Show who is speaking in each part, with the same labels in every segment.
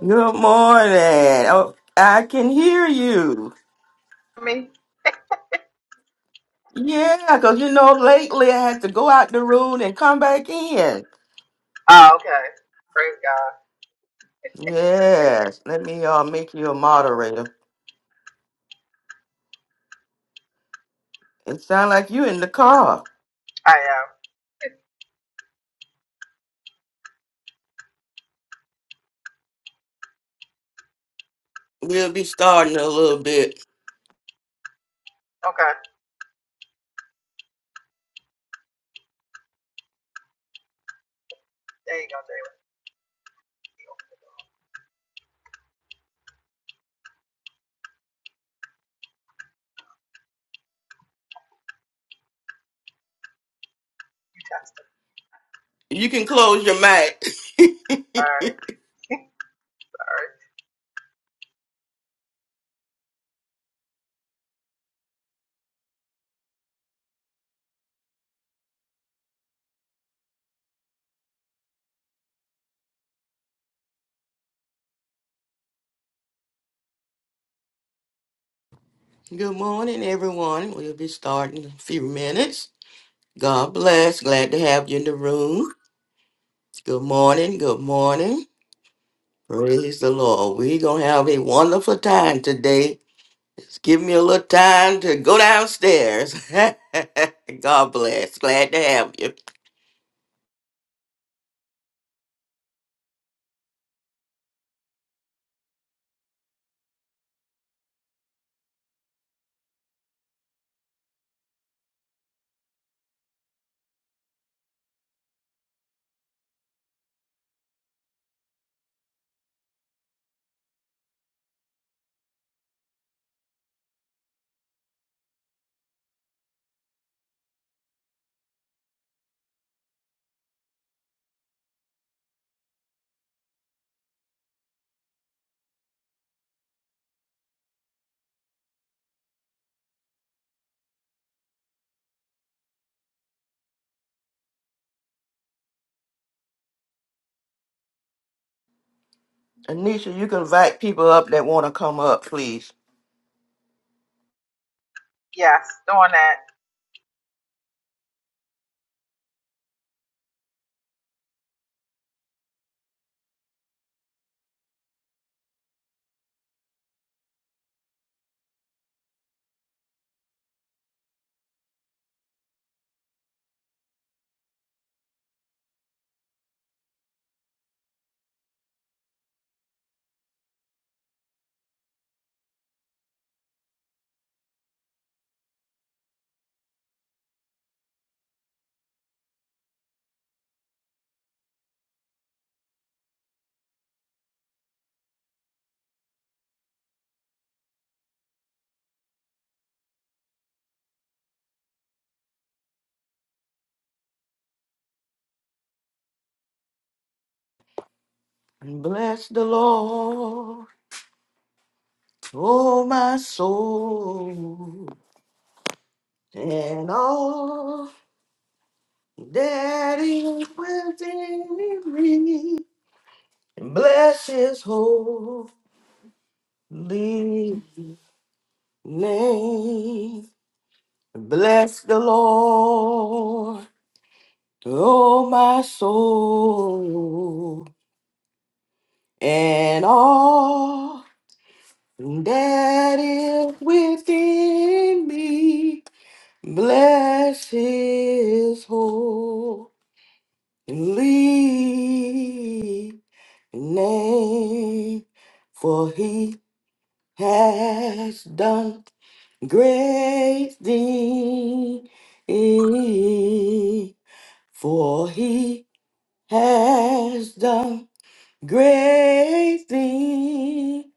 Speaker 1: Good morning. Oh, I can hear you.
Speaker 2: me?
Speaker 1: Yeah, because you know, lately I had to go out the room and come back in.
Speaker 2: Oh, okay. Praise God.
Speaker 1: Yes, let me uh, make you a moderator. It sounds like you in the car.
Speaker 2: I am.
Speaker 1: We'll be starting in a little bit.
Speaker 2: Okay. There you go, Jalen. You tested.
Speaker 1: You can close your mic.
Speaker 2: All right. All right.
Speaker 1: Good morning, everyone. We'll be starting in a few minutes. God bless. Glad to have you in the room. Good morning. Good morning. Praise the Lord. We're going to have a wonderful time today Just give me a little time to go downstairs. God bless. Glad to have you. Anisha, you can invite people up that want to come up, please.
Speaker 2: Yes, doing that.
Speaker 1: And Bless the Lord, oh my soul, and all that is within me. And Bless his holy name. Bless the Lord. Oh, my soul, and all that is within me, bless his holy name, for he has done great things. For he has done Great thing,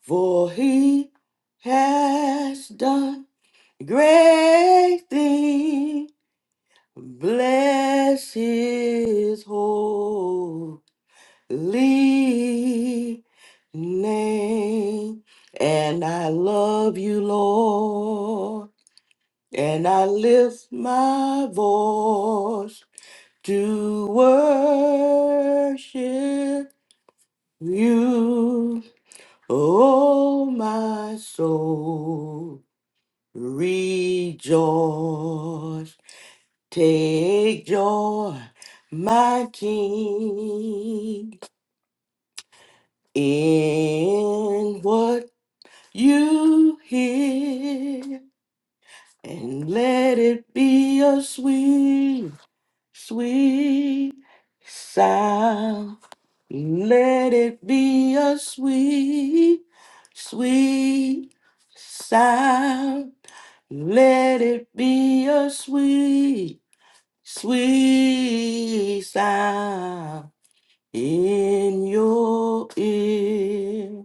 Speaker 1: for he has done great thing. Bless his holy name. And I love you, Lord. And I lift my voice to worship you, oh my soul, rejoice. Take joy, my King, in what you hear, and let it be a sweet, sweet sound Let it be a sweet, sweet sound. Let it be a sweet, sweet sound in your ear.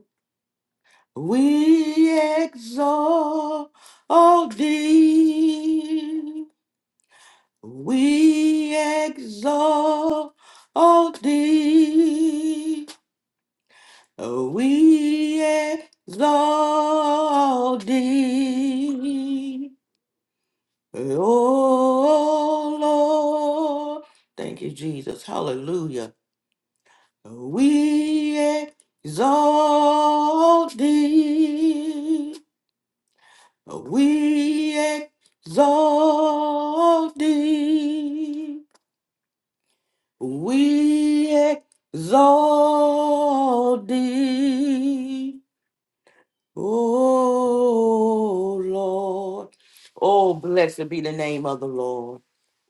Speaker 1: We exalt thee. We exalt thee. Oh, we exalt thee, O Lord. Thank you, Jesus. Hallelujah. Oh, we exalt thee. Oh, we exalt thee. We exalt thee. Oh Lord. Oh, blessed be the name of the Lord.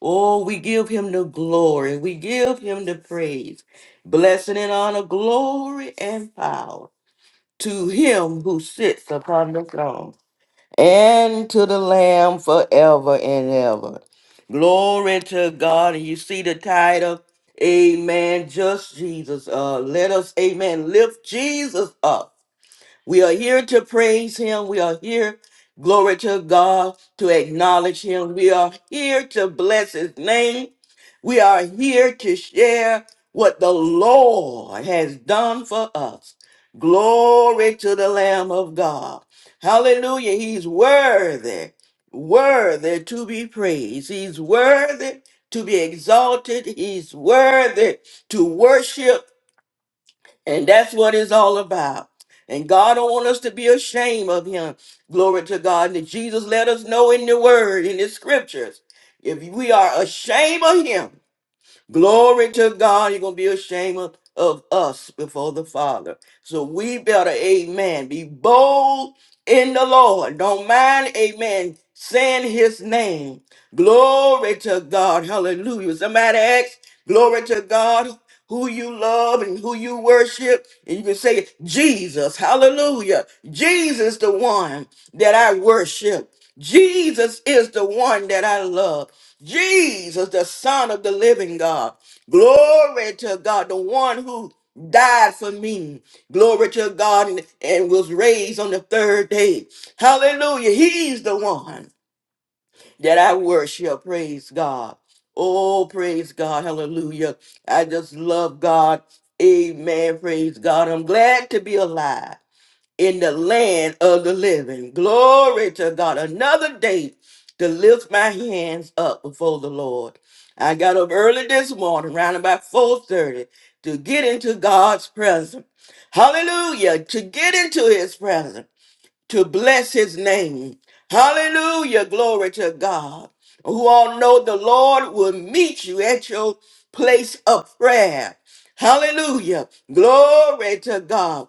Speaker 1: Oh, we give him the glory. We give him the praise. Blessing and honor, glory and power to him who sits upon the throne and to the Lamb forever and ever. Glory to God. And you see the title, Amen. Just Jesus. Uh, let us, Amen, lift Jesus up. We are here to praise him. We are here, glory to God, to acknowledge him. We are here to bless his name. We are here to share what the Lord has done for us. Glory to the Lamb of God. Hallelujah. He's worthy, worthy to be praised. He's worthy to be exalted. He's worthy to worship. And that's what it's all about. And God don't want us to be ashamed of him. Glory to God. And Jesus let us know in the word, in the scriptures. If we are ashamed of him, Glory to God. You're going to be ashamed of, of us before the Father. So we better, amen, be bold in the Lord. Don't mind, amen, saying his name. Glory to God. Hallelujah. Somebody ask, glory to God, who you love and who you worship. And you can say, Jesus. Hallelujah. Jesus, the one that I worship. Jesus is the one that I love. Jesus, the Son of the living God. Glory to God, the one who died for me. Glory to God and, and was raised on the third day. Hallelujah. He's the one that I worship. Praise God. Oh, praise God. Hallelujah. I just love God. Amen. Praise God. I'm glad to be alive in the land of the living. Glory to God. Another day to lift my hands up before the Lord. I got up early this morning, around about 4:30, to get into God's presence. Hallelujah. To get into his presence, to bless his name. Hallelujah. Glory to God. Who all know the Lord will meet you at your place of prayer. Hallelujah. Glory to God.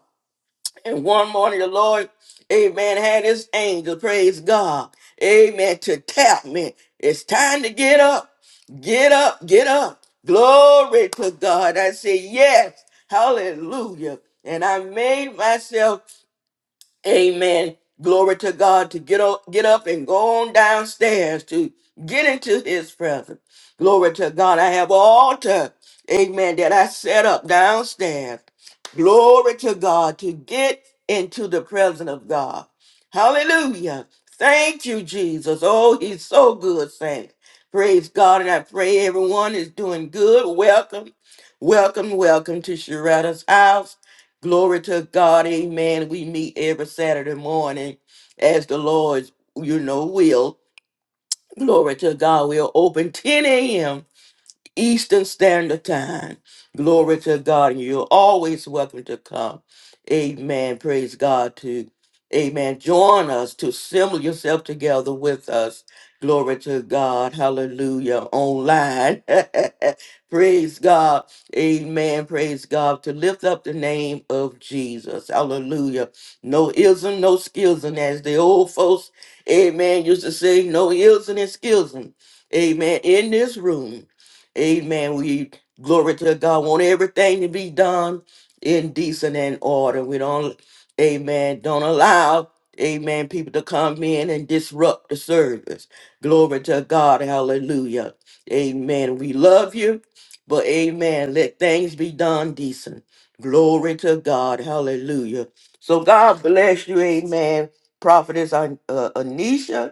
Speaker 1: And one morning, the Lord, amen, had his angel, praise God, amen, to tap me. It's time to get up, get up, get up. Glory to God. I say, yes, hallelujah. And I made myself Amen. Glory to God to get up, get up and go on downstairs to get into his presence. Glory to God. I have an altar. Amen. That I set up downstairs. Glory to God to get into the presence of God. Hallelujah. Thank you, Jesus. Oh, he's so good, saint. Praise God. And I pray everyone is doing good. Welcome, welcome, welcome to Sharetta's house. Glory to God, amen. We meet every Saturday morning as the Lord's, you know, will. Glory to God. We'll open 10 a.m. Eastern Standard Time. Glory to God. And you're always welcome to come. Amen. Praise God to Amen. Join us to assemble yourself together with us. Glory to God. Hallelujah. Online. praise God. Amen. Praise God. To lift up the name of Jesus. Hallelujah. No ism, no schism, As the old folks, amen, used to say, no ism and schism. Amen. In this room. Amen. We glory to God. Want everything to be done in decent and order. We don't, amen, don't allow, amen, people to come in and disrupt the service. Glory to God. Hallelujah. Amen. We love you, but amen. Let things be done decent. Glory to God. Hallelujah. So God bless you. Amen. Prophetess An- uh, Anisha.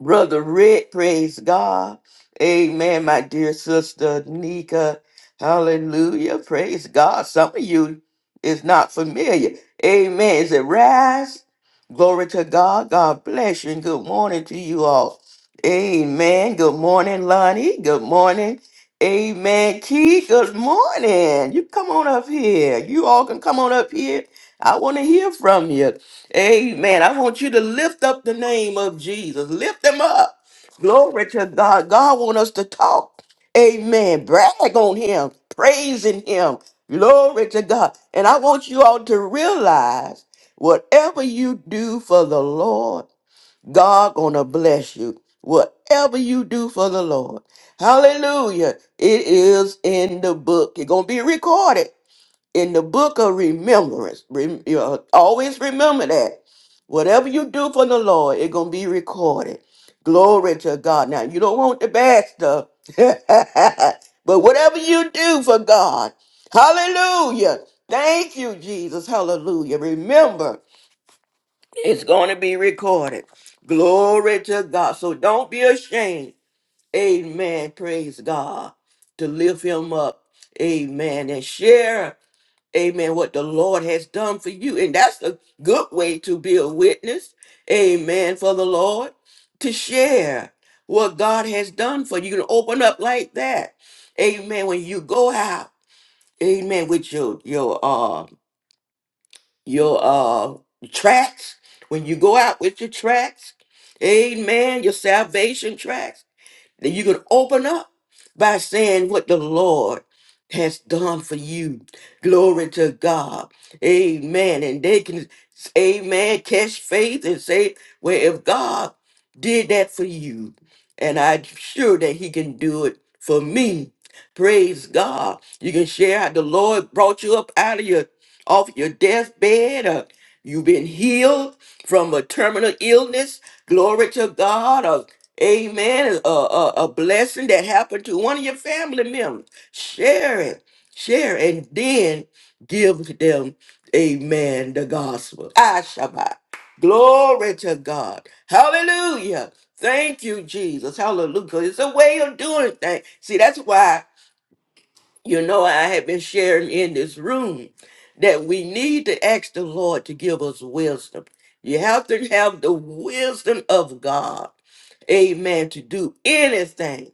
Speaker 1: Brother Rick, praise God. Amen, my dear sister Nika. Hallelujah. Praise God. Some of you is not familiar. Amen. Is it rise? Glory to God. God bless you and good morning to you all. Amen. Good morning, Lonnie. Good morning. Amen. Key, good morning. You come on up here. You all can come on up here. I want to hear from you. Amen. I want you to lift up the name of Jesus. Lift them up. Glory to God. God want us to talk. Amen. Brag on him. Praising him. Glory to God. And I want you all to realize whatever you do for the Lord, God gonna bless you. Whatever you do for the Lord. Hallelujah. It is in the book. It's gonna be recorded in the book of remembrance. Rem- you know, always remember that. Whatever you do for the Lord, it's going to be recorded. Glory to God. Now, you don't want the bad stuff, but whatever you do for God, hallelujah. Thank you, Jesus. Hallelujah. Remember, it's going to be recorded. Glory to God. So don't be ashamed. Amen. Praise God. To lift him up. Amen. And share Amen. What the Lord has done for you. And that's a good way to be a witness. Amen. For the Lord to share what God has done for you. You can open up like that. Amen. When you go out, amen, with your your uh your uh tracks. When you go out with your tracks, amen, your salvation tracks. That you can open up by saying what the Lord has done for you. Glory to God. Amen. And they can, amen, catch faith and say, well, if God did that for you, and I'm sure that He can do it for me. Praise God. You can share how the Lord brought you up out of your off your deathbed or you've been healed from a terminal illness. Glory to God. Or Amen. A, a, a blessing that happened to one of your family members. Share it. Share it. And then give them, amen, the gospel. Ah, Shabbat. Glory to God. Hallelujah. Thank you, Jesus. Hallelujah. It's a way of doing things. See, that's why you know, I have been sharing in this room that we need to ask the Lord to give us wisdom. You have to have the wisdom of God, amen, to do anything.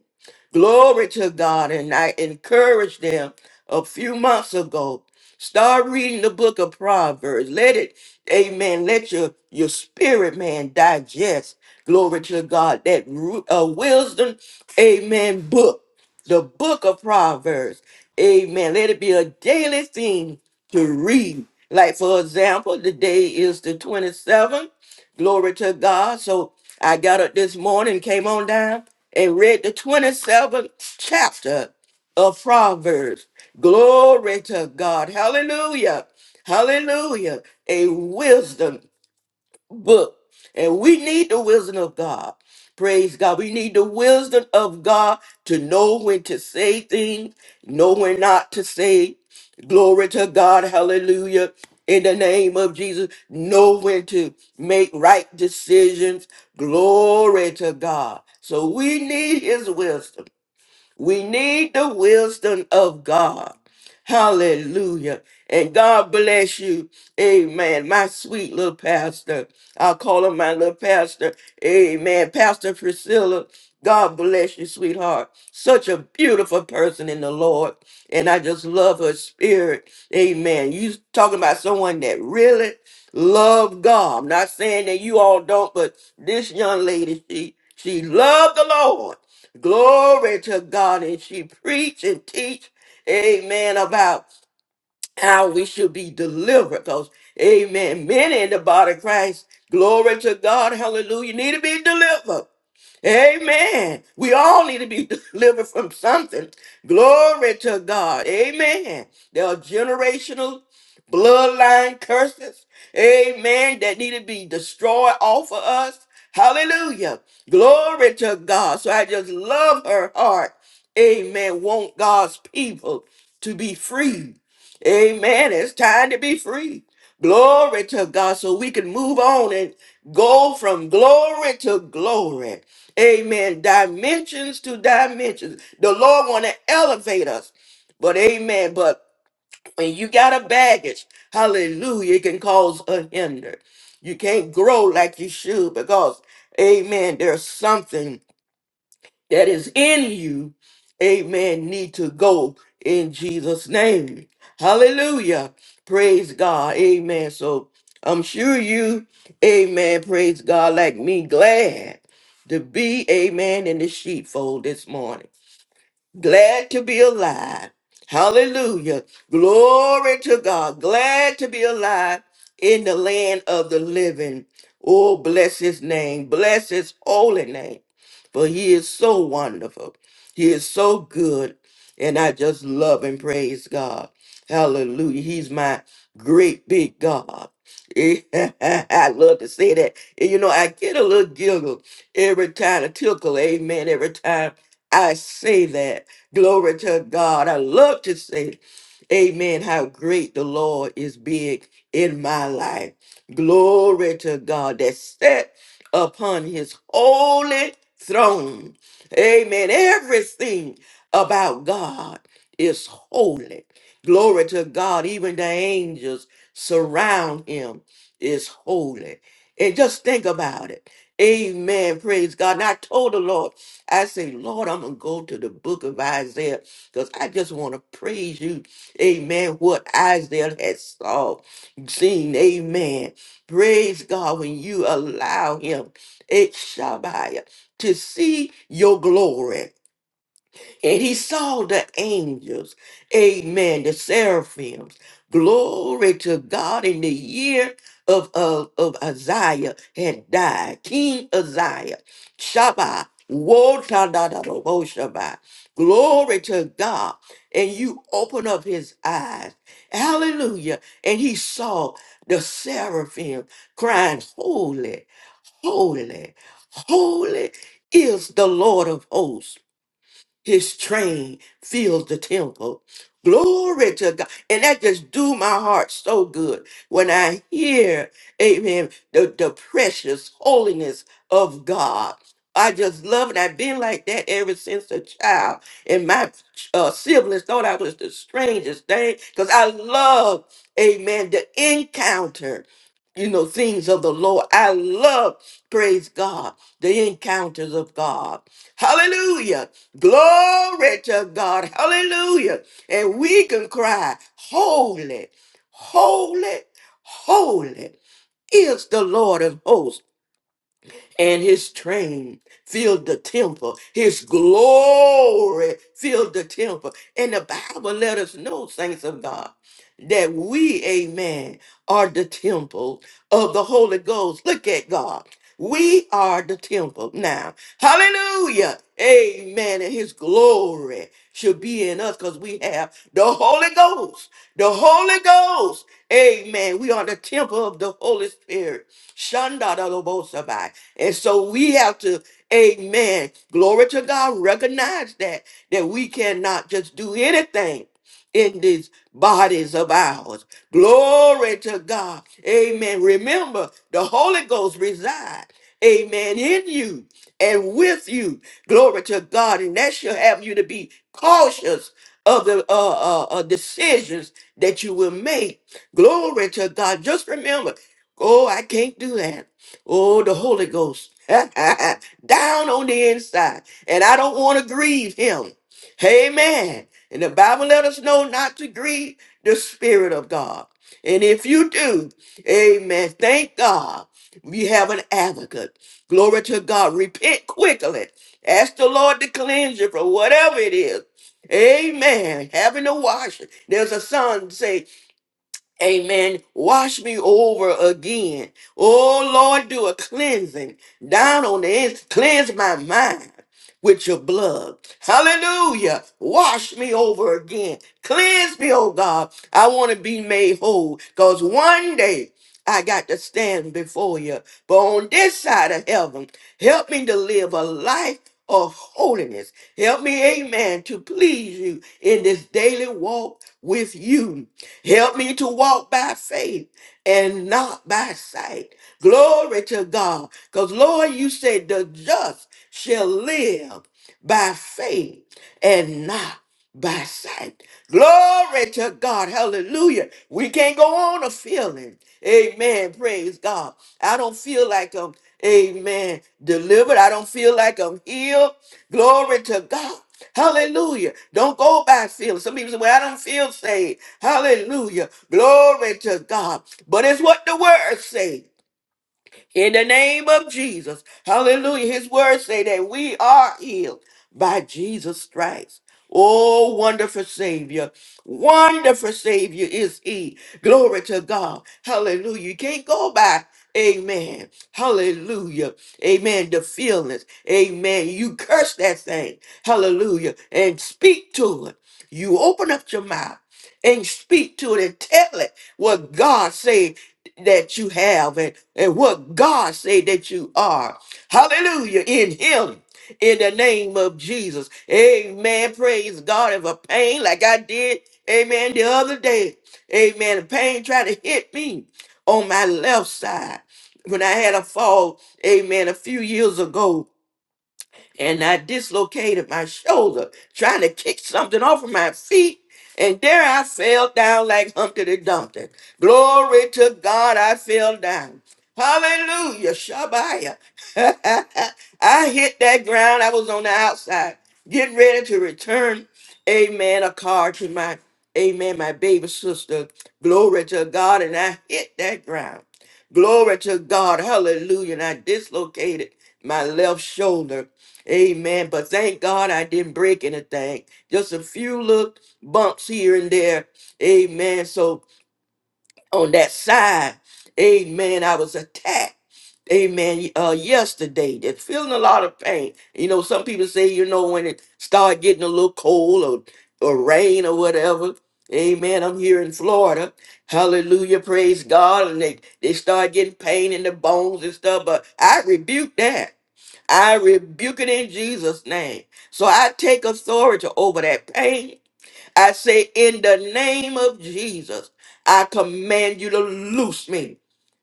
Speaker 1: Glory to God. And I encourage them a few months ago. Start reading the book of Proverbs. Let it, amen, let your, your spirit, man, digest. Glory to God. That ru- uh, wisdom, amen, book, the book of Proverbs. Amen. Let it be a daily thing to read. Like, for example, today is the 27th. Glory to God. So I got up this morning, came on down, and read the 27th chapter of Proverbs. Glory to God. Hallelujah. Hallelujah. A wisdom book. And we need the wisdom of God. Praise God. We need the wisdom of God to know when to say things, know when not to say. Glory to God. Hallelujah. In the name of Jesus, know when to make right decisions. Glory to God. So we need his wisdom. We need the wisdom of God. Hallelujah. And God bless you. Amen. My sweet little pastor. I'll call her my little pastor. Amen. Pastor Priscilla. God bless you, sweetheart. Such a beautiful person in the Lord. And I just love her spirit. Amen. You talking about someone that really love God. I'm not saying that you all don't, but this young lady, she she loved the Lord Glory to God. And she preach and teach, amen, about how we should be delivered. Because, amen, many in the body of Christ, glory to God, hallelujah, need to be delivered. Amen. We all need to be delivered from something. Glory to God. Amen. There are generational bloodline curses. Amen. That need to be destroyed off of us. Hallelujah. Glory to God. So I just love her heart. Amen. Want God's people to be free. Amen. It's time to be free. Glory to God so we can move on and go from glory to glory. Amen. Dimensions to dimensions. The Lord want to elevate us. But amen. But when you got a baggage, hallelujah, it can cause a hinder. You can't grow like you should because, amen, there's something that is in you, amen, need to go in Jesus' name. Hallelujah. Praise God. Amen. So I'm sure you, amen, praise God, like me, glad to be, amen, in the sheepfold this morning. Glad to be alive. Hallelujah. Glory to God. Glad to be alive in the land of the living. Oh, bless his name. Bless his holy name. For he is so wonderful. He is so good. And I just love and praise God. Hallelujah. He's my great big God. I love to say that. And you know, I get a little giggle Every time a tickle, amen. Every time I say that, glory to God. I love to say, amen, how great the Lord is big in my life. Glory to God that set upon his holy throne. Amen. Everything about God is holy. Glory to God. Even the angels surround him is holy. And just think about it. Amen. Praise God. And I told the Lord, I say, Lord, I'm going to go to the book of Isaiah because I just want to praise you. Amen. What Isaiah has saw, seen. Amen. Praise God when you allow him, it Shabbat, to see your glory. And he saw the angels, amen, the seraphims. Glory to God in the year of, of, of Isaiah had died. King Isaiah, Shabbat, Shabbat. Glory to God. And you open up his eyes. Hallelujah. And he saw the seraphim crying, Holy, holy, holy is the Lord of hosts. His train fills the temple. Glory to God. And that just do my heart so good when I hear, amen, the, the precious holiness of God. I just love it. I've been like that ever since a child. And my uh, siblings thought I was the strangest thing because I love, amen, the encounter, you know, things of the Lord. I love, praise God, the encounters of God. Hallelujah. Glory to God. Hallelujah. And we can cry, Holy, holy, holy is the Lord of hosts. And his train filled the temple. His glory filled the temple. And the Bible let us know, saints of God, that we, amen, are the temple of the Holy Ghost. Look at God. We are the temple. Now, Hallelujah. Amen. And his glory should be in us because we have the Holy Ghost. The Holy Ghost. Amen. We are the temple of the Holy Spirit. Shandadalobosabai. And so we have to, amen. Glory to God. Recognize that, that we cannot just do anything in these bodies of ours. Glory to God. Amen. Remember, the Holy Ghost resides, amen, in you and with you. Glory to God. And that should have you to be cautious of the uh, uh, uh, decisions that you will make. Glory to God. Just remember, oh, I can't do that. Oh, the Holy Ghost down on the inside. And I don't want to grieve him. Amen. And the Bible let us know not to grieve the Spirit of God. And if you do, amen, thank God we have an advocate. Glory to God. Repent quickly. Ask the Lord to cleanse you from whatever it is. Amen. Having to wash it. There's a song say. Amen. Wash me over again. Oh Lord, do a cleansing down on the ends. Cleanse my mind with your blood. Hallelujah. Wash me over again. Cleanse me, oh God. I want to be made whole. Because one day I got to stand before you. But on this side of heaven, help me to live a life of holiness. Help me, amen, to please you in this daily walk with you. Help me to walk by faith and not by sight. Glory to God. Because, Lord, you said the just shall live by faith and not by sight. Glory to God. Hallelujah. We can't go on a feeling. Amen. Praise God. I don't feel like I'm, amen, delivered. I don't feel like I'm healed. Glory to God. Hallelujah. Don't go by feeling. Some people say, well, I don't feel saved. Hallelujah. Glory to God. But it's what the word says in the name of Jesus. Hallelujah. His words say that we are healed by Jesus stripes. Oh, wonderful Savior. Wonderful Savior is He. Glory to God. Hallelujah. You can't go by. Amen. Hallelujah. Amen. The feelings. Amen. You curse that thing. Hallelujah. And speak to it. You open up your mouth and speak to it and tell it what God said that you have and, and what God said that you are. Hallelujah. In him. In the name of Jesus. Amen. Praise God. If a pain like I did, amen, the other day. Amen. The pain tried to hit me on my left side when I had a fall, amen, a few years ago and I dislocated my shoulder trying to kick something off of my feet. And there I fell down like Humpty Dumpty. Glory to God, I fell down. Hallelujah, Shabbat. I hit that ground. I was on the outside, getting ready to return, amen, a car to my, amen, my baby sister. Glory to God. And I hit that ground. Glory to God. Hallelujah. And I dislocated my left shoulder. Amen. But thank God I didn't break anything. Just a few little bumps here and there. Amen. So on that side, amen, I was attacked. Amen. Uh, yesterday, they are feeling a lot of pain. You know, some people say, you know, when it start getting a little cold or, or rain or whatever. Amen. I'm here in Florida. Hallelujah. Praise God. And they, they start getting pain in the bones and stuff. But I rebuke that. I rebuke it in Jesus' name. So I take authority over that pain. I say, in the name of Jesus, I command you to loose me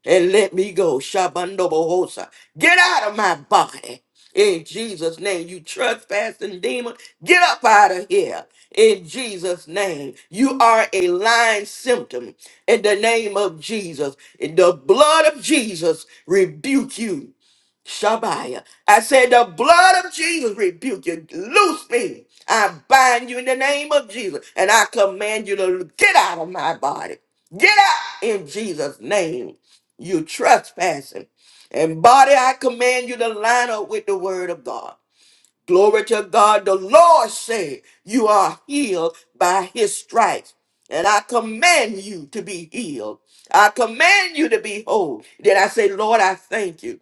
Speaker 1: and let me go. Shabandobohosa. Get out of my body. In Jesus' name, you trespassing demon, get up out of here. In Jesus' name, you are a lying symptom. In the name of Jesus, in the blood of Jesus, rebuke you Shabaya. I said, the blood of Jesus rebuke you. Loose me. I bind you in the name of Jesus. And I command you to get out of my body. Get out in Jesus' name. You trespassing. And body, I command you to line up with the word of God. Glory to God. The Lord said, You are healed by his stripes. And I command you to be healed. I command you to be whole. Then I say, Lord, I thank you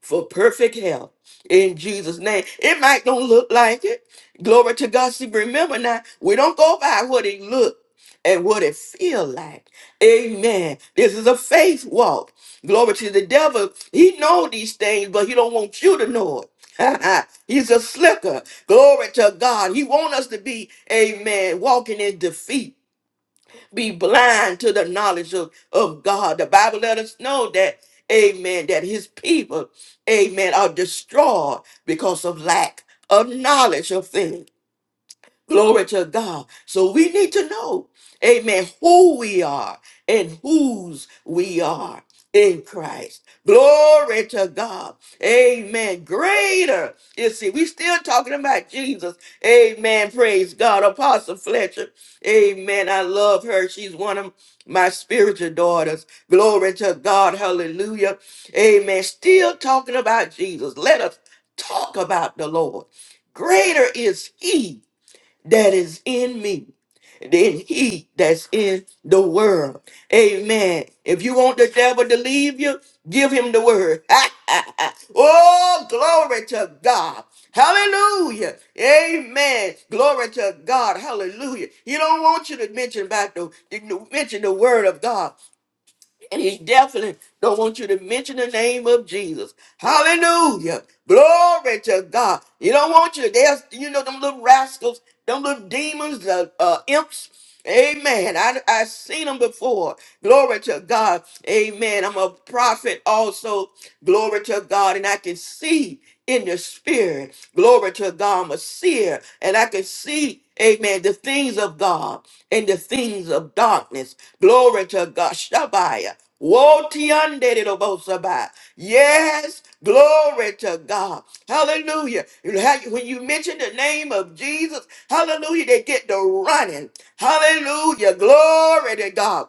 Speaker 1: for perfect health in Jesus' name. It might don't look like it. Glory to God. See, remember now, we don't go by what it look and what it feel like. Amen. This is a faith walk. Glory to the devil. He know these things, but he don't want you to know it. He's a slicker. Glory to God. He want us to be, amen, walking in defeat be blind to the knowledge of, of God. The Bible let us know that, amen, that his people, amen, are destroyed because of lack of knowledge of things. Glory to God. So we need to know, amen, who we are and whose we are in Christ. Glory to God. Amen. Greater. You see, we still talking about Jesus. Amen. Praise God. Apostle Fletcher. Amen. I love her. She's one of my spiritual daughters. Glory to God. Hallelujah. Amen. Still talking about Jesus. Let us talk about the Lord. Greater is he that is in me than he that's in the world. Amen. If you want the devil to leave you, give him the word. oh, glory to God. Hallelujah. Amen. Glory to God. Hallelujah. He don't want you to mention about the mention the word of God. And he definitely don't want you to mention the name of Jesus. Hallelujah. Glory to God. He don't want you. There's, you know, them little rascals, them little demons, the uh, imps. Amen. I, I've seen them before. Glory to God. Amen. I'm a prophet also. Glory to God. And I can see in the spirit. Glory to God. I'm a seer. And I can see, amen, the things of God and the things of darkness. Glory to God. Shabbat. Woe tiandedidobosabai. Yes, glory to God. Hallelujah. You have- When you mention the name of Jesus, hallelujah, they get the running. Hallelujah. Glory to God.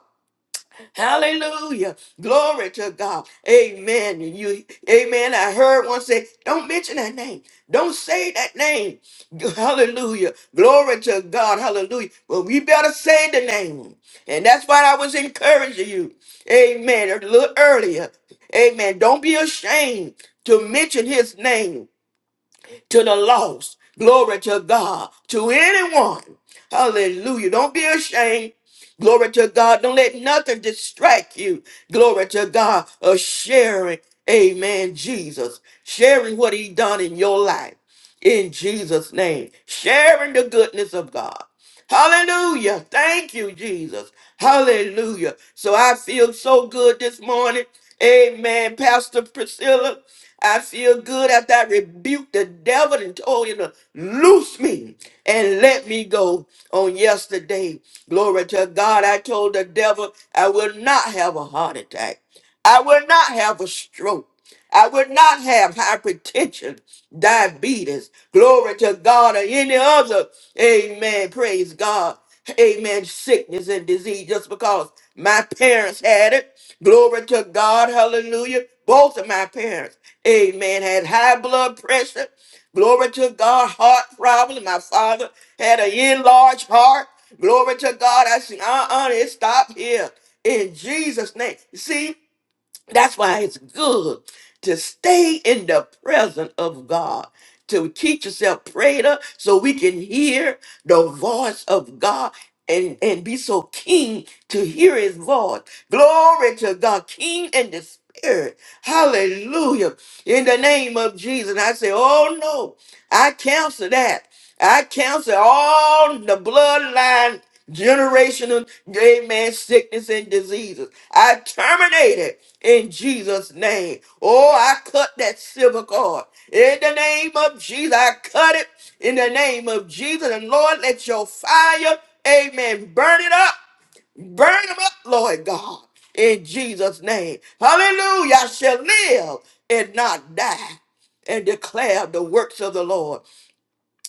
Speaker 1: Hallelujah. Glory to God. Amen. You, amen. I heard one say, don't mention that name. Don't say that name. Hallelujah. Glory to God. Hallelujah. Well, we better say the name. And that's why I was encouraging you. Amen. A little earlier. Amen. Don't be ashamed to mention his name to the lost. Glory to God, to anyone. Hallelujah. Don't be ashamed. Glory to God. Don't let nothing distract you. Glory to God of sharing. Amen. Jesus. Sharing what he done in your life. In Jesus' name. Sharing the goodness of God. Hallelujah. Thank you, Jesus. Hallelujah. So I feel so good this morning. Amen. Pastor Priscilla, I feel good after I rebuked the devil and told him to loose me and let me go on yesterday. Glory to God. I told the devil I will not have a heart attack. I will not have a stroke. I would not have hypertension, diabetes, glory to God, or any other, amen, praise God, amen, sickness and disease just because my parents had it. Glory to God, hallelujah. Both of my parents, amen, had high blood pressure. Glory to God, heart problem. My father had an enlarged heart. Glory to God. I said, uh-uh, it stopped here. In Jesus' name. See, that's why it's good to stay in the presence of God, to teach yourself prayer so we can hear the voice of God and, and be so keen to hear his voice. Glory to God, keen in the spirit. Hallelujah. In the name of Jesus, I say, oh no, I cancel that. I cancel all the bloodline generational amen sickness and diseases i terminate it in jesus name oh i cut that silver cord in the name of jesus i cut it in the name of jesus and lord let your fire amen burn it up burn them up lord god in jesus name hallelujah i shall live and not die and declare the works of the Lord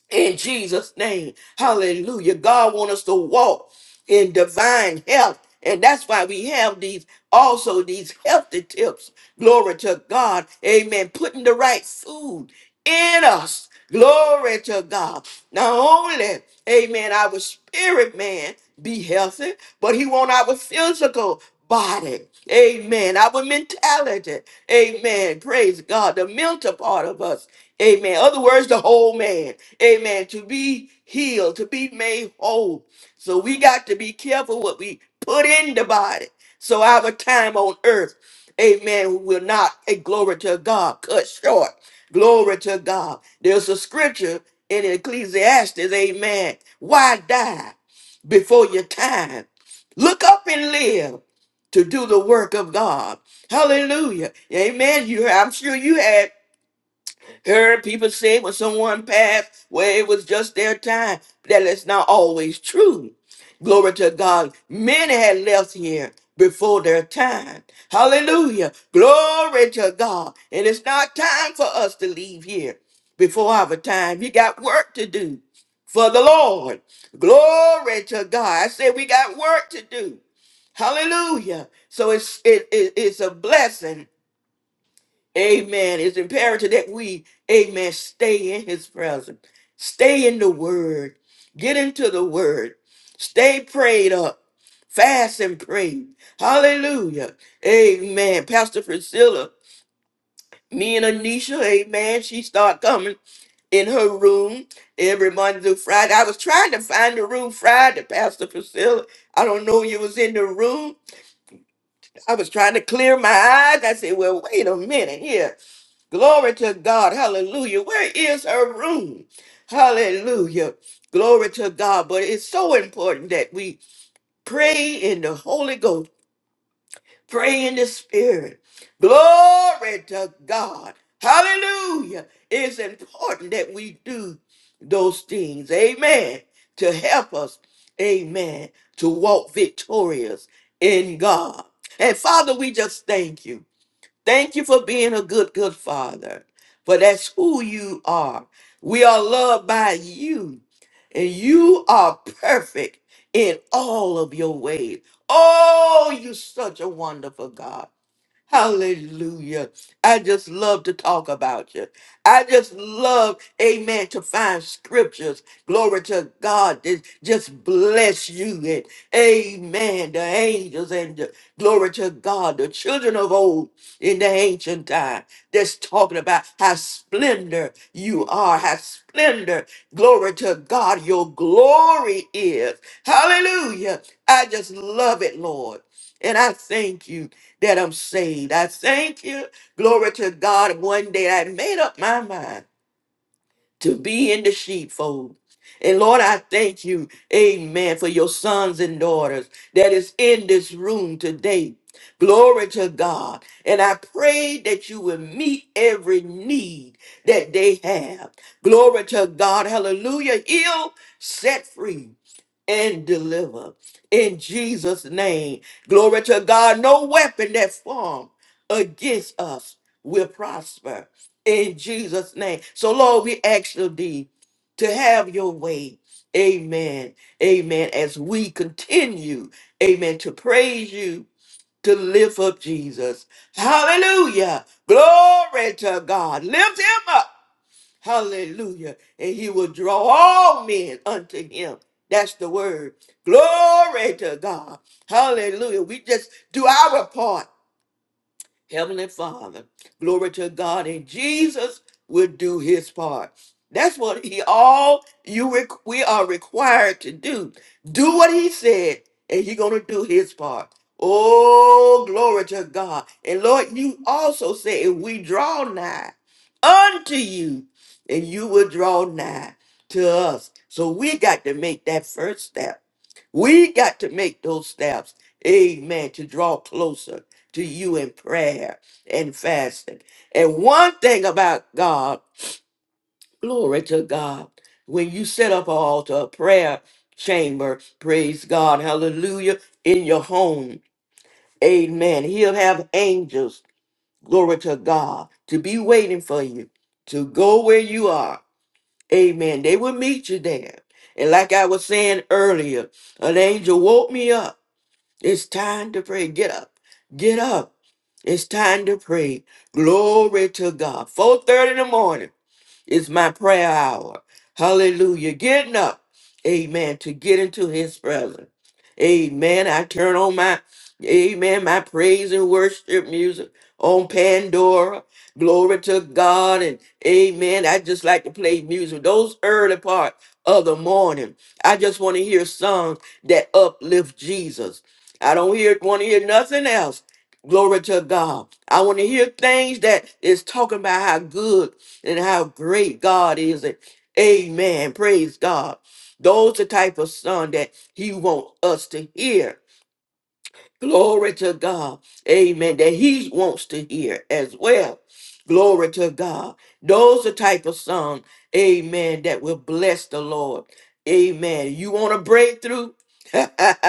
Speaker 1: in Jesus' name. Hallelujah. God wants us to walk in divine health. And that's why we have these also these healthy tips. Glory to God. Amen. Putting the right food in us. Glory to God. Not only, amen, our spirit man be healthy, but he want our physical body. Amen. Our mentality. Amen. Praise God. The mental part of us. Amen. Other words, the whole man. Amen. To be healed, to be made whole. So we got to be careful what we put in the body. So our time on earth, amen, will not, a glory to God, cut short. Glory to God. There's a scripture in Ecclesiastes, amen. Why die before your time? Look up and live to do the work of God. Hallelujah. Amen. You I'm sure you had. Heard people say when someone passed, well, it was just their time. That is not always true. Glory to God. Many had left here before their time. Hallelujah. Glory to God. And it's not time for us to leave here before our time. You got work to do for the Lord. Glory to God. I said we got work to do. Hallelujah. So it's it, it- it's a blessing Amen. It's imperative that we, amen, stay in his presence. Stay in the word. Get into the word. Stay prayed up. Fast and pray. Hallelujah. Amen. Pastor Priscilla, me and Anisha, amen, she start coming in her room every Monday through Friday. I was trying to find the room Friday, Pastor Priscilla. I don't know you was in the room. I was trying to clear my eyes. I said, well, wait a minute here. Glory to God. Hallelujah. Where is her room? Hallelujah. Glory to God. But it's so important that we pray in the Holy Ghost, pray in the Spirit. Glory to God. Hallelujah. It's important that we do those things. Amen. To help us. Amen. To walk victorious in God. And Father, we just thank you. Thank you for being a good, good father, for that's who you are. We are loved by you, and you are perfect in all of your ways. Oh, you're such a wonderful God. Hallelujah. I just love to talk about you. I just love, amen, to find scriptures. Glory to God. that Just bless you. And amen. The angels and the, glory to God. The children of old in the ancient time. That's talking about how splendor you are. How splendor, glory to God, your glory is. Hallelujah. I just love it, Lord. And I thank you that I'm saved. I thank you. Glory to God. One day I made up my mind to be in the sheepfold. And Lord, I thank you, amen, for your sons and daughters that is in this room today. Glory to God. And I pray that you will meet every need that they have. Glory to God. Hallelujah. Heal, set free, and deliver. In Jesus' name. Glory to God. No weapon that formed against us will prosper in Jesus' name. So, Lord, we ask you thee to have your way. Amen. Amen. As we continue, amen, to praise you, to lift up Jesus. Hallelujah. Glory to God. Lift him up. Hallelujah. And he will draw all men unto him. That's the word. Glory to God. Hallelujah. We just do our part. Heavenly Father, glory to God, and Jesus will do his part. That's what he all you req- we are required to do. Do what he said, and he gonna do his part. Oh, glory to God. And Lord, you also say, if we draw nigh unto you, and you will draw nigh to us. So we got to make that first step we got to make those steps, amen, to draw closer to you in prayer and fasting. And one thing about God, glory to God, when you set up an altar, a prayer chamber, praise God, hallelujah, in your home, amen, He'll have angels, glory to God, to be waiting for you, to go where you are, amen. They will meet you there. And like I was saying earlier, an angel woke me up it's time to pray. Get up. Get up. It's time to pray. Glory to God. 4:30 in the morning. It's my prayer hour. Hallelujah. Getting up. Amen. To get into his presence. Amen. I turn on my, amen, my praise and worship music on Pandora. Glory to God. And amen. I just like to play music. Those early part of the morning. I just want to hear songs that uplift Jesus. I don't hear want to hear nothing else. Glory to God. I want to hear things that is talking about how good and how great God is. And amen. Praise God. Those the type of song that he wants us to hear. Glory to God. Amen. That he wants to hear as well. Glory to God. Those the type of song. amen, that will bless the Lord. Amen. You want a breakthrough?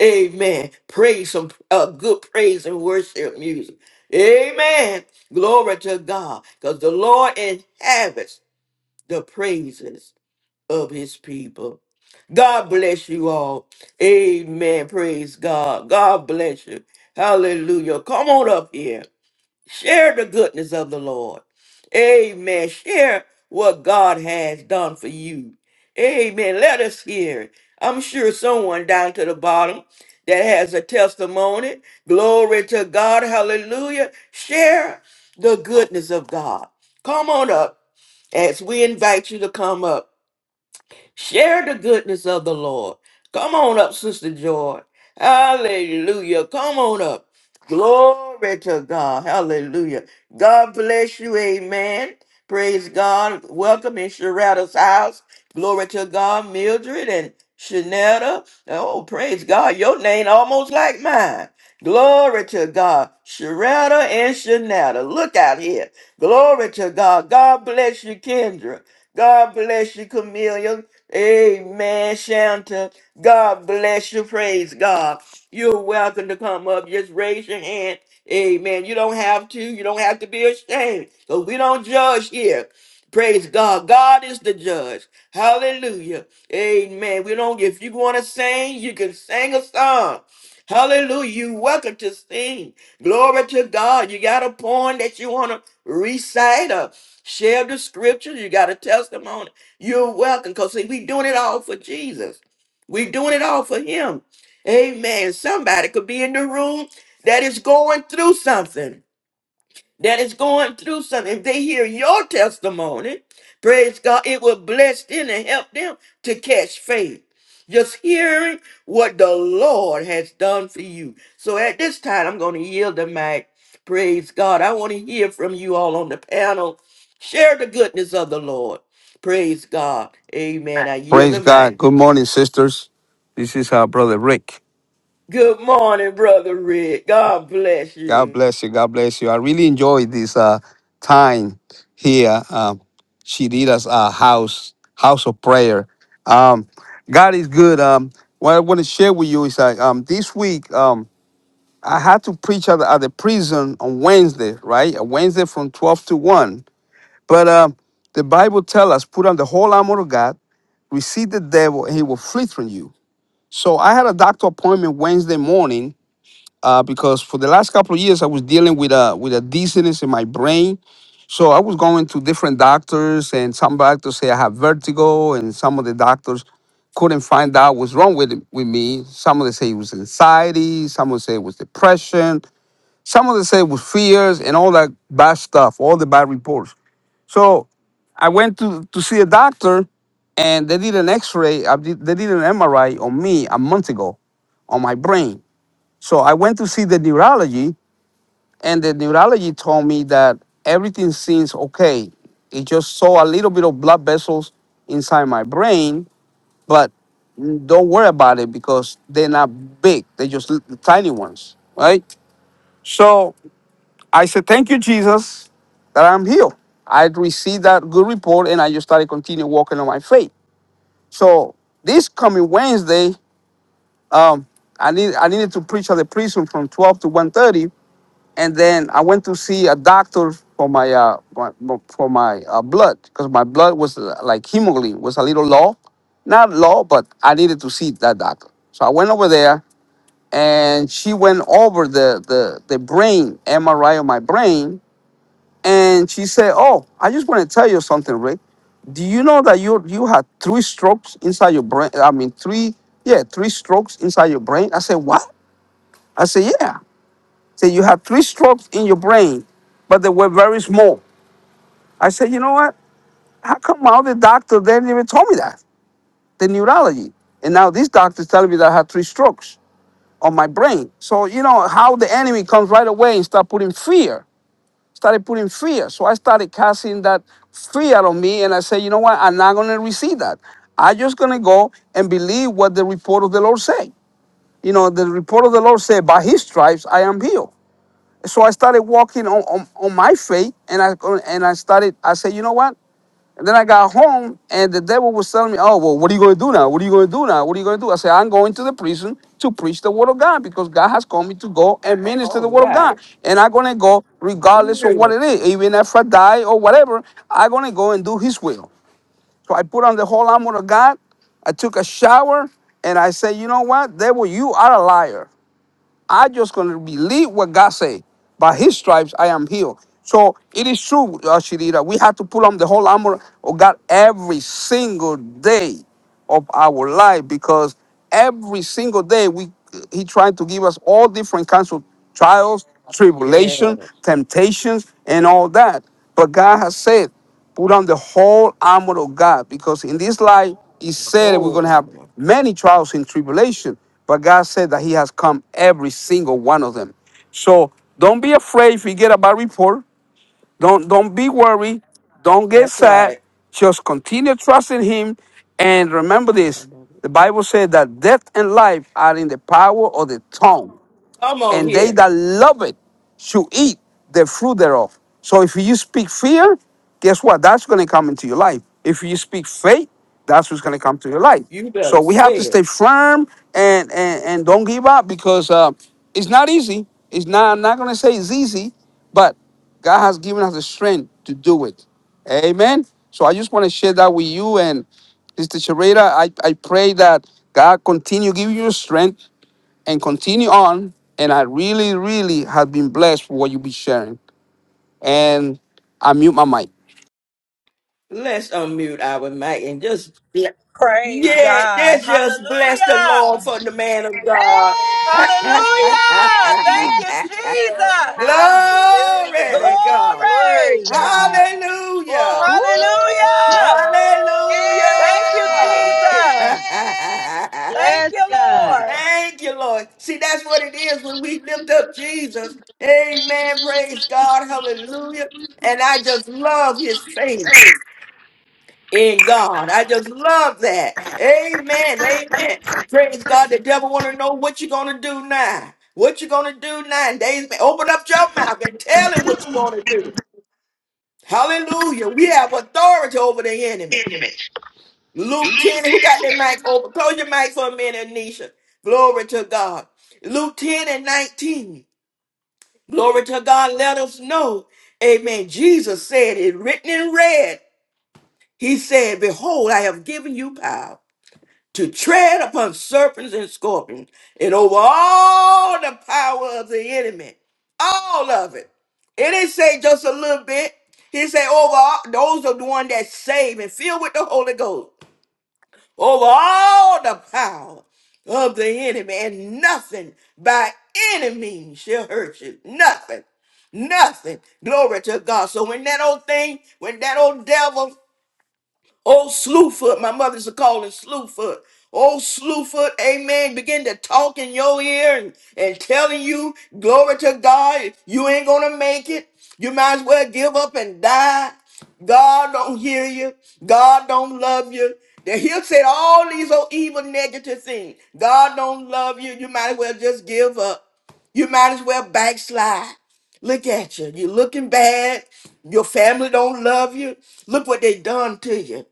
Speaker 1: amen. Praise some uh, good praise and worship music. Amen. Glory to God. Because the Lord inhabits the praises of his people. God bless you all. Amen. Praise God. God bless you. Hallelujah. Come on up here. Share the goodness of the Lord. Amen. Share what God has done for you. Amen. Let us hear it. I'm sure someone down to the bottom that has a testimony. Glory to God. Hallelujah. Share the goodness of God. Come on up. As we invite you to come up, Share the goodness of the Lord. Come on up, Sister Joy. Hallelujah. Come on up. Glory to God. Hallelujah. God bless you. Amen. Praise God. Welcome in Sharada's house. Glory to God, Mildred and Shanetta. Oh, praise God. Your name almost like mine. Glory to God. Sharetta and Shanetta. Look out here. Glory to God. God bless you, Kendra. God bless you, Camelia. Amen, Shanta. God bless you. Praise God. You're welcome to come up. Just raise your hand. Amen. You don't have to. You don't have to be ashamed. So we don't judge here. Praise God. God is the judge. Hallelujah. Amen. We don't, if you want to sing, you can sing a song. Hallelujah. You welcome to sing. Glory to God. You got a poem that you want to recite or share the scripture. You got a testimony. You're welcome. Because see, we doing it all for Jesus. We doing it all for him. Amen. Somebody could be in the room that is going through something that is going through something, if they hear your testimony, praise God, it will bless them and help them to catch faith. Just hearing what the Lord has done for you. So at this time, I'm going to yield the mic. Praise God. I want to hear from you all on the panel. Share the goodness of the Lord. Praise God. Amen. I yield
Speaker 3: Praise
Speaker 1: the
Speaker 3: God.
Speaker 1: mic.
Speaker 3: Good morning, sisters. This is our brother Rick.
Speaker 1: Good morning, Brother Rick. God bless
Speaker 3: God
Speaker 1: you.
Speaker 3: bless you. God bless you. I really enjoyed this uh, time here, um, Shirita's uh, house, house of prayer. Um, God is good. Um, what I want to share with you is that um, this week um, I had to preach at, the- at the prison on Wednesday, right? On Wednesday from 12 to 1. But um, the Bible tells us, put on the whole armor of God, resist the devil, and he will flee from you. So I had a doctor appointment Wednesday morning uh, because for the last couple of years I was dealing with a with a dizziness in my brain. So I was going to different doctors, and some doctors say I have vertigo, and some of the doctors couldn't find out what's wrong with with me. Some of them say it was anxiety, some of them say it was depression, some of them say it was fears and all that bad stuff, all the bad reports. So I went to, to see a doctor and they did an x-ray, I did- they did an MRI on me a month ago on my brain. So I went to see the neurology and the neurology told me that everything seems okay. It just saw a little bit of blood vessels inside my brain, but don't worry about it because they're not big. They're just little, tiny ones, right? So I said, Thank you, Jesus, that I'm healed. I received that good report and I just started continuing walking on my faith. So this coming Wednesday, um, I need I needed to preach at the prison from 12 to one thirty, and then I went to see a doctor for my uh my, for my uh, blood because my blood was uh, like hemoglobin was a little low, not low, but I needed to see that doctor. So I went over there, and she went over the the the brain MRI of my brain, and she said, "Oh, I just want to tell you something, Rick. Do you know that you you had three strokes inside your brain? I mean, three yeah, three strokes inside your brain." I said, "What?" I said, "Yeah." Said you had three strokes in your brain, but they were very small. I said, "You know what? How come all the doctor didn't even tell me that the neurology, and now this doctor's telling me that I had three strokes on my brain. So you know how the enemy comes right away and start putting fear." started putting fear. So I started casting that fear out of me, and I said, you know what? I'm not going to receive that. I'm just going to go and believe what the report of the Lord say. You know, the report of the Lord said, by His stripes I am healed. So I started walking on, on, on my faith, and I and I started. I said, you know what? And then I got home, and the devil was telling me, "Oh, well, what are you going to do now? What are you going to do now? What are you going to do?" I said, "I'm going to the prison to preach the word of God because God has called me to go and minister
Speaker 1: All
Speaker 3: the word of God,
Speaker 1: right.
Speaker 3: and I'm going to go regardless of what it
Speaker 1: Beautiful.
Speaker 3: is, even if I die or whatever. I'm going to go and do His will." So I put on the whole armor of God. I took a shower, and I said, "You know what, devil? You are a liar. I just gonna believe what God say. By His stripes I am healed. So it is true, uh, Sharita. We have to put on the whole armor of God every single day of our life because every single day we He trying to give us all different kinds of trials,
Speaker 1: Yeah.
Speaker 3: tribulation, temptations, and all that. But God has said. Put on the whole armor of God because in this life, He said that we're going to have
Speaker 1: Oh,
Speaker 3: many trials and tribulation, but God said that He has come every single one of them. So don't be afraid. Forget about report. Don't don't be worried. Don't get
Speaker 1: That's
Speaker 3: sad.
Speaker 1: right.
Speaker 3: Just continue trusting Him, and remember this:
Speaker 1: Come
Speaker 3: the Bible said that death and life are in the power of the tongue
Speaker 1: on
Speaker 3: and they
Speaker 1: here.
Speaker 3: that love it should eat the fruit thereof. So if you speak fear, guess what? That's going to come into your life. If you speak faith, that's what's going to come to your life.
Speaker 1: You better
Speaker 3: So we have
Speaker 1: say
Speaker 3: to
Speaker 1: it.
Speaker 3: stay firm and and, and don't give up because uh, it's not easy. It's not. I'm not going to say it's easy, but God has given us the strength to do it. Amen. So I just want to share that with you and Sister Sharada. I, I pray that God continue giving you strength and continue on. And I really, really have been blessed for what you be sharing. And I mute my mic.
Speaker 1: Let's unmute our mic and just yeah,
Speaker 4: Praise God.
Speaker 1: let's just bless
Speaker 5: God,
Speaker 1: the Lord
Speaker 4: Hallelujah.
Speaker 5: glory
Speaker 1: for
Speaker 5: to
Speaker 1: the
Speaker 5: God,
Speaker 1: man of
Speaker 2: Hey!
Speaker 1: God.
Speaker 5: glory
Speaker 1: Glory
Speaker 5: to God.
Speaker 4: Hallelujah.
Speaker 6: you,
Speaker 4: Thank
Speaker 5: Hallelujah.
Speaker 6: Jesus.
Speaker 4: you, Jesus.
Speaker 5: Hallelujah. Thank you,
Speaker 6: Hallelujah. We
Speaker 5: Lord.
Speaker 1: to
Speaker 6: give you
Speaker 1: God.
Speaker 6: glory,
Speaker 4: Glory.
Speaker 6: God.
Speaker 1: Hallelujah.
Speaker 6: Woo!
Speaker 2: Holy-
Speaker 5: Hallelujah.
Speaker 4: Hallelujah.
Speaker 5: Hallelujah.
Speaker 2: Hey!
Speaker 4: Thank you,
Speaker 5: Hallelujah.
Speaker 4: Jesus.
Speaker 1: Hallelujah.
Speaker 4: Thank
Speaker 6: Yes,
Speaker 4: you,
Speaker 5: Thank you,
Speaker 6: God.
Speaker 4: Lord.
Speaker 5: Lord.
Speaker 1: Thank you, Lord. See, that's what it is when we lift up Jesus. Amen. Praise God. Hallelujah. And I just love his faith in God. I just love that. Amen. Amen. Praise God. The devil want to know what you're going to do now. What you're going to do now. Days, open up your mouth and tell him what you're going to do. Hallelujah. We have authority over the enemy. Luke 10, who got their mic open? Close your mic for a minute, Anisha. Glory to God. Luke 10 and 19. Glory to God. Let us know. Amen. Jesus said it written in red. He said, Behold, I have given you power to tread upon serpents and scorpions and over all the power of the enemy. All of it. It didn't say just a little bit. He said, over all, those are the one that's saved and filled with the Holy Ghost over all the power of the enemy, and nothing by any means shall hurt you. Nothing. Nothing. Glory to God. So when that old thing, when that old devil Oh, Slewfoot, my mother's to call him Slewfoot. Oh, Slewfoot, amen. Begin to talk in your ear and, and telling you, glory to God, you ain't gonna make it. You might as well give up and die. God don't hear you. God don't love you. That he'll say all these old evil negative things. God don't love you. You might as well just give up. You might as well backslide. Look at you. You're looking bad. Your family don't love you. Look what they done to you.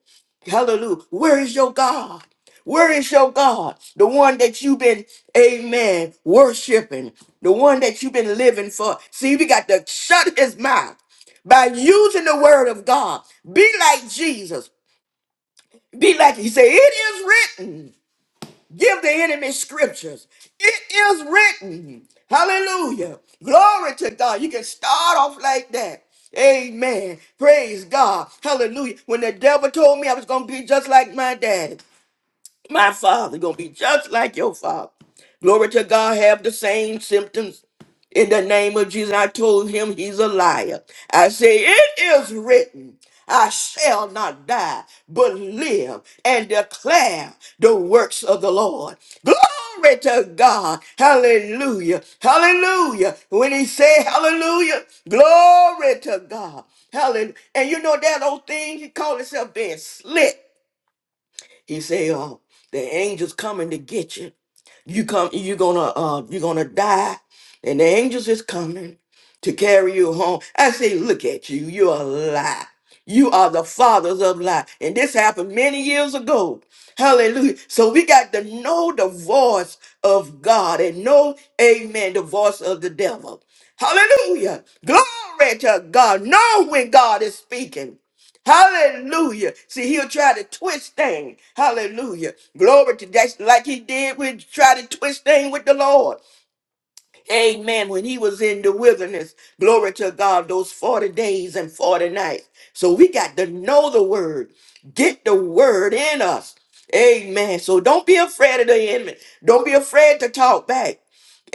Speaker 1: Hallelujah. Where is your God? Where is your God? The one that you've been, amen, worshiping. The one that you've been living for. See, we got to shut his mouth by using the word of God. Be like Jesus. Be like, he said, it is written. Give the enemy scriptures. It is written. Hallelujah. Glory to God. You can start off like that. Amen. Praise God. Hallelujah. When the devil told me I was going to be just like my dad. My father gonna be just like your father. Glory to God, have the same symptoms. In the name of Jesus, I told him he's a liar. I say, it is written, I shall not die, but live and declare the works of the Lord. Glory to God. Hallelujah. Hallelujah. When he say hallelujah, glory to God. Hallelujah. And you know that old thing, he called himself being slick. He say, uh, the angels coming to get you. You come, you gonna, uh, you gonna die, and the angels is coming to carry you home. I say, look at you, you're a lie. You are the fathers of lie, and this happened many years ago. Hallelujah. So we got to know the voice of God and know, Amen, the voice of the devil. Hallelujah. Glory to God. Know when God is speaking. Hallelujah. See, he'll try to twist things. Hallelujah. Glory to God, like he did with try to twist things with the Lord. Amen. When he was in the wilderness, glory to God, those 40 days and 40 nights. So we got to know the word. Get the word in us. Amen. So don't be afraid of the enemy. Don't be afraid to talk back.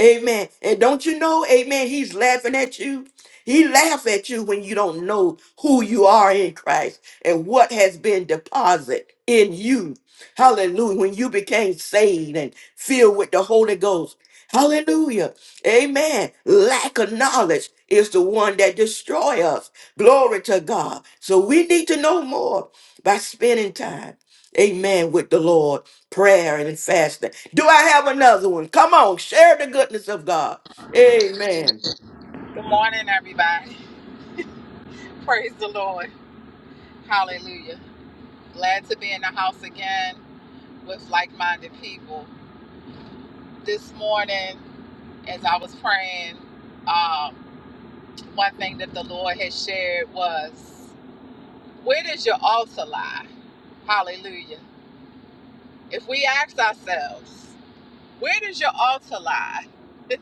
Speaker 1: Amen. And don't you know, amen, he's laughing at you. He laughs at you when you don't know who you are in Christ and what has been deposited in you. Hallelujah. When you became saved and filled with the Holy Ghost. Hallelujah. Amen. Lack of knowledge is the one that destroy us. Glory to God. So we need to know more by spending time. Amen. With the Lord prayer and fasting. Do I have another one? Come on, share the goodness of God. Amen.
Speaker 2: Good morning, everybody. Praise the Lord. Hallelujah. Glad to be in the house again with like minded people. This morning, as I was praying, um, one thing that the Lord has shared was, where does your altar lie? Hallelujah. If we ask ourselves, where does your altar lie?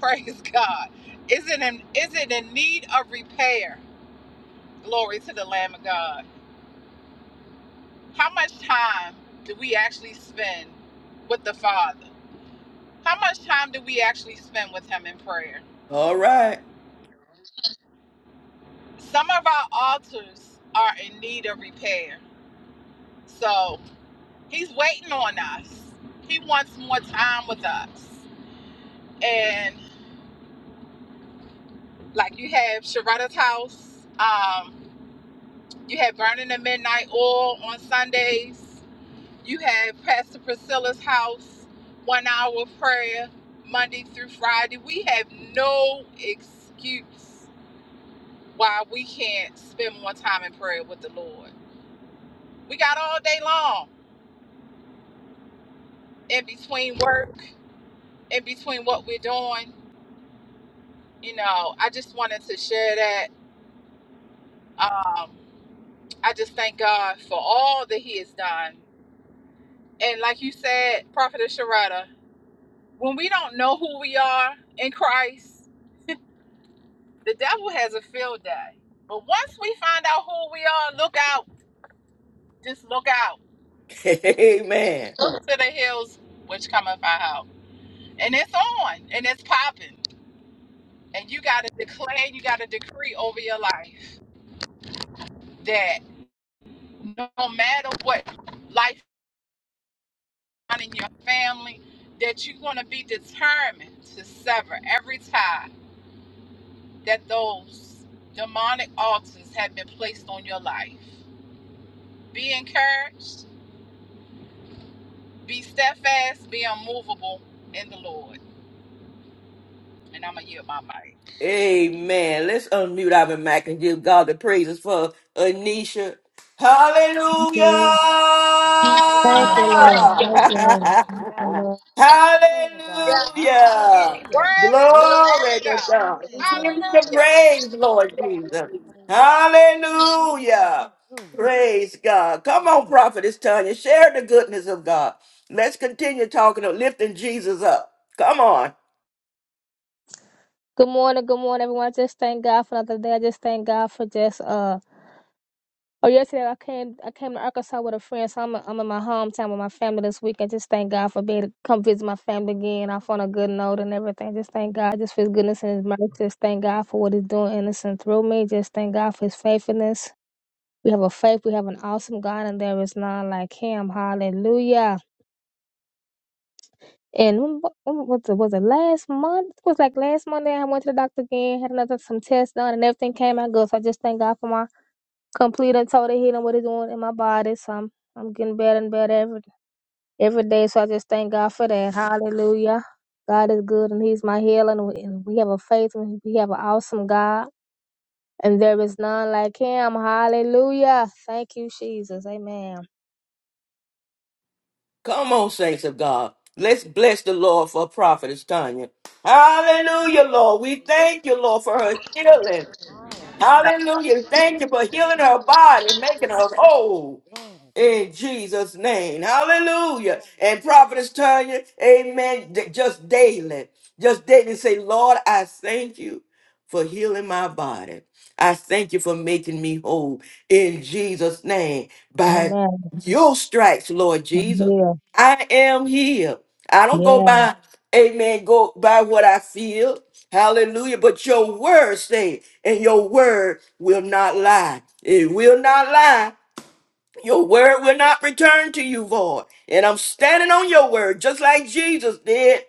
Speaker 2: Praise God. Is it in is it in need of repair? Glory to the Lamb of God. How much time do we actually spend with the Father? How much time do we actually spend with Him in prayer?
Speaker 1: All right.
Speaker 2: Some of our altars are in need of repair. So He's waiting on us. He wants more time with us. And like you have Sharetta's house, um, you have Burning the Midnight Oil on Sundays, you have Pastor Priscilla's house, one hour of prayer, Monday through Friday. We have no excuse why we can't spend more time in prayer with the Lord. We got all day long in between work, in between what we're doing. You know, I just wanted to share that Um, I just thank God for all that He has done. And like you said, Prophetess Sharada, when we don't know who we are in Christ, the devil has a field day. But once we find out who we are, look out. Just look out.
Speaker 1: Amen.
Speaker 2: Look to the hills which cometh our help. And it's on and it's popping. And you got to declare, you got to decree over your life that no matter what life in your family that you're going to be determined to sever every tie that those demonic altars have been placed on your life. Be encouraged, be steadfast, be unmovable in the Lord. And I'm going to yield my mic.
Speaker 1: Amen. Let's unmute our mic and give God the praises for Anisha. Hallelujah!
Speaker 7: you. Thank
Speaker 5: Hallelujah.
Speaker 7: you, Lord. Thank you,
Speaker 5: Hallelujah.
Speaker 7: Lord.
Speaker 5: Glory to
Speaker 7: Thank you,
Speaker 5: God.
Speaker 7: Lord.
Speaker 5: Glory to God.
Speaker 1: Hallelujah!
Speaker 5: Hallelujah.
Speaker 2: Worthy to the Lamb
Speaker 1: Glory
Speaker 2: of
Speaker 1: to God.
Speaker 2: God.
Speaker 1: Give
Speaker 5: Hallelujah.
Speaker 1: him the
Speaker 5: Glory.
Speaker 2: Hallelujah.
Speaker 1: praise, Lord
Speaker 5: Go
Speaker 1: Jesus.
Speaker 5: somebody in. Hallelujah.
Speaker 1: Hallelujah!
Speaker 5: Hallelujah.
Speaker 1: Praise God. Come
Speaker 5: Glory to
Speaker 1: on, prophetess Tanya. Share the goodness of God. Let's continue talking of lifting Jesus up. Come on.
Speaker 7: Good morning, good morning, everyone. I just thank God for another day. I just thank God for just uh. Oh, yesterday I came I came to Arkansas with a friend, so I'm I'm in my hometown with my family this week. I just thank God for being able to come visit my family again. I found a good note and everything. Just thank God, just for His goodness and His mercy. Just thank God for what He's doing in us and through me. Just thank God for His faithfulness. We have a faith. We have an awesome God, and there is none like Him. Hallelujah. And when, when was it? Was it last month? It was like last Monday. I went to the doctor again, had another some tests done, and everything came out good. So I just thank God for my complete and total healing, what it's doing in my body. So I'm I'm getting better and better every every day. So I just thank God for that. Hallelujah. God is good, and He's my healer. And we, and we have a faith, and we have an awesome God, and there is none like Him. Hallelujah. Thank you, Jesus. Amen.
Speaker 1: Come on, saints of God. Let's bless the Lord for prophetess Tanya. Hallelujah,
Speaker 5: God.
Speaker 1: Lord. We thank you,
Speaker 5: Hallelujah.
Speaker 1: Lord, for her healing.
Speaker 5: Hallelujah.
Speaker 1: Hallelujah.
Speaker 5: Glory
Speaker 1: Thank
Speaker 5: to
Speaker 1: you for healing
Speaker 5: God.
Speaker 1: her
Speaker 5: Glory
Speaker 1: body,
Speaker 5: to
Speaker 1: making
Speaker 5: God.
Speaker 1: her whole
Speaker 5: Glory to God.
Speaker 1: in Jesus' name.
Speaker 5: Jesus'
Speaker 1: Hallelujah.
Speaker 5: name.
Speaker 1: And prophetess Tanya, amen. d- Just daily, just daily say, Lord, I thank you for healing my body. I thank you for making me whole in Jesus' name. By
Speaker 7: Amen.
Speaker 1: your stripes, Lord
Speaker 7: I'm
Speaker 1: Jesus,
Speaker 7: here.
Speaker 1: I am healed. I don't go
Speaker 7: Yeah.
Speaker 1: by, amen, go by what I feel. Hallelujah. But your word say, and your word will not lie. It will not lie. Your word will not return to you void. And I'm standing on your word just like Jesus did.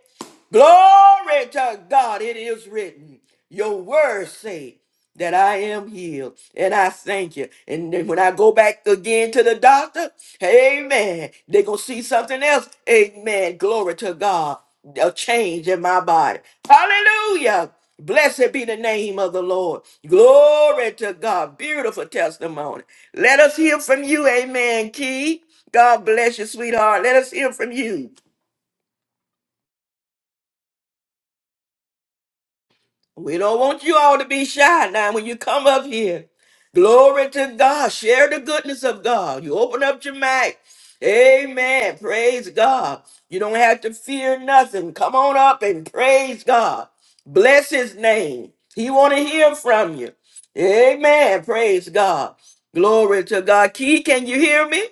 Speaker 1: Glory to God, it is written. Your word say that I am healed. And I thank you. And then when I go back again to the doctor, amen, they're going to see something else. Amen. Glory to God. A change in my body. Hallelujah. Blessed be the name of the Lord. Glory to God. Beautiful testimony. Let us hear from you. Amen, Key. God bless you, sweetheart. Let us hear from you. We don't want you all to be shy now when you come up here. Glory to God. Share the goodness of God. You open up your mic. Amen. Praise God. You don't have to fear nothing. Come on up and praise God. Bless his name. He want to hear from you. Amen. Praise God. Glory to God. Key, can you hear me?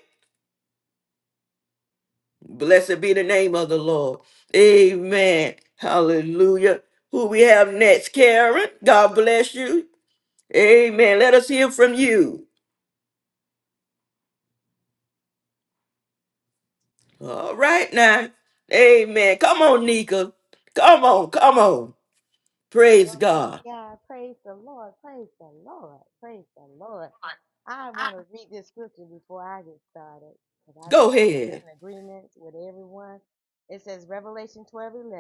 Speaker 1: Blessed be the name of the Lord. Amen. Hallelujah. Who we have next, Karen? God bless you. Amen. Let us hear from you. All right now. Amen. Come on, Nika. Come on, come on. Praise
Speaker 5: Glory be to
Speaker 1: God.
Speaker 5: God. Praise the Lord. Praise the Lord. Praise the Lord. I want to read this scripture before I get started. But I
Speaker 1: Go
Speaker 5: just stand
Speaker 1: ahead.
Speaker 5: in agreement with everyone. It says Revelation 12:11,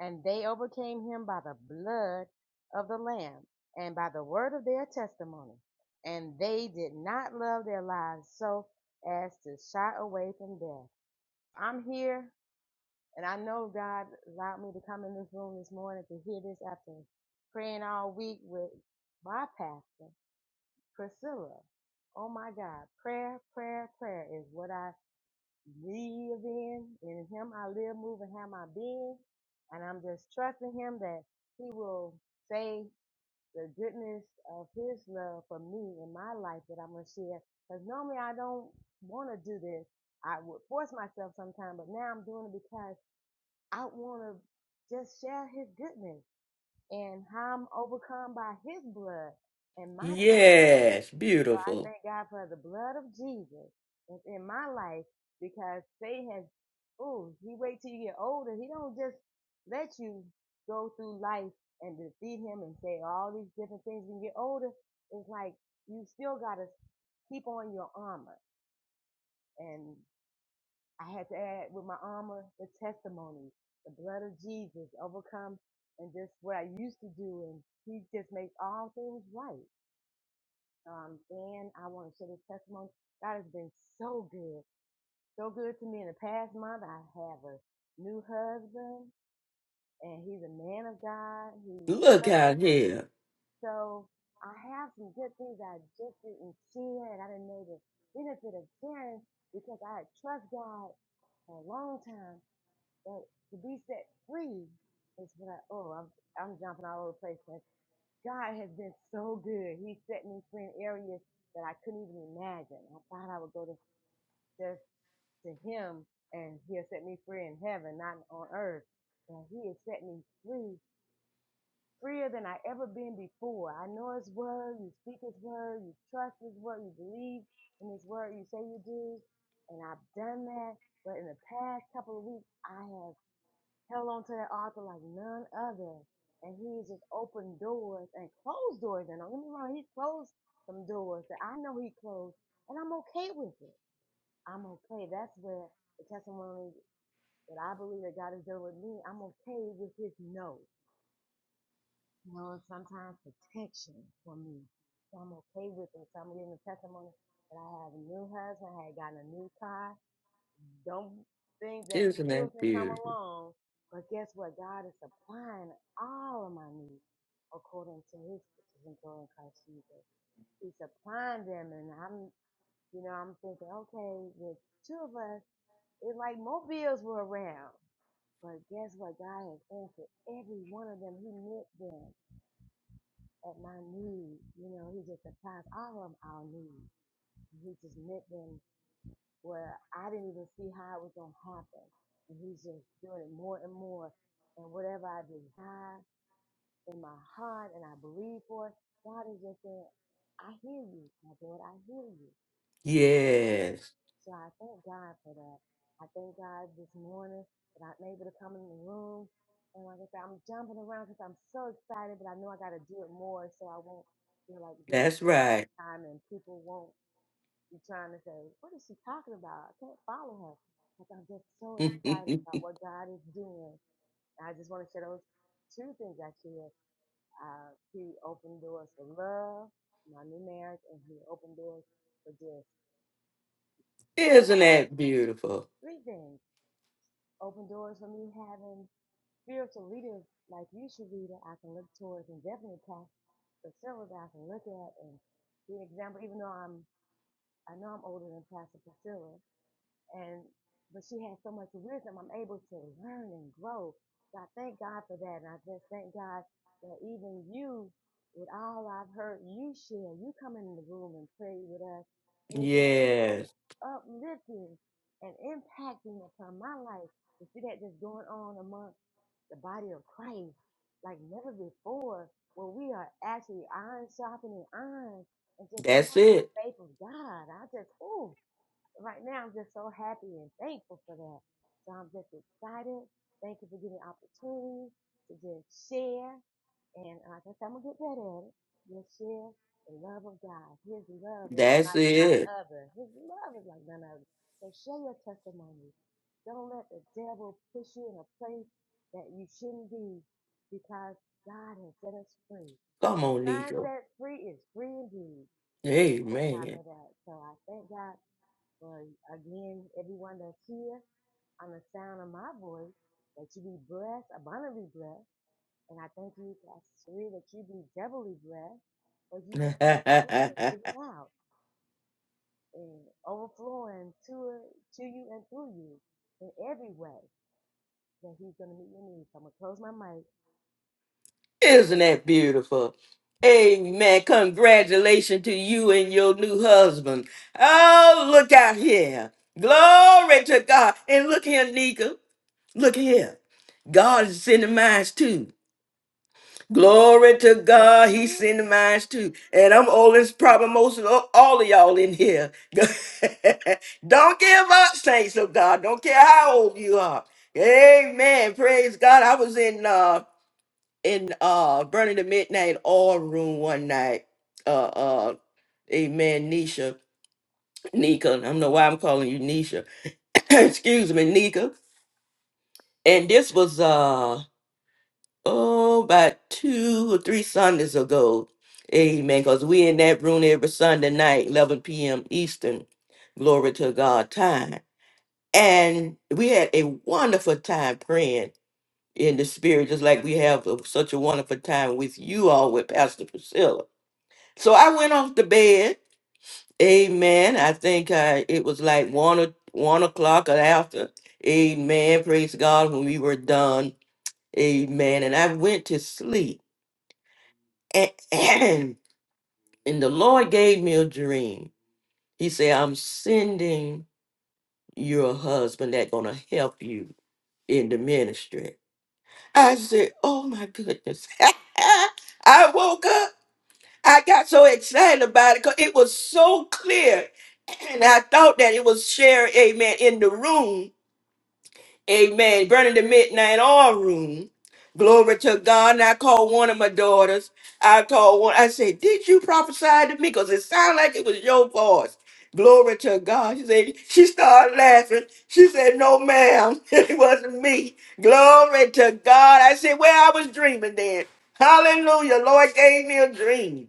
Speaker 5: And they overcame him by the blood of the Lamb and by the word of their testimony. And they did not love their lives so as to shy away from death. I'm here And I know God allowed me to come in this room this morning to hear this after praying all week with my pastor, Priscilla. Oh my God, prayer, prayer, prayer is what I live in. In Him I live, move, and have my being. And I'm just trusting Him that He will say the goodness of His love for me in my life that I'm going to share. Because normally I don't want to do this. I would force myself sometime, but now I'm doing it because I want to just share his goodness and how I'm overcome by his blood and my testimony.
Speaker 1: Yes,
Speaker 5: So I
Speaker 1: beautiful.
Speaker 5: thank God for the blood of Jesus that's in my life because Satan has, oh, he wait till you get older. He don't just let you go through life and defeat him and say all these different things when you get older. It's like you still got to keep on your armor. And I had to add with my armor the testimony, the blood of Jesus overcome, and just what I used to do. And He just makes all things right. Um, and I want to share this testimony. God has been so good, so good to me. In the past month, I have a new husband, and he's a man of God. He
Speaker 1: Look out
Speaker 5: prays.
Speaker 1: here.
Speaker 5: So I have some good things I just didn't share, and I didn't know the benefit of sharing because I had trust God for a long time But to be set free is when I, oh, I'm, I'm jumping all over the place. But God has been so good. He set me free in areas that I couldn't even imagine. I thought I would go to just to Him and He'll set me free in heaven, not on earth. And He has set me free, freer than I ever been before. I know His word. You speak His word. You trust His word. You believe in His word. You say you do. And I've done that. But in the past couple of weeks, I have held on to that author like none other. And he's just opened doors and closed doors. And don't get me wrong, he closed some doors that I know he closed, and I'm okay with it. I'm okay. That's where the testimony that I believe that God is doing with me, I'm okay with his no. You know, it's sometimes protection for me. So I'm okay with it. So I'm giving the testimony that I have a new husband, I had gotten a new car, don't think that the
Speaker 1: Isn't that
Speaker 5: bills didn't come
Speaker 1: beautiful?
Speaker 5: along. But guess what? God is supplying all of my needs according to his riches and glory in Christ Jesus. He's supplying them and I'm you know, I'm thinking, okay, with two of us, it's like more bills were around. But guess what? God has answered every one of them. He met them at my need. You know, he just supplies all of our needs. He just met them where I didn't even see how it was going to happen. And he's just doing it more and more. And whatever I desire in my heart and I believe for it, God is just saying, I hear you, my Lord. I hear you. I hear you.
Speaker 1: Yes,
Speaker 5: So I thank God for that. I thank God this morning that I'm able to come in the room. And like I said, I'm jumping around because I'm so excited, but I know I got to do it more so I won't feel like this is
Speaker 1: that's
Speaker 5: the
Speaker 1: right.
Speaker 5: last time and people won't you trying to say, what is she talking about? I can't follow her. Like I'm just so excited
Speaker 1: Isn't
Speaker 5: about what God is doing. And I just want to share those two things actually. Uh, he opened doors for love, my new marriage, and he opened doors for just well, it's three
Speaker 1: that
Speaker 5: things.
Speaker 1: beautiful?
Speaker 5: Three things. Open doors for me having spiritual leaders like you, Sharita, I can look towards and definitely Pastor Priscilla that I can look at and be an example, even though I'm I know I'm older than Pastor Priscilla, and but she has so much wisdom. I'm able to learn and grow. So I thank God for that, and I just thank God that even you, with all I've heard you share, you come in the room and pray with us, and it's just so
Speaker 1: Yes,
Speaker 5: uplifting and impacting upon my life to see that just going on among the body of Christ like never before, where we are actually iron sharpening iron and just
Speaker 1: that's
Speaker 5: going in the
Speaker 1: it.
Speaker 5: faith of God. I just, ooh right now I'm just so happy and thankful for that. So I'm just excited. Thank you for giving me opportunity to just share. And uh, I guess I'm going to get better at it. Just share the love of God. His love is
Speaker 1: That's
Speaker 5: like none
Speaker 1: it.
Speaker 5: other. His love is like none other. So share your testimony. Don't let the devil push you in a place that you shouldn't be because God has set us free. Who
Speaker 1: Come on,
Speaker 5: finds
Speaker 1: Nika.
Speaker 5: that free is free indeed. So I thank God
Speaker 1: Amen.
Speaker 5: for that. So I thank God well, again, everyone that's here on the sound of my voice, that you be blessed, abundantly blessed. And I thank you, Pastor Sheree, that you be doubly blessed, but you just open the room and give it out and overflowing to, to you and through you in every way that he's going to meet your needs. I'm going to close my mic.
Speaker 1: Isn't that beautiful? Amen. Congratulations to you and your new husband. Oh, look out here. Glory to God. And look here, Nika. Look here. God is sending mines too. Glory to
Speaker 5: Yes,
Speaker 1: God.
Speaker 5: he
Speaker 1: He's sending
Speaker 5: is.
Speaker 1: mines too. And I'm oldest, probably most of all all of y'all in here. Don't give up, saints of God. Don't care how old you are. Amen. Praise God. I was in uh in uh burning the midnight oil room one night. Uh uh Amen, Nisha. Nika. I don't know why I'm calling you Nisha. Excuse me, Nika. And this was uh oh about two or three Sundays ago. Amen. Because we in that room every Sunday night, 11 p.m. Eastern. Glory to God time. And we had a wonderful time praying in the spirit, just like we have a- such a wonderful time with you all with Pastor Priscilla So I went off to bed. Amen. I think I, it was like one or one o'clock or after. Amen. Praise God when we were done. Amen. And I went to sleep. And the Lord gave me a dream. He said, I'm sending you a husband that's gonna help you in the ministry. I said, Oh my goodness. I woke up I got so excited about it because it was so clear. And I thought that it was shared, amen, in the room, amen, burning the midnight oil room. Glory to God. And I called one of my daughters. I called one. I said, Did you prophesy to me? Because it sounded like it was your voice. Glory to God. She said, She started laughing. She said, No, ma'am, it wasn't me. Glory to God. I said, Well, I was dreaming then. Hallelujah. Lord gave me a dream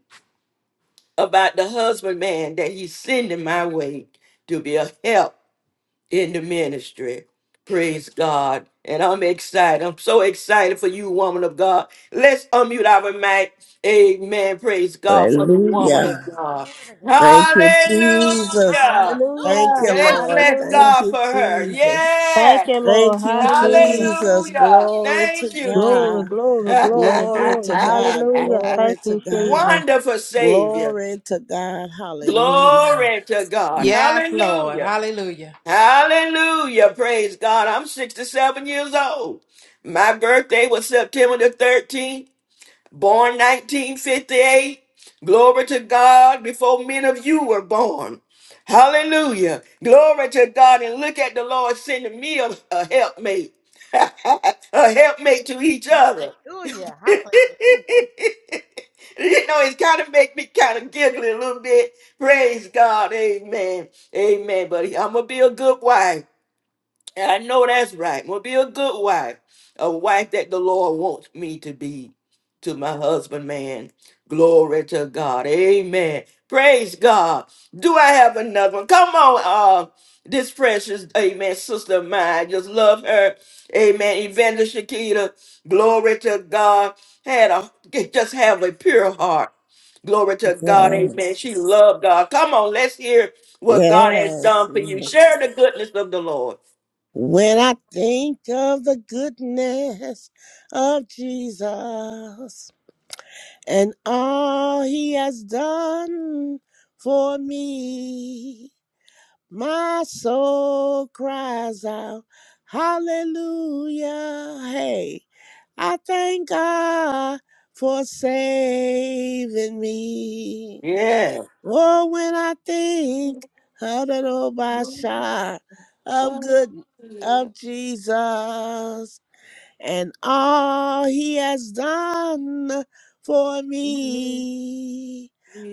Speaker 1: about the husband man that he's sending my way to be a help in the ministry. Praise God. And I'm excited. I'm so excited for you, woman of God. Let's unmute our mic. Amen. Praise God for the woman of
Speaker 8: Hallelujah.
Speaker 1: God.
Speaker 5: Glory to God.
Speaker 8: Thank you,
Speaker 5: Hallelujah.
Speaker 8: Jesus.
Speaker 1: Hallelujah.
Speaker 8: Thank
Speaker 5: Hallelujah.
Speaker 8: you,
Speaker 7: Hallelujah.
Speaker 1: Let's
Speaker 8: Lord.
Speaker 1: bless
Speaker 7: Hallelujah.
Speaker 8: Thank
Speaker 1: God
Speaker 8: you,
Speaker 1: for her.
Speaker 8: Jesus.
Speaker 7: Thank
Speaker 1: Yeah.
Speaker 7: you,
Speaker 8: Thank
Speaker 7: Lord.
Speaker 8: you,
Speaker 7: Hallelujah.
Speaker 8: Jesus.
Speaker 1: Hallelujah.
Speaker 8: Glory to
Speaker 1: Thank you, Jesus.
Speaker 7: Glory,
Speaker 8: God.
Speaker 7: glory, glory,
Speaker 8: Glory to
Speaker 7: glory.
Speaker 8: God.
Speaker 7: Hallelujah.
Speaker 8: Glory
Speaker 7: Thank
Speaker 8: to
Speaker 7: you,
Speaker 8: God.
Speaker 7: Jesus.
Speaker 1: Wonderful Savior.
Speaker 8: Glory to God. Hallelujah.
Speaker 1: Glory to God.
Speaker 2: Yes, Lord.
Speaker 1: Hallelujah.
Speaker 2: Hallelujah.
Speaker 1: Hallelujah. Praise God. I'm 67 years old. My birthday was September the 13th, born 1958. Glory to God before many of you were born. Hallelujah. Glory to God. And look at the Lord sending me a, a helpmate, a helpmate to
Speaker 5: Hallelujah.
Speaker 1: each other
Speaker 5: Hallelujah.
Speaker 1: you
Speaker 5: Hallelujah.
Speaker 1: know, it's kind of make me kind of giggly a little bit. Praise God. Amen. Amen. But I'm going to be a good wife. And I know that's right. I'm gonna be a good wife, a wife that the Lord wants me to be to my husband, man. Glory to God. Amen. Praise God. Do I have another one? Come on, uh, this precious, amen, sister of mine. Just love her. Amen. Evangelist Shakita, glory to God. Had a just have a pure heart. Glory to God. Amen.
Speaker 8: Yes.
Speaker 1: She loved God. Come on, let's hear what God has
Speaker 8: Yes.
Speaker 1: done for you.
Speaker 8: yes.
Speaker 1: Share the goodness of the Lord.
Speaker 8: When I think of the goodness of Jesus. and all he has done for me. My soul cries out, Hallelujah. Hey, I thank God for saving me.
Speaker 1: Yeah.
Speaker 8: Oh, when I think of the Lord, my
Speaker 1: Sing
Speaker 8: shot of good of Jesus, and all he has done for me.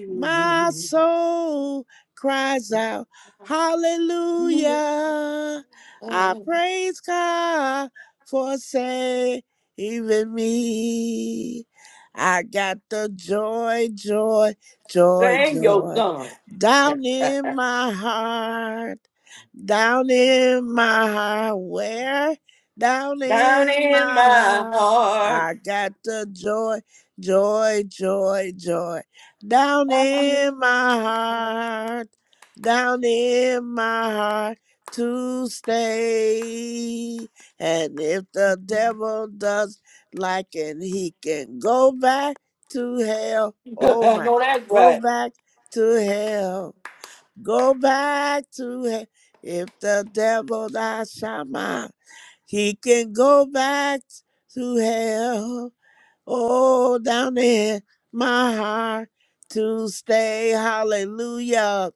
Speaker 8: My soul cries out, Hallelujah! I praise God for saving me. I got the joy, joy, joy,
Speaker 1: your
Speaker 8: joy
Speaker 1: song
Speaker 8: down in my heart, down in my heart. Where? down
Speaker 1: down
Speaker 8: in
Speaker 1: in
Speaker 8: my
Speaker 1: my
Speaker 8: heart.
Speaker 1: heart.
Speaker 8: I got the joy, joy, joy, joy down in my heart, down in my heart to stay. And if the devil does like it, he can go back to hell. Oh
Speaker 1: I
Speaker 8: my,
Speaker 1: know that's
Speaker 8: go
Speaker 1: right.
Speaker 8: back to hell, go back to hell. If the devil, I shall he can go back to hell. Oh, down in my heart to stay. Hallelujah.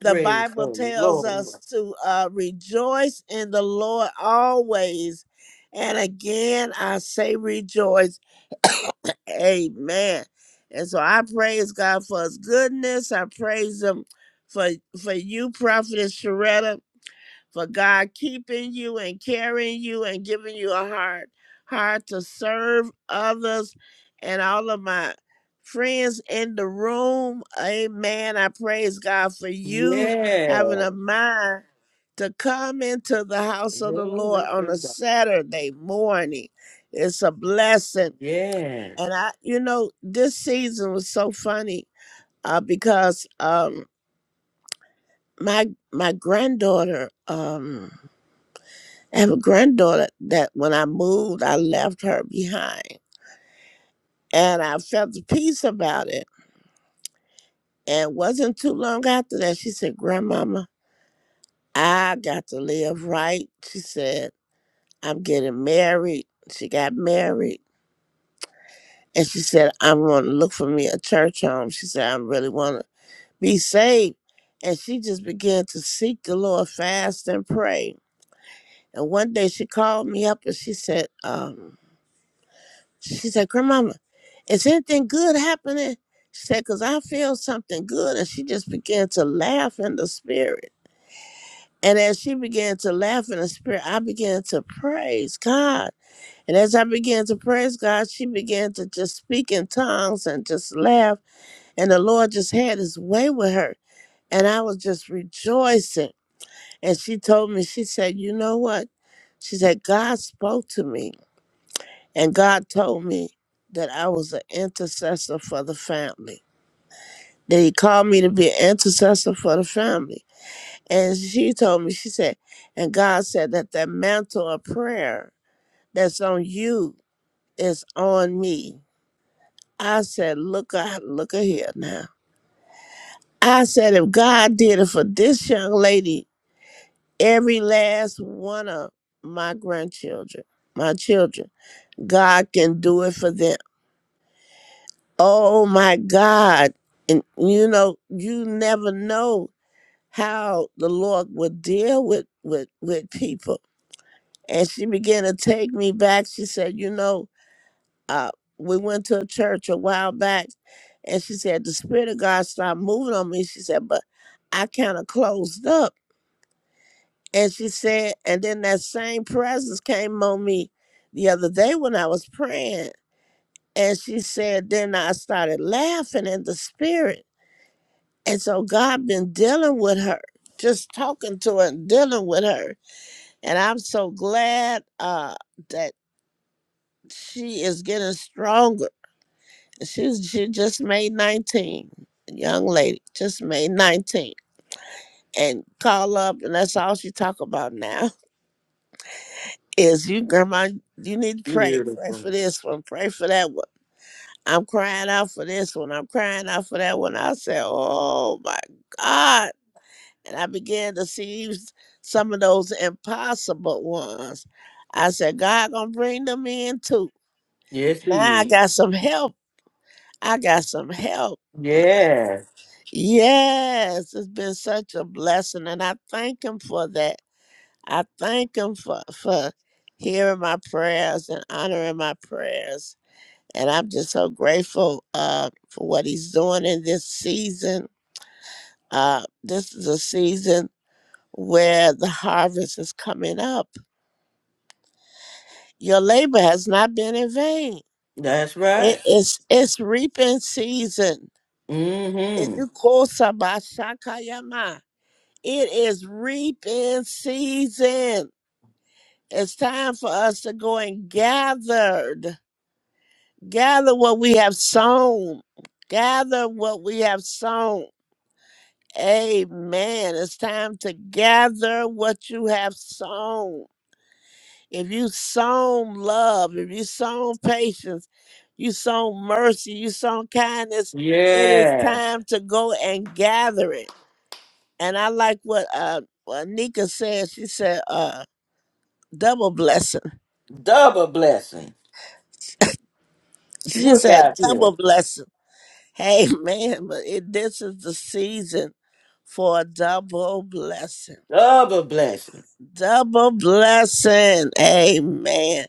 Speaker 8: The
Speaker 1: Praise the
Speaker 8: Bible tells
Speaker 1: Lord.
Speaker 8: us to uh, rejoice in the Lord always. And again, I say rejoice. Amen. And so I praise God for his goodness. I praise him for, for you, Prophetess Sharetta for God keeping you and carrying you and giving you a heart, heart to serve others and all of my friends in the room. Amen. I praise God for you having
Speaker 1: Yeah.
Speaker 8: a mind to come into the house of the Lord
Speaker 1: Glory
Speaker 8: on
Speaker 1: to
Speaker 8: a
Speaker 1: God.
Speaker 8: Saturday morning. It's a blessing.
Speaker 1: Yes.
Speaker 8: And I, you know, this season was so funny uh, because um, my my granddaughter um, I have a granddaughter that when I moved, I left her behind. And I felt the peace about it. And it wasn't too long after that, she said, Grandmama, I got to live right. She said, I'm getting married. She got married. And she said, I'm going to look for me a church home. She said, I really want to be saved. And she just began to seek the Lord, fast and pray. And one day she called me up and she said, um, She said, Grandmama, is anything good happening? She said, Because I feel something good. And she just began to laugh in the spirit. And as she began to laugh in the spirit, I began to praise God. And as I began to praise God, she began to just speak in tongues and just laugh. And the Lord just had his way with her. And I was just rejoicing. And she told me, she said, You know what? She said, God spoke to me And God told me that I was an intercessor for the family. That he called me to be an intercessor for the family. And she told me, she said, and God said that that mantle of prayer that's on you is on me. I said, look out, look at here now. I said, if God did it for this young lady, every last one of my grandchildren, my children, God can do it for them. Oh my God. And you know, you never know how the Lord would deal with with with people. And she began to take me back. She said, you know, uh, we went to a church a while back and she said, the Spirit of God started moving on me. She said, but I kind of closed up. And she said, and then that same presence came on me the other day when I was praying. And she said, then I started laughing in the spirit. And so God been dealing with her, just talking to her and dealing with her. And I'm so glad uh, that she is getting stronger. She's she just made 19, a young lady, just made 19. And call up, and that's all she talk about now is you, grandma. You need to pray, pray for
Speaker 1: Beautiful.
Speaker 8: this one, pray for that one. I'm crying out for this one. I'm crying out for that one. I said, oh my God and I began to see some of those impossible ones. I said, God gonna bring them in too.
Speaker 1: Yes, he
Speaker 8: Now I
Speaker 1: is.
Speaker 8: got some help. I got some help.
Speaker 1: Yeah.
Speaker 8: Yes, it's been such a blessing, and I thank Him for that. I thank Him for for hearing my prayers and honoring my prayers, and I'm just so grateful uh, for what He's doing in this season. Uh, this is a season where the harvest is coming up Your labor has not been in vain.
Speaker 1: That's
Speaker 8: It
Speaker 1: right.
Speaker 8: is it's reaping season. It
Speaker 1: Mm-hmm.
Speaker 8: Yukosabashakayama. It is reaping season. It's time for us to go and gathered. Gather what we have sown. Gather what we have sown. Amen. It's time to gather what you have sown. If you sown love, if you sown patience, you sown mercy, you sown kindness, it is
Speaker 1: Yeah.
Speaker 8: time to go and gather it. And I like what uh what Nika said. She said, uh, double blessing.
Speaker 1: Double blessing.
Speaker 8: She
Speaker 1: Look
Speaker 8: said
Speaker 1: out here.
Speaker 8: double blessing. Hey man, but it, this is the season for a double blessing.
Speaker 1: Double blessing.
Speaker 8: Double blessing. Amen.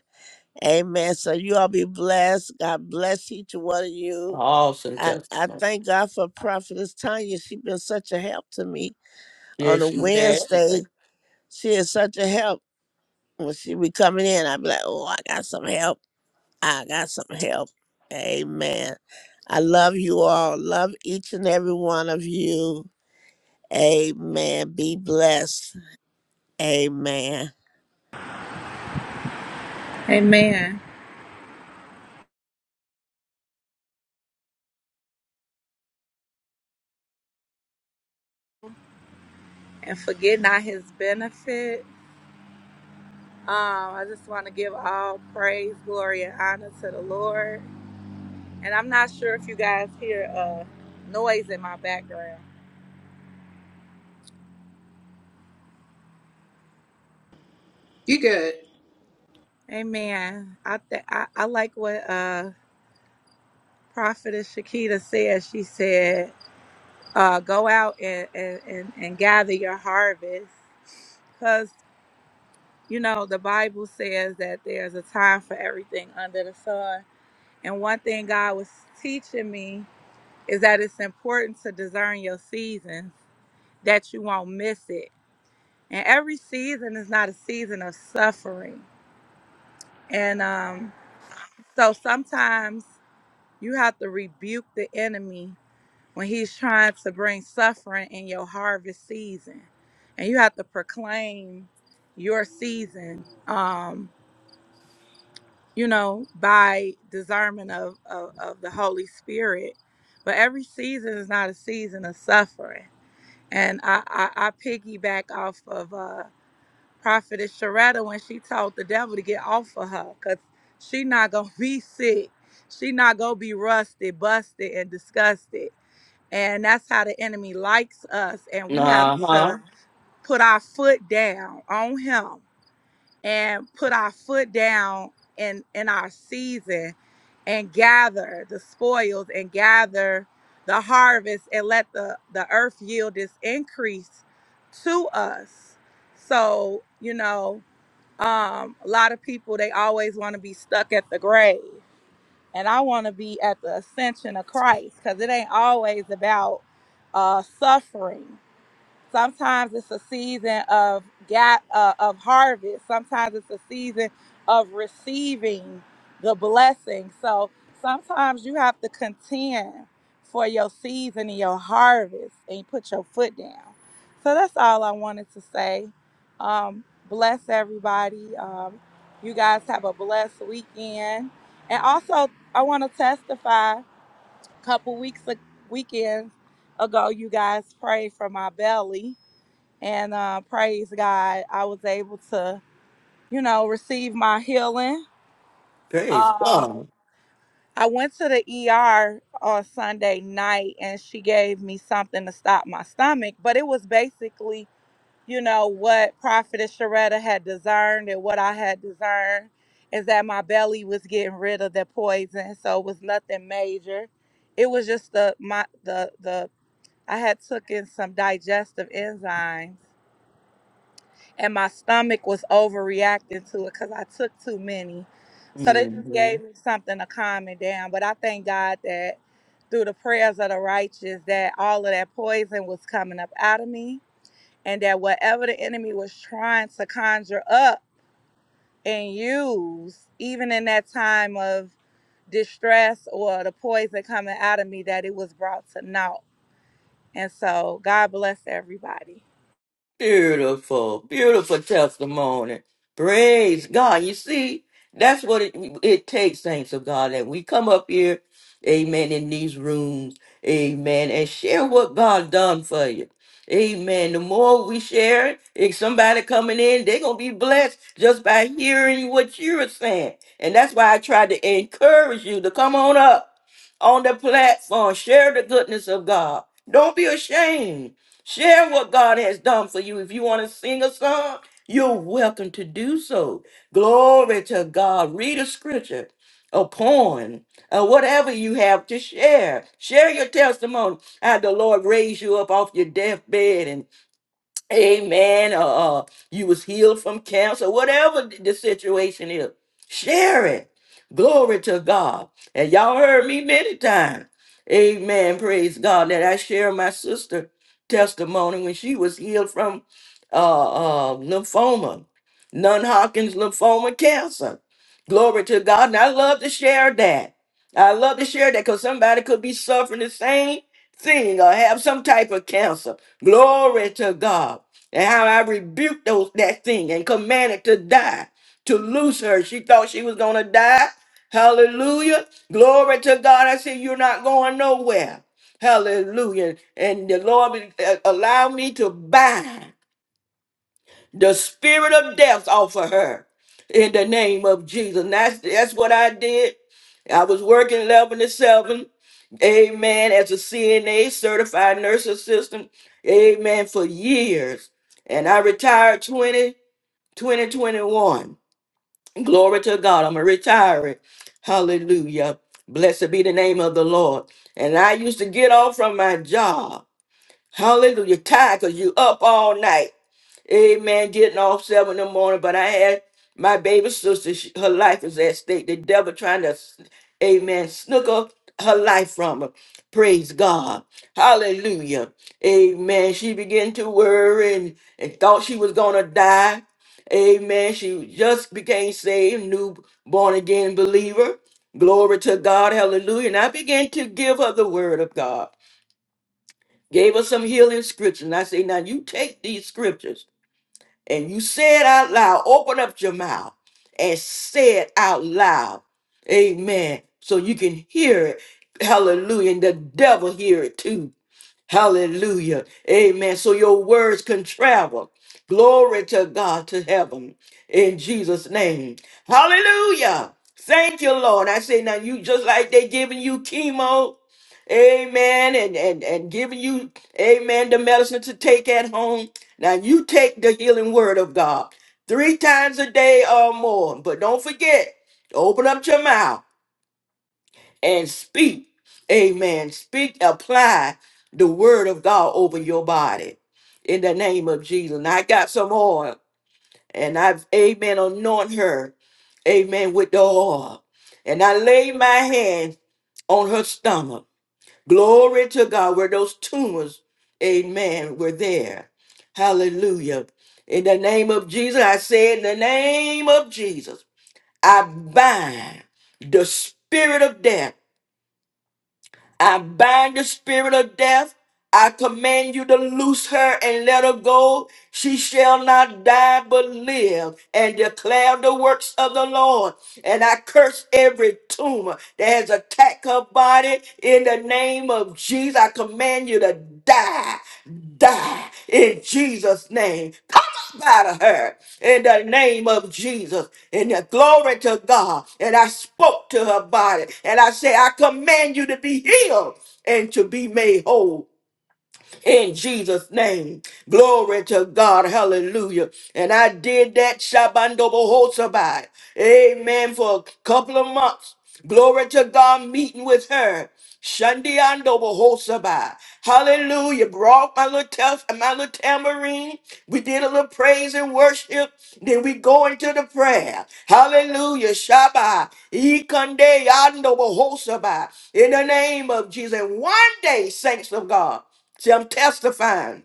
Speaker 8: Amen. So you all be blessed. God bless each one of you
Speaker 1: Awesome
Speaker 8: I, I
Speaker 1: testimony.
Speaker 8: thank God for Prophetess Tanya. She's been such a help to me. On
Speaker 1: Yes,
Speaker 8: a
Speaker 1: she had.
Speaker 8: Wednesday, she is such a help. When she be coming in, I be like, oh, I got some help. I got some help. Amen. I love you all. Love each and every one of you. Amen. Be blessed. Amen.
Speaker 4: Amen. And forget not his benefit. Um, I just want to give all praise, glory, and honor to the Lord. And I'm not sure if you guys hear uh noise in my background.
Speaker 2: You good.
Speaker 4: Amen. I th- I, I like what uh. Prophetess Shakita said, she said, uh, go out and, and, and, and gather your harvest. Because, you know, the Bible says that there's a time for everything under the sun. And one thing God was teaching me is that it's important to discern your seasons, that you won't miss it. And every season is not a season of suffering. And um, so sometimes you have to rebuke the enemy when he's trying to bring suffering in your harvest season and you have to proclaim your season um you know by discernment of, of of the holy spirit but every season is not a season of suffering and i i, I piggyback off of uh prophetess sharetta when she told the devil to get off of her because she not gonna be sick she not gonna be rusted busted and disgusted and that's how the enemy likes us. And we have
Speaker 1: Uh huh.
Speaker 4: to put our foot down on him and put our foot down in in our season and gather the spoils and gather the harvest and let the, the earth yield its increase to us. So, you know, um, a lot of people they always want to be stuck at the grave and I want to be at the ascension of Christ because it ain't always about uh, suffering. Sometimes it's a season of got uh, of harvest. Sometimes it's a season of receiving the blessing. So sometimes you have to contend for your season and your harvest, and you put your foot down. So that's all I wanted to say. Um, bless everybody. Um, you guys have a blessed weekend. And also, I want to testify. A couple weeks a- weekends ago, you guys prayed for my belly and uh, praise God, I was able to, you know, receive my healing.
Speaker 1: Praise
Speaker 4: Um,
Speaker 1: God.
Speaker 4: I went to the ER on Sunday night, and she gave me something to stop my stomach, but it was basically, you know, what Prophetess Sharetta had discerned, and what I had discerned is that my belly was getting rid of the poison, so it was nothing major. It was just the my the the I had taken some digestive enzymes and my stomach was overreacting to it because I took too many. So they just
Speaker 1: Mm-hmm.
Speaker 4: gave me something to calm it down. But I thank God that through the prayers of the righteous, that all of that poison was coming up out of me, and that whatever the enemy was trying to conjure up and use, even in that time of distress or the poison coming out of me, that it was brought to naught. And so God bless everybody.
Speaker 1: Beautiful, beautiful testimony. Praise God. You see, that's what it, it takes, saints of God, that we come up here, amen, in these rooms, amen, and share what God done for you. Amen. The more we share it, if somebody coming in, they're going to be blessed just by hearing what you're saying. And that's why I tried to encourage you to come on up on the platform, share the goodness of God. Don't be ashamed. Share what God has done for you. If you want to sing a song, you're welcome to do so. Glory to God. Read a scripture, a poem, or whatever you have to share. Share your testimony. How the Lord raised you up off your deathbed and. Amen. Uh, uh, you was healed from cancer, whatever th- the situation is. Share it. Glory to God. And y'all heard me many times. Amen. Praise God that I share my sister testimony when she was healed from uh, uh, lymphoma, non-Hodgkin's lymphoma cancer. Glory to God. And I love to share that. I love to share that because somebody could be suffering the same thing or have some type of cancer. Glory to God. And how I rebuked those that thing and commanded to die, to loose her. She thought she was gonna die. Hallelujah. Glory to God. I said, You're not going nowhere. Hallelujah. And the Lord uh, allow me to bind the spirit of death off of her in the name of Jesus. And that's, that's what I did. I was working 11 to 7, amen, as a CNA certified nurse assistant, amen, for years. And I retired 20 2021. Glory to God, I'm a retiree. Hallelujah. Blessed be the name of the Lord. And I used to get off from my job. Hallelujah. Tired because you up all night. Amen. Getting off seven in the morning, but I had my baby sister. she- her life is at stake. The devil trying to, amen, snooker her life from her. Praise God. Hallelujah. Amen. She began to worry and, and thought she was going to die. Amen. She just became saved, new born again believer. Glory to God. Hallelujah. And I began to give her the word of God. Gave her some healing scriptures. And I say, now you take these scriptures and you say it out loud, open up your mouth and say it out loud. Amen. So you can hear it. Hallelujah. And the devil hear it too Hallelujah. Amen. So your words can travel. Glory to God to heaven in Jesus' name. Hallelujah. Thank you, Lord. I say now you just like they giving you chemo. Amen. And, and and giving you, amen, the medicine to take at home. Now you take the healing word of God three times a day or more. But don't forget, open up your mouth and speak. Amen. Speak, apply the word of God over your body in the name of Jesus. And I got some oil and I've, amen, anoint her, amen, with the oil. And I lay my hand on her stomach. Glory to God, where those tumors, amen, were there. Hallelujah. In the name of Jesus, I say, in the name of Jesus, I bind the spirit of death I bind the spirit of death. I command you to loose her and let her go. She shall not die but live and declare the works of the Lord. And I curse every tumor that has attacked her body in the name of Jesus. I command you to die, die in Jesus' name up out of her in the name of Jesus. And the glory to God. And I spoke to her body and I said, I command you to be healed and to be made whole in Jesus' name. Glory to God. Hallelujah. And I did that Shabando Bohosabai. Amen. For a couple of months. Glory to God meeting with her. Shandiando Bohosabai. Hallelujah. Brought my little tough my little tambourine. We did a little praise and worship. Then we go into the prayer. Hallelujah. Shabbat. Ikande Yando Bohosabai. In the name of Jesus. And one day, saints of God. See, I'm testifying.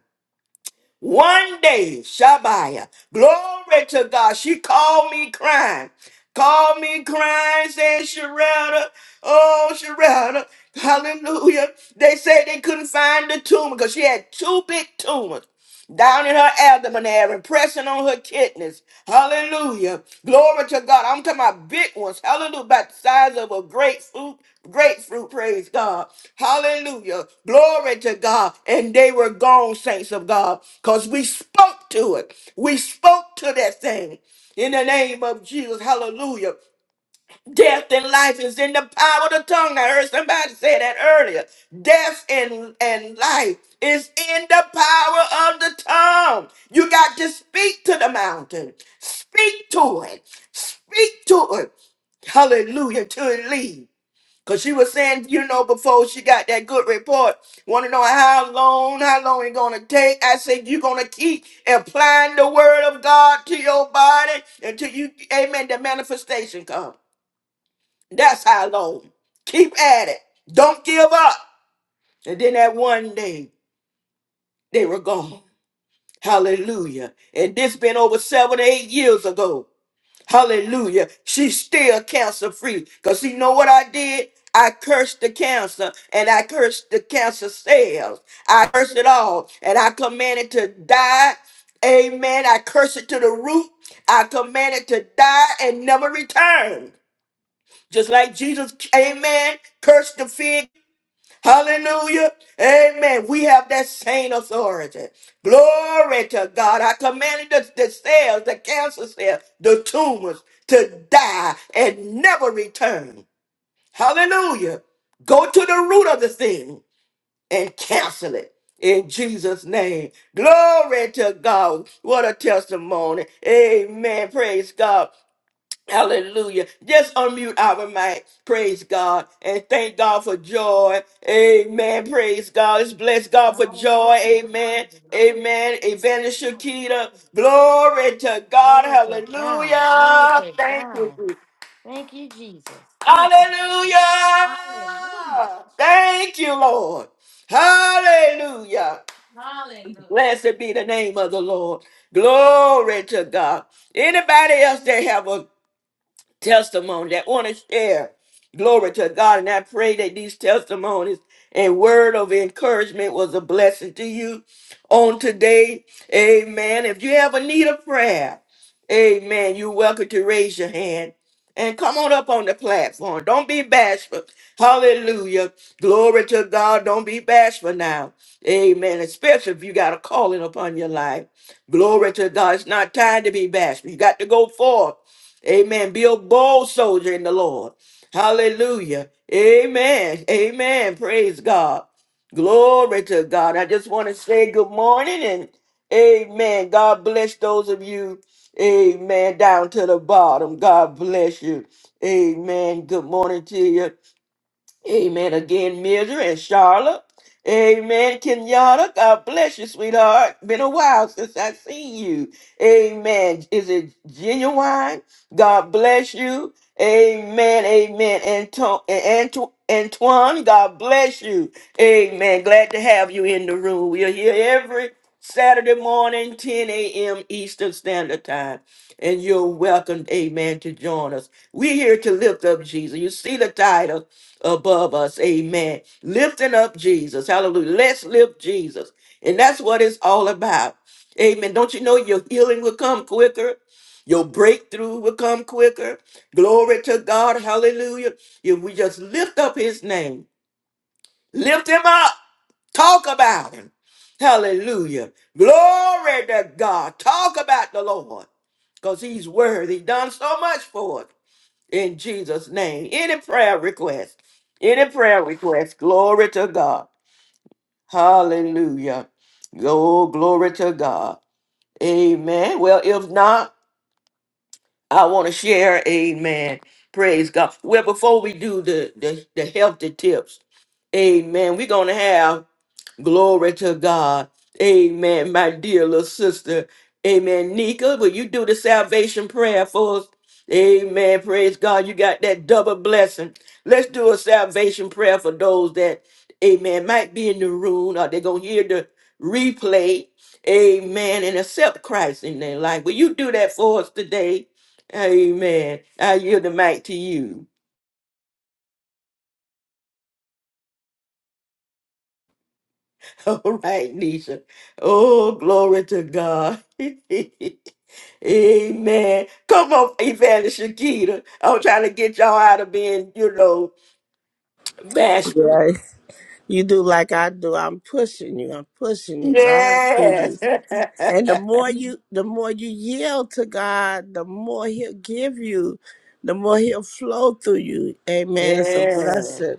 Speaker 1: One day, Shabaya, glory to God. She called me crying. Called me crying, said, Sharetta, oh, Sharetta, hallelujah. They said they couldn't find the tumor because she had two big tumors down in her abdomen area, pressing on her kidneys. Hallelujah. Glory to God. I'm talking about big ones. Hallelujah. About the size of a grapefruit. Grapefruit, praise God. Hallelujah. Glory to God. And they were gone, saints of God, because we spoke to it. We spoke to that thing in the name of Jesus. Hallelujah. Death and life is in the power of the tongue. I heard somebody say that earlier. Death and, and life is in the power of the tongue. You got to speak to the mountain. Speak to it. Speak to it. Hallelujah. Till it leave. Cause she was saying, you know, before she got that good report, want to know how long, how long it gonna take. I said, you gonna keep applying the word of God to your body until you, amen, the manifestation comes. That's how long. Keep at it. Don't give up. And then that one day, they were gone. Hallelujah. And this been over seven or eight years ago. Hallelujah. She's still cancer free. Because you know what I did? I cursed the cancer and I cursed the cancer cells. I cursed it all. And I commanded to die. Amen. I cursed it to the root. I commanded to die and never return. Just like Jesus, amen, cursed the fig Hallelujah. Amen. We have that same authority. Glory to God. I commanded the, the cells, the cancer cells, the tumors to die and never return. Hallelujah. Go to the root of the thing and cancel it. In Jesus' name. Glory to God. What a testimony. Amen. Praise God. Hallelujah. Just unmute our mic. Praise God. And thank God for joy. Amen. Praise God. Let's bless God for joy.
Speaker 5: Hallelujah.
Speaker 1: Amen.
Speaker 5: Hallelujah.
Speaker 1: Amen. Evangelist Shakita. Glory to God.
Speaker 5: Glory to God. Glory
Speaker 1: Hallelujah.
Speaker 5: to
Speaker 1: Thank you.
Speaker 5: God.
Speaker 1: Jesus.
Speaker 5: Thank you, Jesus. Thank you.
Speaker 1: Hallelujah.
Speaker 5: Hallelujah.
Speaker 1: Thank you, Lord. Hallelujah.
Speaker 5: Hallelujah.
Speaker 1: Blessed be the name of the Lord. Glory to God. Anybody else that have a testimony that want to share. Glory to God. And I pray that these testimonies and word of encouragement was a blessing to you on today. Amen. If you ever need a prayer, amen, you're welcome to raise your hand and come on up on the platform. Don't be bashful. Hallelujah. Glory to God. Don't be bashful now. Amen. Especially if you got a calling upon your life. Glory to God. It's not time to be bashful. You got to go forth. Amen. Be a bold soldier in the Lord. Hallelujah. Amen. Amen. Praise God. Glory to God. I just want to say good morning and amen. God bless those of you. Amen. Down to the bottom. God bless you. Amen. Good morning to you. Amen. Again, Mildred and Charlotte. Amen. Kenyatta, God bless you, sweetheart. Been a while since I seen you. Amen. Is it genuine? God bless you. Amen. Amen. Anto- Anto- Antoine, God bless you. Amen. Glad to have you in the room. We are here every Saturday morning, 10 a.m. Eastern Standard Time. And you're welcome, amen, to join us. We're here to lift up Jesus. You see the title above us. Amen. Lifting up Jesus. Hallelujah. Let's lift Jesus. And that's what it's all about. Amen. Don't you know your healing will come quicker? Your breakthrough will come quicker. Glory to God. Hallelujah. If we just lift up his name, lift him up, talk about him. Hallelujah. Glory to God. Talk about the Lord because he's worthy. Done so much for us in Jesus' name. Any prayer request, any prayer request, glory to God. Hallelujah. Oh, glory to God. Amen. Well, if not, I want to share, amen. Praise God. Well, before we do the, the, the healthy tips, amen, we're going to have Glory to God. Amen. My dear little sister. Amen. Nika, will you do the salvation prayer for us? Amen. Praise God. You got that double blessing. Let's do a salvation prayer for those that, amen, might be in the room or they're going to hear the replay. Amen. And accept Christ in their life. Will you do that for us today? Amen. I yield the mic to you. All right, Nisha. Oh, glory to God. Amen. Come on, Evangelist Shakita. I'm trying to get y'all out of being, you know, bashful.
Speaker 8: Yeah, you do like I do. I'm pushing you. I'm pushing you. God, do you.
Speaker 1: Yes.
Speaker 8: And the more you the more you yield to God, the more he'll give you, the more he'll flow through you. Amen. It's a
Speaker 1: yes.
Speaker 8: blessing.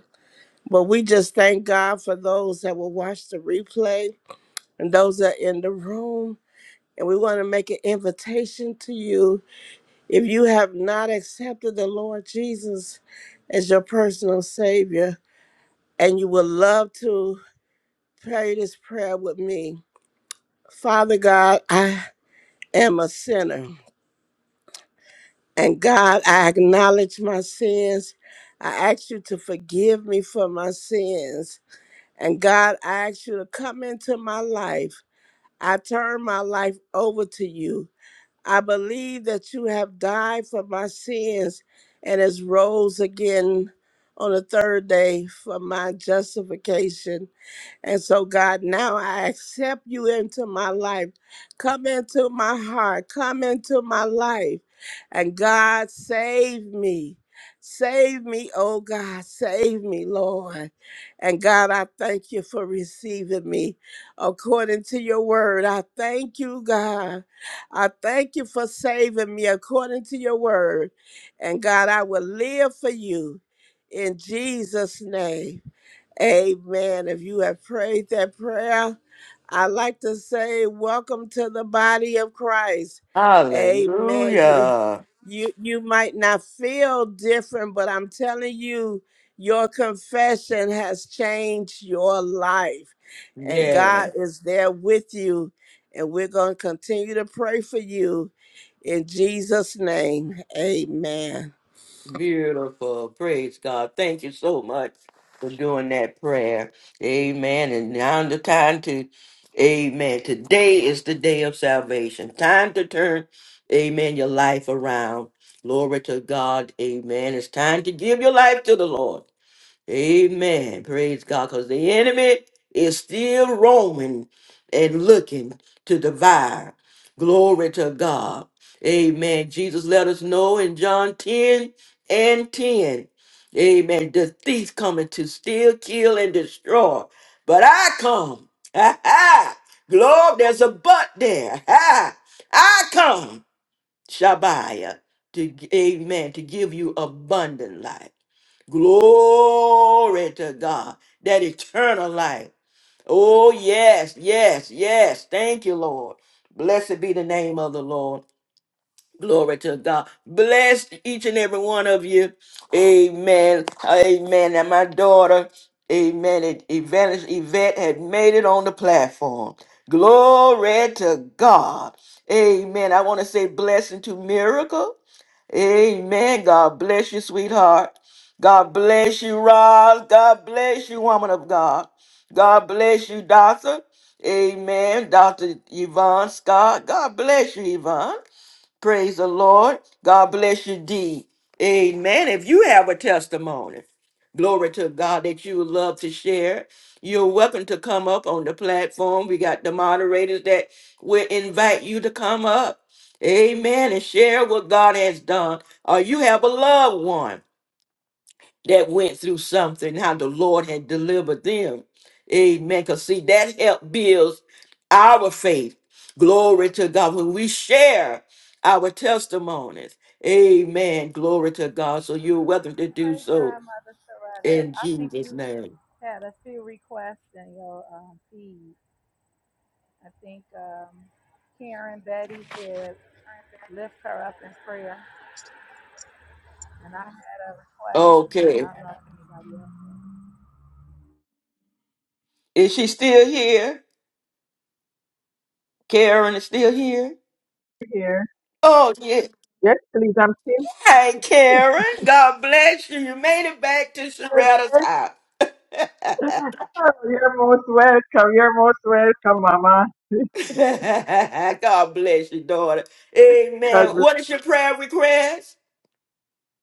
Speaker 8: But we just thank God for those that will watch the replay and those that are in the room. And we want to make an invitation to you. If you have not accepted the Lord Jesus as your personal Savior, and you would love to pray this prayer with me, Father God, I am a sinner. And God, I acknowledge my sins. I ask you to forgive me for my sins. And God, I ask you to come into my life. I turn my life over to you. I believe that you have died for my sins and is rose again on the third day for my justification. And so, God, now I accept you into my life. Come into my heart. Come into my life. And God, save me. Save me, oh God. Save me, Lord. And God, I thank you for receiving me according to your word. I thank you, God. I thank you for saving me according to your word. And God, I will live for you in Jesus' name. Amen. If you have prayed that prayer, I'd like to say welcome to the body of Christ. Amen. You,
Speaker 1: Hallelujah.
Speaker 8: you, you might not feel different, but I'm telling you, your confession has changed your life. And
Speaker 1: Yes.
Speaker 8: God is there with you. And we're going to continue to pray for you in Jesus' name. Amen.
Speaker 1: Beautiful. Praise God. Thank you so much for doing that prayer. Amen. And now the time to, amen. Today is the day of salvation. Time to turn, amen, your life around. Glory to God. Amen. It's time to give your life to the Lord. Amen. Praise God. Because the enemy is still roaming and looking to devour. Glory to God. Amen. Jesus let us know in John 10 and 10. Amen. The thief coming to steal, kill, and destroy. But I come. Ha ha. Glory, there's a but there. Ha. I come. Shabbat, to g- amen, to give you abundant life. Glory to God, that eternal life. Oh, yes, yes, yes. Thank you, Lord. Blessed be the name of the Lord. Glory to God. Bless each and every one of you. Amen. Amen. And my daughter, amen, it- Evangelist Yvette had made it on the platform. Glory to God. Amen. I want to say blessing to Miracle. Amen. God bless you, sweetheart. God bless you, Roz. God bless you, woman of God. God bless you, Doctor. Amen. Dr. Yvonne Scott. God bless you, Yvonne. Praise the Lord. God bless you, D. Amen. If you have a testimony, glory to God that you would love to share, you're welcome to come up on the platform. We got the moderators that will invite you to come up. Amen. And share what God has done. Or you have a loved one that went through something, how the Lord had delivered them. Amen. Because see, that help builds our faith. Glory to God. When we share our testimonies. Amen. Glory to God. So you're welcome to do
Speaker 4: Praise
Speaker 1: so
Speaker 4: God, Mother Soretta.
Speaker 1: in
Speaker 4: I think
Speaker 1: Jesus'
Speaker 4: you
Speaker 1: name.
Speaker 4: had a few requests in your um, feed. I think um, Karen Betty said lift her up in prayer, and I had a request.
Speaker 1: Okay.
Speaker 4: I don't know if
Speaker 1: Is she still here? Karen is still here?
Speaker 9: here.
Speaker 1: Oh, yeah.
Speaker 9: Yes, please. I'm still
Speaker 1: Hey,
Speaker 9: here.
Speaker 1: Karen. God bless you. You made it back to
Speaker 9: Yes,
Speaker 1: Sharetta's
Speaker 9: yes,
Speaker 1: house.
Speaker 9: sir. You're most welcome. You're most welcome, Mama.
Speaker 1: God bless you, daughter.
Speaker 9: God
Speaker 1: Amen.
Speaker 9: bless.
Speaker 1: What is your prayer request?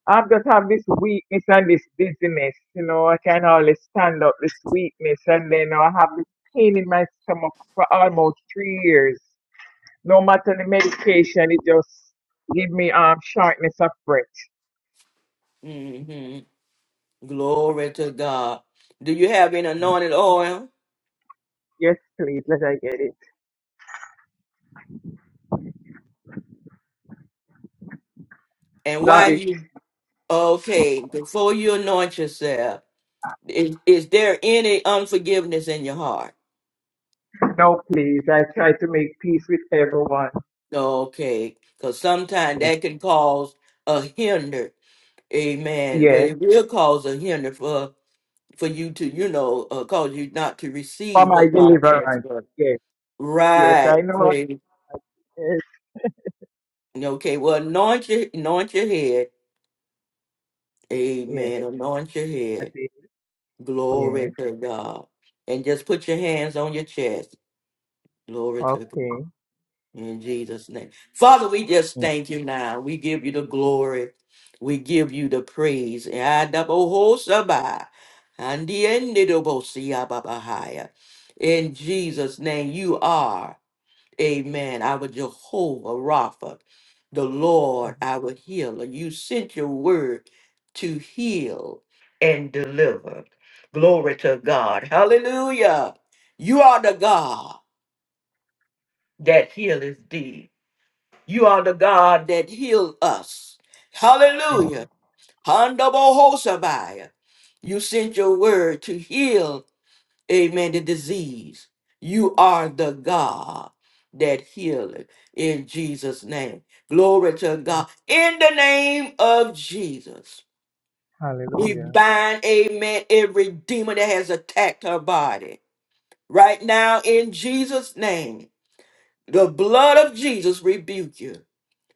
Speaker 9: I just have this weakness and this dizziness. You know, I can't always stand up this weakness, and then I have this pain in my stomach for almost three years. No matter the medication, it just give me um shortness of breath.
Speaker 1: hmm Glory to God. Do you have an anointed oil?
Speaker 9: Yes, please. Let I get it.
Speaker 1: And why
Speaker 9: Got it.
Speaker 1: you okay? Before you anoint yourself, is, is there any unforgiveness in your heart?
Speaker 9: No, please. I try to make peace with everyone.
Speaker 1: Okay, because sometimes
Speaker 9: Yes.
Speaker 1: that can cause a hinder. Amen. Well,
Speaker 9: Yes.
Speaker 1: it will cause a hinder for for you to, you know, uh, cause you not to
Speaker 9: For
Speaker 1: receive
Speaker 9: my
Speaker 1: what God has
Speaker 9: deliverance.
Speaker 1: for us.
Speaker 9: Yes. Yes,
Speaker 1: Right.
Speaker 9: I know.
Speaker 1: Praise.
Speaker 9: Yes,
Speaker 1: Okay. Well, anoint your anoint your head. Amen.
Speaker 9: yes,
Speaker 1: Anoint your
Speaker 9: I
Speaker 1: head.
Speaker 9: did.
Speaker 1: Glory
Speaker 9: Yes.
Speaker 1: to God. And just put your hands on your chest. Glory to God.
Speaker 9: Okay.
Speaker 1: In Jesus' name. Father, we just
Speaker 9: Mm.
Speaker 1: thank you now. We give you the glory. We give you the praise. Adabohosabah. Andiendidobosiababahaya. In Jesus' name, you are. Amen. Our Jehovah Rapha, the Lord, our healer. You sent your word to heal and deliver. Glory to God. Hallelujah. You are the God that healeth thee. You are the God that healed us.
Speaker 9: Amen.
Speaker 1: Hallelujah. Handabohosabaya. You sent your word to heal amen, the disease. You are the God that healeth in Jesus' name. Glory to
Speaker 9: Mm.
Speaker 1: God. In the name of Jesus, we
Speaker 9: Hallelujah.
Speaker 1: bind, amen, every demon that has attacked her body. Right now, in Jesus' name, the blood of Jesus rebuke you.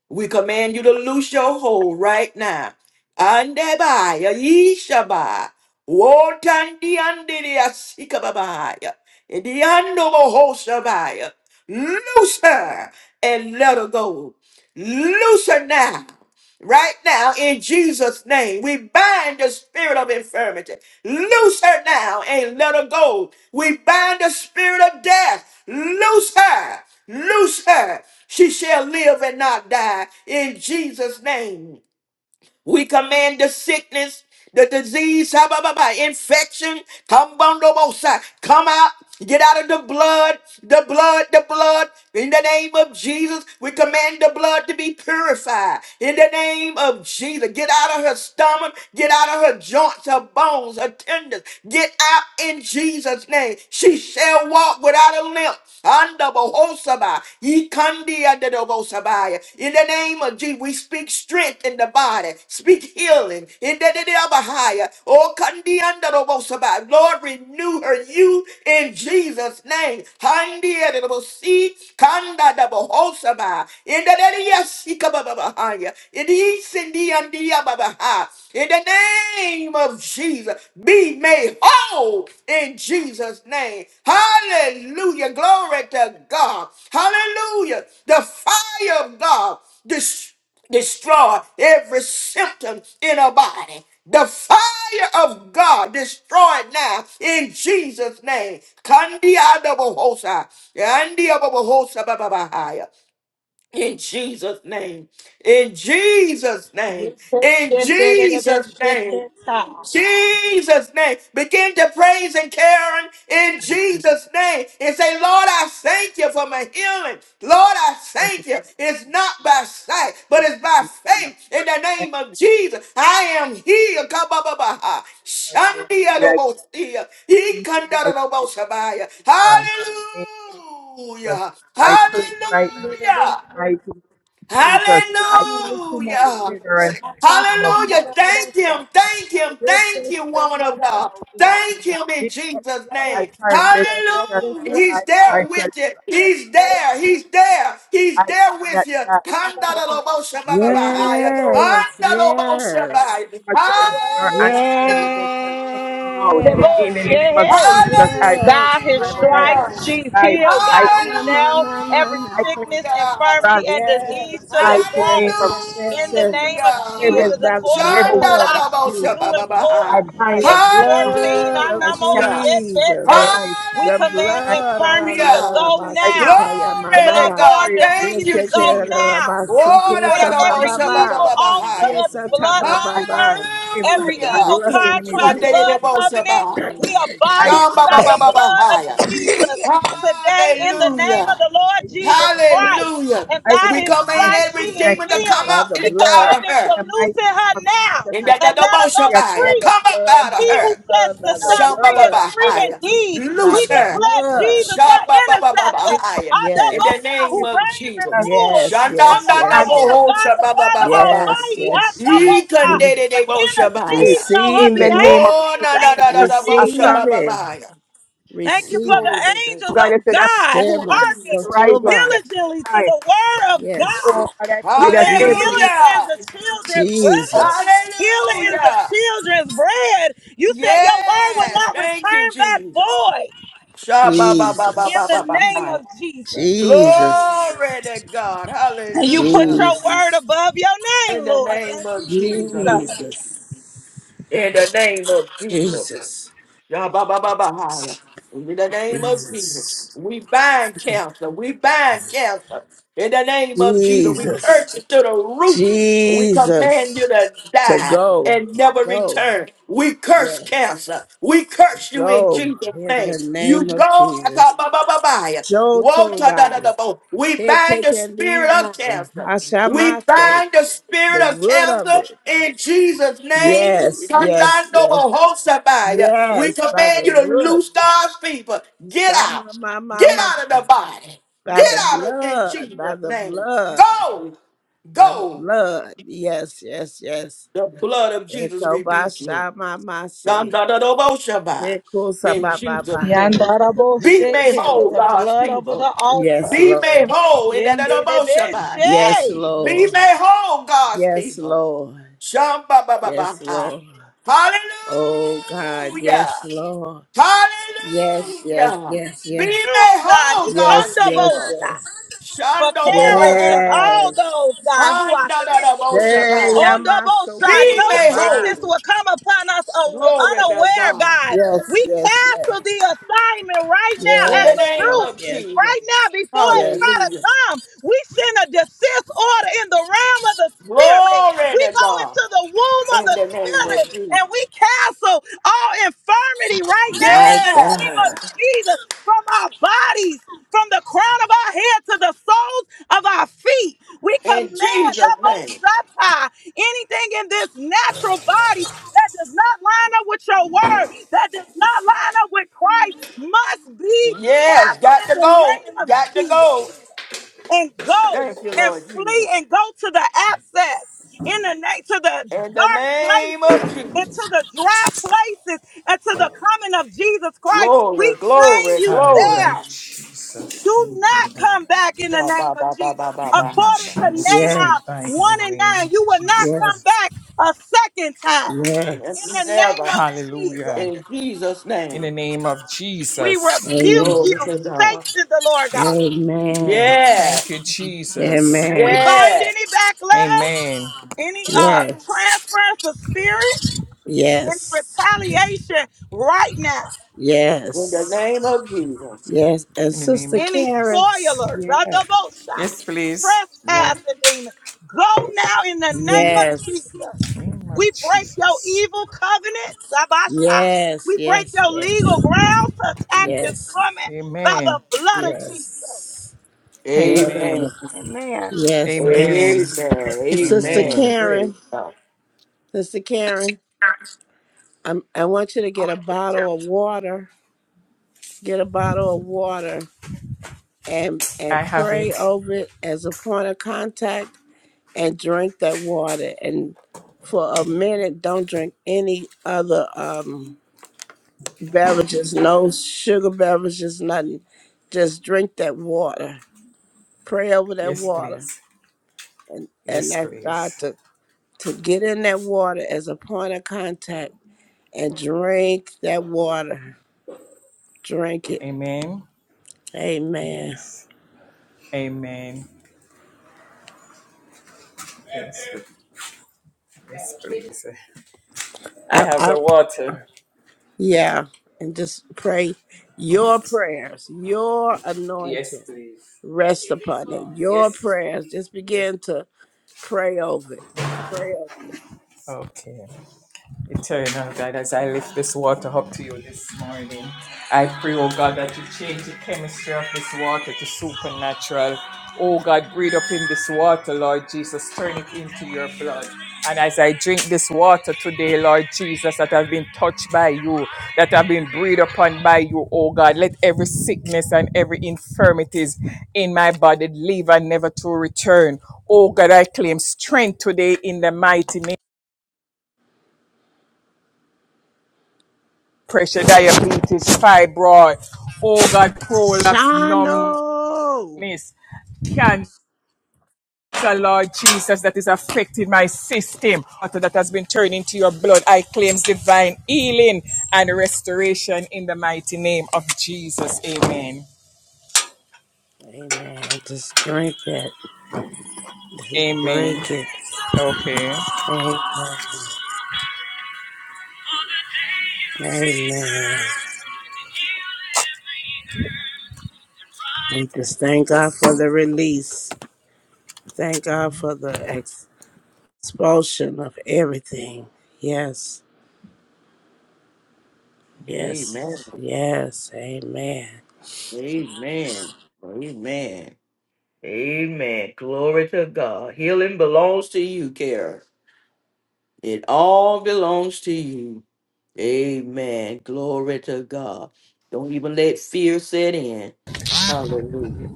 Speaker 1: We command you to loose your hold right now. Andebaya, yishaba, wotandi andiria sikababaya, idiando mohosabaya. Loose her and let her go. Loose her now. Right now, in Jesus' name, we bind the spirit of infirmity. Loose her now and let her go. We bind the spirit of death. Loose her. Loose her. She shall live and not die in Jesus' name. We command the sickness, the disease, ha, ba, ba, ba, infection, come on, no more, come out. Get out of the blood, the blood, the blood. In the name of Jesus, we command the blood to be purified. In the name of Jesus, get out of her stomach, get out of her joints, her bones, her tendons. Get out in Jesus' name. She shall walk without a limp. Manda bohosaba. Ikandia de dobosabaya. In the name of Jesus, we speak strength in the body. Speak healing. In the name of Bahia. Oh, Kandia de dobosaba. Lord, renew her you in Jesus' name. Handia de dobosi. Kanda de bohosaba. In the name of Bahia. In the name name of Jesus be made whole in Jesus' name. Hallelujah. Glory to God. Hallelujah. The fire of God dis- destroy every symptom in our body. The fire of God destroy it now in Jesus' name. Kandi adabohosa. bababahaya. In Jesus' name. In Jesus'
Speaker 4: anybody
Speaker 1: name.
Speaker 4: else.
Speaker 1: In
Speaker 4: Praise The
Speaker 1: Jesus' name. Jesus' name. Begin to praise and care Him in Jesus' name and say, Lord, I thank you for my healing. Lord, I
Speaker 9: Thank you.
Speaker 1: thank you. It's not by
Speaker 9: Thank you.
Speaker 1: sight, but it's by
Speaker 9: Thank you.
Speaker 1: faith in the
Speaker 9: Thank
Speaker 1: name of Jesus. I am healed.
Speaker 9: you, Lord.
Speaker 1: Kabababaha.
Speaker 9: I appeal.
Speaker 1: Shandiadobosia. Ikandadadobosabaya. Hallelujah.
Speaker 9: I claim,
Speaker 1: Hallelujah.
Speaker 9: I claim my
Speaker 1: Hallelujah.
Speaker 9: deliverance. Eh,
Speaker 1: Hallelujah. Thank him.
Speaker 9: I
Speaker 1: Thank
Speaker 9: claim
Speaker 1: him. Thank you, woman of God.
Speaker 9: my mighty name
Speaker 1: Thank
Speaker 9: of
Speaker 1: him in
Speaker 9: Jesus.
Speaker 1: Jesus'
Speaker 4: blood of
Speaker 9: I
Speaker 1: name.
Speaker 9: claim my
Speaker 4: Jesus
Speaker 9: deliverance in the name of Jesus. I claim my deliverance now in the name of Jesus. I carry best I
Speaker 4: over
Speaker 9: shall
Speaker 4: this
Speaker 1: Hallelujah.
Speaker 4: woman,
Speaker 1: He's
Speaker 9: die, but I
Speaker 1: there
Speaker 9: shall
Speaker 1: with you.
Speaker 4: The
Speaker 1: He's
Speaker 4: blood of
Speaker 1: there.
Speaker 9: live.
Speaker 1: He's there. He's
Speaker 9: I
Speaker 1: there
Speaker 9: will not
Speaker 1: with you.
Speaker 9: die. No
Speaker 4: Jesus,
Speaker 9: sickness shall take me
Speaker 1: Kandadadaboshabababahaya.
Speaker 4: Thank you,
Speaker 9: out.
Speaker 4: Lord.
Speaker 8: Yes,
Speaker 9: No
Speaker 8: yes.
Speaker 1: Kandadadaboshabahaya.
Speaker 4: The
Speaker 9: premature death nor
Speaker 1: Hallelujah.
Speaker 9: untimely death shall take me out.
Speaker 4: word
Speaker 8: Yes,
Speaker 9: In the
Speaker 4: most,
Speaker 9: name
Speaker 4: yeah,
Speaker 9: of
Speaker 4: hey.
Speaker 9: Jesus, I
Speaker 8: yes,
Speaker 4: By his
Speaker 9: die, but I
Speaker 4: stripes,
Speaker 1: Hallelujah.
Speaker 8: yes.
Speaker 4: she's
Speaker 9: die.
Speaker 4: healed,
Speaker 9: I,
Speaker 4: God. We
Speaker 8: No, no,
Speaker 4: nail
Speaker 8: no, no,
Speaker 4: every
Speaker 8: no.
Speaker 9: I claim
Speaker 4: sickness,
Speaker 1: Hallelujah.
Speaker 4: infirmity,
Speaker 9: deliverance
Speaker 4: and
Speaker 9: in the
Speaker 4: disease
Speaker 8: Yes,
Speaker 4: to the
Speaker 8: yes,
Speaker 9: mighty
Speaker 8: yes,
Speaker 9: name
Speaker 4: cross.
Speaker 9: of
Speaker 8: yes, yes,
Speaker 4: In the
Speaker 8: yes.
Speaker 4: name of
Speaker 9: every
Speaker 1: Hallelujah.
Speaker 8: Yes,
Speaker 4: Jesus,
Speaker 8: by the
Speaker 4: according to
Speaker 9: every
Speaker 8: blood of
Speaker 9: weakness.
Speaker 4: Colossians
Speaker 1: Shandarabosha
Speaker 8: Jesus.
Speaker 4: 2 and 4,
Speaker 1: bababaha.
Speaker 9: I bind
Speaker 8: By the
Speaker 4: in
Speaker 9: in the name of
Speaker 4: 14,
Speaker 8: blood
Speaker 9: Jesus.
Speaker 8: of
Speaker 9: I check
Speaker 4: Anamo
Speaker 1: Hallelujah.
Speaker 9: from
Speaker 8: Jesus.
Speaker 9: my
Speaker 4: Shekete,
Speaker 9: life.
Speaker 4: we
Speaker 8: The
Speaker 4: command
Speaker 9: I
Speaker 8: blood. la, la,
Speaker 4: infirmity
Speaker 8: la,
Speaker 4: to
Speaker 8: la, la,
Speaker 1: Hallelujah.
Speaker 4: go
Speaker 8: ba,
Speaker 9: I
Speaker 8: si,
Speaker 9: pray
Speaker 8: ka,
Speaker 4: now.
Speaker 8: ya, ma,
Speaker 1: Glory to
Speaker 8: ma.
Speaker 9: to
Speaker 1: God.
Speaker 4: Bloodborne
Speaker 9: raise
Speaker 8: Ke,
Speaker 1: Thank
Speaker 4: diseases
Speaker 1: you,
Speaker 8: ke, ke,
Speaker 4: go
Speaker 8: la,
Speaker 9: my
Speaker 8: la,
Speaker 9: husband
Speaker 1: Jesus.
Speaker 8: la, ba,
Speaker 4: now.
Speaker 8: si,
Speaker 1: Oh,
Speaker 4: We
Speaker 8: ko,
Speaker 1: da, da,
Speaker 4: break
Speaker 8: sa,
Speaker 9: in
Speaker 1: da,
Speaker 8: ba,
Speaker 1: bo,
Speaker 4: every
Speaker 8: ba,
Speaker 1: sha,
Speaker 9: the
Speaker 1: ba, ba,
Speaker 8: ba.
Speaker 9: mighty
Speaker 4: evil
Speaker 1: ba, ba,
Speaker 4: altar,
Speaker 1: ha,
Speaker 9: name of-
Speaker 8: Ke,
Speaker 1: ya.
Speaker 4: every
Speaker 8: sa, ta, ba,
Speaker 4: bloodline
Speaker 8: ba,
Speaker 9: I
Speaker 8: ba.
Speaker 4: curse,
Speaker 9: cancel every
Speaker 4: every
Speaker 8: The
Speaker 9: attack
Speaker 1: Hallelujah.
Speaker 9: of
Speaker 4: evil
Speaker 9: the
Speaker 8: blood of
Speaker 9: enemy.
Speaker 1: Come,
Speaker 4: contract,
Speaker 8: Jesus.
Speaker 1: da da da,
Speaker 4: blood
Speaker 1: bo, sha, ba,
Speaker 4: covenant.
Speaker 1: ha.
Speaker 4: We
Speaker 9: I
Speaker 1: Sha,
Speaker 4: abolish it
Speaker 1: ba,
Speaker 9: am
Speaker 4: by
Speaker 1: ba, ba,
Speaker 4: the
Speaker 1: ba, ba,
Speaker 9: the
Speaker 4: blood
Speaker 1: ha,
Speaker 4: of
Speaker 9: name
Speaker 1: ya.
Speaker 9: of
Speaker 4: Jesus
Speaker 9: Jesus.
Speaker 4: today in the name of
Speaker 1: Hallelujah.
Speaker 4: the Lord
Speaker 9: mighty name
Speaker 4: Jesus
Speaker 9: of
Speaker 4: Christ.
Speaker 1: Hallelujah.
Speaker 4: And
Speaker 9: I
Speaker 1: And
Speaker 4: by
Speaker 1: We
Speaker 4: his
Speaker 1: command
Speaker 9: claim my
Speaker 4: stripes she
Speaker 1: every
Speaker 9: healing, I
Speaker 4: is
Speaker 1: demon to
Speaker 9: claim
Speaker 1: come
Speaker 9: my
Speaker 4: healed.
Speaker 8: By
Speaker 1: up
Speaker 8: the
Speaker 1: and
Speaker 4: We
Speaker 9: protection.
Speaker 8: blood.
Speaker 1: out
Speaker 4: command
Speaker 1: of
Speaker 4: it to
Speaker 9: In
Speaker 1: her.
Speaker 9: the mighty
Speaker 4: loosen
Speaker 9: name
Speaker 4: her
Speaker 9: of
Speaker 4: now
Speaker 9: Jesus,
Speaker 1: In
Speaker 9: I
Speaker 1: that the
Speaker 4: and
Speaker 9: claim
Speaker 4: let
Speaker 1: double
Speaker 4: her
Speaker 9: to
Speaker 4: go
Speaker 9: reaccount
Speaker 8: By
Speaker 1: Shabaya.
Speaker 8: the
Speaker 4: free.
Speaker 1: Come up
Speaker 8: blood,
Speaker 1: out of
Speaker 4: He who
Speaker 1: her.
Speaker 4: sets
Speaker 9: my
Speaker 4: the
Speaker 8: by the
Speaker 9: life,
Speaker 4: son free
Speaker 8: blood,
Speaker 4: is free
Speaker 9: health,
Speaker 1: Shabababahaya.
Speaker 4: indeed.
Speaker 8: by the blood, by
Speaker 4: We
Speaker 1: Loose
Speaker 8: the
Speaker 1: her.
Speaker 4: declare
Speaker 9: innocence.
Speaker 8: blood.
Speaker 4: Jesus her
Speaker 9: In the
Speaker 4: intercessor,
Speaker 9: name of
Speaker 1: Shababababahaya.
Speaker 4: our
Speaker 1: In
Speaker 9: Jesus,
Speaker 1: the
Speaker 8: Yes,
Speaker 4: Dabosha,
Speaker 1: name
Speaker 4: who
Speaker 9: every
Speaker 1: of
Speaker 4: reigns
Speaker 1: Jesus.
Speaker 4: and
Speaker 9: chance of
Speaker 4: rules
Speaker 9: sin,
Speaker 8: yes,
Speaker 4: on
Speaker 8: yes,
Speaker 4: the
Speaker 1: Shandanda
Speaker 4: right
Speaker 8: yes,
Speaker 9: cancer,
Speaker 4: hand of
Speaker 1: double
Speaker 4: God the Father
Speaker 1: shababababah.
Speaker 8: yes, yes,
Speaker 4: Almighty. Our Dabosha
Speaker 8: yes.
Speaker 1: Ikandede
Speaker 4: is
Speaker 1: double
Speaker 9: ways.
Speaker 1: shabaya.
Speaker 4: interceding on her
Speaker 9: In
Speaker 8: Receive
Speaker 9: the
Speaker 8: it,
Speaker 9: name
Speaker 4: behalf.
Speaker 9: of
Speaker 1: Oh na
Speaker 9: Jesus,
Speaker 1: na
Speaker 9: I
Speaker 4: Thank you,
Speaker 1: na na
Speaker 9: claim a
Speaker 1: double
Speaker 4: Jesus.
Speaker 9: strong
Speaker 8: receive it,
Speaker 1: shabababaya.
Speaker 4: Thank you for
Speaker 8: receive it.
Speaker 4: the
Speaker 1: Glory to
Speaker 4: angels
Speaker 9: God. I
Speaker 1: God.
Speaker 4: of
Speaker 9: said, I
Speaker 4: God who
Speaker 8: Shema,
Speaker 9: shall not
Speaker 4: hearken
Speaker 9: rise at
Speaker 8: Sotoba.
Speaker 9: set
Speaker 4: diligently to
Speaker 9: time.
Speaker 4: the
Speaker 9: So,
Speaker 4: word of
Speaker 8: Yes,
Speaker 9: oh
Speaker 4: God.
Speaker 9: God, I
Speaker 4: You
Speaker 9: pray that
Speaker 4: said
Speaker 9: every demon
Speaker 4: healing
Speaker 8: Jesus,
Speaker 4: is
Speaker 1: Hallelujah.
Speaker 4: the children's bread.
Speaker 8: Jesus,
Speaker 4: Healing is the
Speaker 1: Hallelujah.
Speaker 4: children's bread. You said your word will
Speaker 1: Yes,
Speaker 4: not
Speaker 1: thank you,
Speaker 4: return back
Speaker 1: Jesus.
Speaker 4: void
Speaker 8: Jesus,
Speaker 4: in the
Speaker 1: Sha-ba-ba-ba-ba-ba-ba.
Speaker 4: name of Jesus.
Speaker 8: Jesus,
Speaker 1: Glory to God.
Speaker 4: And you put
Speaker 1: Hallelujah.
Speaker 4: your
Speaker 8: Jesus,
Speaker 4: word above your name,
Speaker 1: In the
Speaker 4: Lord.
Speaker 1: name
Speaker 4: Thank
Speaker 1: of
Speaker 4: you,
Speaker 1: Jesus.
Speaker 4: Jesus.
Speaker 8: Jesus,
Speaker 1: In the name of Jesus.
Speaker 8: Jesus,
Speaker 1: Sha-ba-ba-ba-ba-ha. In the name of Jesus.
Speaker 8: Jesus.
Speaker 1: We bind cancer. We bind cancer. In the name of Jesus. We curse
Speaker 8: Jesus,
Speaker 1: it to the root We command
Speaker 8: Jesus,
Speaker 1: you to
Speaker 8: to
Speaker 1: die
Speaker 8: go,
Speaker 1: and never
Speaker 8: go,
Speaker 1: return. We curse
Speaker 8: yes,
Speaker 1: cancer. We curse you in
Speaker 8: go
Speaker 1: Jesus'
Speaker 8: in
Speaker 1: name.
Speaker 8: the
Speaker 1: You
Speaker 8: name of
Speaker 1: go.
Speaker 8: Jesus.
Speaker 1: Akababababaya.
Speaker 8: Show
Speaker 1: Woe to da da da
Speaker 8: Toba,
Speaker 1: bo. We bind
Speaker 8: KK
Speaker 1: the
Speaker 8: can
Speaker 1: spirit
Speaker 8: leave
Speaker 1: of
Speaker 8: now.
Speaker 1: cancer. We
Speaker 8: Ashamate,
Speaker 1: bind the spirit
Speaker 8: the
Speaker 1: of
Speaker 8: root of
Speaker 1: cancer
Speaker 8: it.
Speaker 1: in Jesus' name.
Speaker 8: Yes, yes,
Speaker 1: Kandando
Speaker 8: yes,
Speaker 1: bohosabaya. We
Speaker 8: yes, by
Speaker 1: command
Speaker 8: the
Speaker 1: you to
Speaker 8: root.
Speaker 1: loose God's people. Get
Speaker 8: Shama
Speaker 1: out. Get
Speaker 8: mama,
Speaker 1: out of the body.
Speaker 8: by
Speaker 1: Get
Speaker 8: the
Speaker 1: out of in
Speaker 8: blood, by
Speaker 1: Jesus'
Speaker 8: the
Speaker 1: name.
Speaker 8: blood,
Speaker 1: Go.
Speaker 8: by the
Speaker 1: Go.
Speaker 8: blood. Yes, yes, yes.
Speaker 1: The blood of Jesus
Speaker 8: Toba
Speaker 1: rebuke you.
Speaker 8: shama mase.
Speaker 1: Yandadadoboshabai.
Speaker 8: Yekusa
Speaker 1: In
Speaker 8: ba ba
Speaker 1: Jesus'
Speaker 8: ba.
Speaker 1: name. Be made
Speaker 8: Yes,
Speaker 1: whole,
Speaker 4: Yandarabo-sheke, The
Speaker 8: Lord.
Speaker 1: God's
Speaker 4: blood over
Speaker 1: people.
Speaker 4: the
Speaker 8: Yes,
Speaker 4: altar.
Speaker 1: Be made
Speaker 8: Lord.
Speaker 1: whole in that
Speaker 4: Yendedebe
Speaker 1: Adoboshabai.
Speaker 8: Yes,
Speaker 4: she
Speaker 1: Be
Speaker 8: Lord.
Speaker 1: made whole, God's
Speaker 8: Yes,
Speaker 1: people.
Speaker 8: Lord.
Speaker 1: Shamba
Speaker 8: Yes,
Speaker 1: Shambabababahai.
Speaker 8: Lord. Oh God,
Speaker 1: Hallelujah.
Speaker 8: yes, Lord. Yes, yes,
Speaker 1: Hallelujah.
Speaker 8: yes,
Speaker 1: Be
Speaker 8: yes.
Speaker 4: Oh,
Speaker 1: made
Speaker 4: God.
Speaker 1: whole,
Speaker 4: He
Speaker 1: God's
Speaker 8: Yes, yes,
Speaker 1: people.
Speaker 4: come
Speaker 8: yes.
Speaker 4: for
Speaker 1: Shando
Speaker 4: Karen and
Speaker 1: Shandobohoshabai.
Speaker 4: all
Speaker 8: Yes.
Speaker 4: those, God, who are sick. and
Speaker 8: Hey,
Speaker 1: Andadadaboshabai.
Speaker 4: Oh, double shot.
Speaker 8: Yamasoko
Speaker 1: Be
Speaker 4: No
Speaker 1: made
Speaker 8: Saba.
Speaker 4: sickness
Speaker 1: whole.
Speaker 4: will come upon us aw-
Speaker 1: Glory to
Speaker 4: unaware,
Speaker 1: God.
Speaker 4: God.
Speaker 8: Yes,
Speaker 4: We
Speaker 8: yes, yes.
Speaker 4: cancel the assignment right now
Speaker 1: In
Speaker 4: at
Speaker 1: the
Speaker 4: the
Speaker 8: Yes,
Speaker 1: name
Speaker 4: root.
Speaker 8: yes,
Speaker 1: of
Speaker 8: yes.
Speaker 1: Jesus.
Speaker 4: Right now, before it
Speaker 8: Yes.
Speaker 4: try to
Speaker 1: Hallelujah.
Speaker 4: come, we send a desist order in the realm of the spirit.
Speaker 1: Glory
Speaker 4: We
Speaker 1: to
Speaker 4: go
Speaker 1: God.
Speaker 4: into the womb of
Speaker 1: In
Speaker 4: the
Speaker 1: the name of
Speaker 4: spirit
Speaker 1: Jesus.
Speaker 4: and we cancel all infirmity right now in
Speaker 8: My
Speaker 4: the
Speaker 1: Yes.
Speaker 4: name of
Speaker 8: God.
Speaker 4: Jesus from our bodies, from the crown of our head to the soles of our feet. We
Speaker 1: In
Speaker 4: command
Speaker 1: Jesus'
Speaker 4: the most
Speaker 1: name.
Speaker 4: High. Anything in this natural body that does not line up with your word, that does not line up with Christ, must be
Speaker 1: Yes.
Speaker 4: canceled
Speaker 1: Got to
Speaker 4: in the
Speaker 1: go.
Speaker 4: name of
Speaker 1: Got to
Speaker 4: Jesus
Speaker 1: go.
Speaker 4: and go
Speaker 1: Thank you,
Speaker 4: and
Speaker 1: Lord
Speaker 4: flee
Speaker 1: Jesus.
Speaker 4: and go to the abscess in the night to the
Speaker 1: In the
Speaker 4: dark
Speaker 1: name of
Speaker 4: places and to
Speaker 1: Jesus.
Speaker 4: the dry places and to the coming of Jesus Christ.
Speaker 1: Glory,
Speaker 4: We chain
Speaker 1: glory,
Speaker 4: you
Speaker 1: glory.
Speaker 9: Hallelujah,
Speaker 4: there.
Speaker 9: Jesus.
Speaker 4: Do
Speaker 9: Thank you,
Speaker 4: not
Speaker 9: Lord.
Speaker 4: come back in the
Speaker 1: Ba,
Speaker 4: name
Speaker 1: ba,
Speaker 4: of
Speaker 1: ba, ba,
Speaker 4: Jesus.
Speaker 1: ba, ba,
Speaker 9: Thank
Speaker 1: ba.
Speaker 9: you,
Speaker 4: According to
Speaker 9: Jesus.
Speaker 8: Yes,
Speaker 9: We
Speaker 4: Nahum
Speaker 9: bind in
Speaker 4: 1
Speaker 9: the
Speaker 4: and
Speaker 9: name
Speaker 4: 9,
Speaker 9: of
Speaker 4: you will not
Speaker 8: yes,
Speaker 4: come
Speaker 9: Jesus.
Speaker 4: back a second time. In the
Speaker 8: yes.
Speaker 4: name
Speaker 1: Never.
Speaker 4: of Jesus,
Speaker 9: Hallelujah.
Speaker 1: In Jesus'
Speaker 9: In the
Speaker 1: name.
Speaker 9: name of
Speaker 4: we
Speaker 9: Jesus.
Speaker 4: rebuke
Speaker 8: Amen.
Speaker 4: you,
Speaker 1: Glory to God.
Speaker 4: Satan, the Lord God.
Speaker 8: Amen.
Speaker 9: Thank
Speaker 1: Yes.
Speaker 9: you, Jesus.
Speaker 4: And
Speaker 8: Amen.
Speaker 4: we bind
Speaker 1: Yes.
Speaker 4: any backlash,
Speaker 9: Amen.
Speaker 4: any uh
Speaker 8: Yes.
Speaker 4: transference of spirit, any
Speaker 8: Yes.
Speaker 4: retaliation right now,
Speaker 1: In the name
Speaker 8: Yes.
Speaker 1: of Jesus.
Speaker 8: Yes. And
Speaker 9: In the name
Speaker 8: Sister
Speaker 9: of
Speaker 4: any
Speaker 8: Karen.
Speaker 9: Jesus.
Speaker 4: spoilers,
Speaker 8: Yeah.
Speaker 4: double shot,
Speaker 9: Yes, please.
Speaker 8: Yeah.
Speaker 4: trespassing demon. Go now in the name of
Speaker 8: Yes.
Speaker 4: Jesus.
Speaker 9: In the name
Speaker 4: We
Speaker 9: of
Speaker 4: break your
Speaker 9: Jesus.
Speaker 4: evil covenant, Sabasha.
Speaker 8: Yes.
Speaker 4: We break
Speaker 8: Yes.
Speaker 4: your
Speaker 8: Yes.
Speaker 4: legal grounds to attack this
Speaker 8: Yes.
Speaker 4: woman by
Speaker 9: Amen.
Speaker 4: the blood of Jesus.
Speaker 8: Yes. Yes.
Speaker 1: Amen.
Speaker 9: Amen.
Speaker 8: Yes. And
Speaker 1: Amen.
Speaker 9: Amen.
Speaker 8: and Sister
Speaker 9: Amen.
Speaker 1: Amen.
Speaker 8: Karen.
Speaker 1: Praise God.
Speaker 8: Sister Karen. I'm, I want you to get a bottle of water. Get a bottle of water and and
Speaker 9: I have
Speaker 8: pray
Speaker 9: it.
Speaker 8: over it as a point of contact and drink that water and for a minute don't drink any other um beverages no sugar beverages nothing just drink that water pray over that
Speaker 9: Yes,
Speaker 8: water
Speaker 9: please.
Speaker 8: and and
Speaker 9: Yes,
Speaker 8: ask god
Speaker 9: please.
Speaker 8: to to get in that water as a point of contact and drink that water drink it
Speaker 9: Amen.
Speaker 8: amen
Speaker 9: Yes. Amen. Yes, Yes, please. I
Speaker 8: i
Speaker 9: have
Speaker 8: i,
Speaker 9: the water.
Speaker 8: Yeah, and just pray your prayers, your
Speaker 9: Yes,
Speaker 8: anointing
Speaker 9: please.
Speaker 8: rest upon it. Your
Speaker 9: Yes.
Speaker 8: prayers, just
Speaker 9: Yes.
Speaker 8: begin to pray over it. Pray over it.
Speaker 9: Okay. Eternal God, as I lift this water up to you this morning, I pray, oh God, that you change the chemistry of this water to supernatural. Oh God, breathe up in this water, Lord Jesus, turn it into your blood. And as I drink this water today, Lord Jesus, that I've been touched by you, that I've been breathed, let every sickness and illness to return. Oh God, I claim strength today in the mighty name. Pressure, diabetes, fibroid. Oh God, prolapse, numbness
Speaker 8: Shano!
Speaker 9: So, Lord Jesus, that is affecting my system, or that has been turned into your blood. I claim divine healing and restoration in the mighty name of Jesus. Amen.
Speaker 8: Amen. Just drink it. Just
Speaker 9: Amen.
Speaker 8: drink it.
Speaker 9: Okay.
Speaker 8: Amen. Amen. We just thank God for the release. Thank God for the ex- expulsion of everything. Yes. Yes.
Speaker 1: Amen.
Speaker 8: Yes. Amen.
Speaker 1: Amen. Amen. Amen. Glory to God. Healing belongs to you, Kara. It all belongs to you. Amen. Glory to God. Don't even let fear set in. Hallelujah.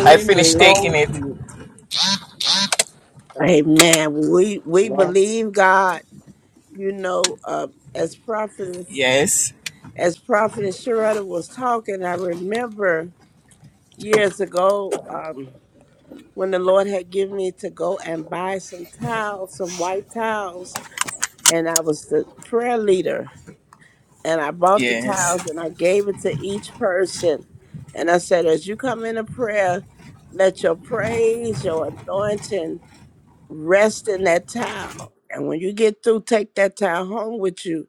Speaker 9: I finished taking
Speaker 1: belongs
Speaker 9: it.
Speaker 1: to
Speaker 8: Amen. We we
Speaker 1: you.
Speaker 8: believe God. You know, uh, as prophet
Speaker 9: Yes.
Speaker 8: as prophet Sharada was talking, I remember years ago um, when the Lord had given me to go and buy some towels, some white towels, and I was the prayer leader, and I bought the
Speaker 9: Yes.
Speaker 8: towels and I gave it to each person, and I said, as you come into prayer, let your praise, your anointing rest in that towel. And when you get through, take that towel home with you.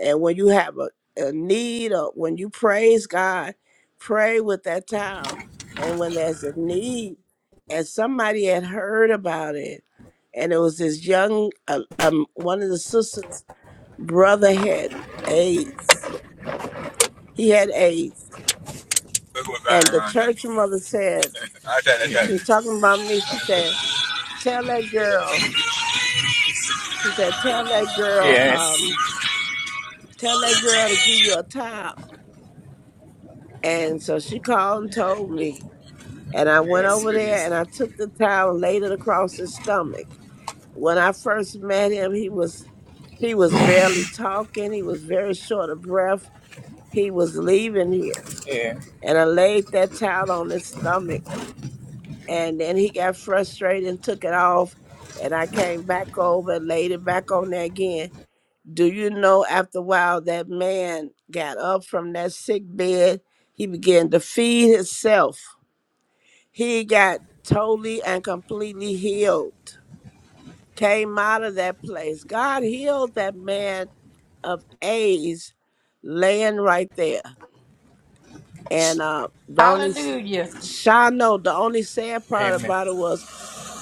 Speaker 8: And when you have a, a need or when you praise God, pray with that towel. And when there's a need, and somebody had heard about it, and it was this young, uh, um, one of the sisters' brother had AIDS. He had AIDS. And the church mother said, she was talking about me. She said, tell that girl, she said, tell that girl, um, tell that girl to give you a towel. And so she called and told me. And I went over there and I took the towel and laid it across his stomach. When I first met him, he was he was barely talking. He was very short of breath. He was leaving here. And I laid that towel on his stomach. And then he got frustrated and took it off. And I came back over and laid it back on there again Do you know after a while that man got up from that sick bed? He began to feed himself. He got totally and completely healed. Came out of that place. God healed that man of AIDS laying right there. And uh, the only
Speaker 2: Hallelujah.
Speaker 8: Shano, the only sad part
Speaker 9: Amen.
Speaker 8: about it was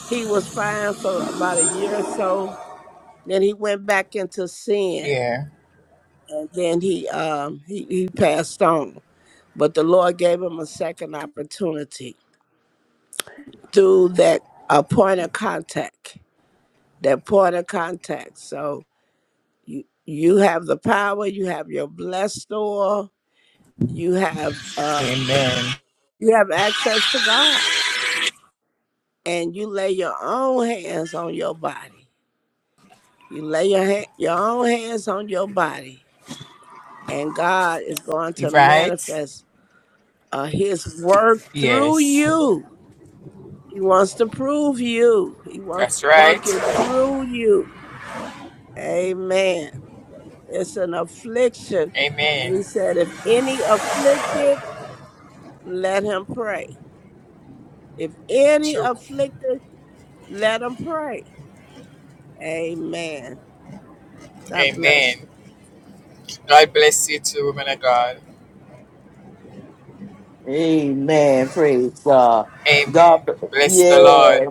Speaker 8: he was fine for about a year or so. Then he went back into sin
Speaker 9: Yeah.
Speaker 8: and then he um he, he passed on but the lord gave him a second opportunity through that a point of contact that point of contact so you you have the power you have your blessed oil you have uh
Speaker 9: Amen.
Speaker 8: you have access to god and you lay your own hands on your body you lay your ha- your own hands on your body and god is going to
Speaker 9: Right?
Speaker 8: manifest uh, his work through
Speaker 9: Yes.
Speaker 8: you He wants to prove you. He wants
Speaker 9: That's
Speaker 8: to work it
Speaker 9: right.
Speaker 8: through you. Amen. It's an affliction. He
Speaker 9: Amen.
Speaker 8: said, if any afflicted, let him pray. If any
Speaker 9: True.
Speaker 8: afflicted, let him pray. Amen. God bless
Speaker 9: Amen.
Speaker 8: you.
Speaker 9: God bless you too, woman of God.
Speaker 1: Amen. Praise God.
Speaker 9: Amen.
Speaker 1: God,
Speaker 9: Bless the Lord.
Speaker 1: yeah.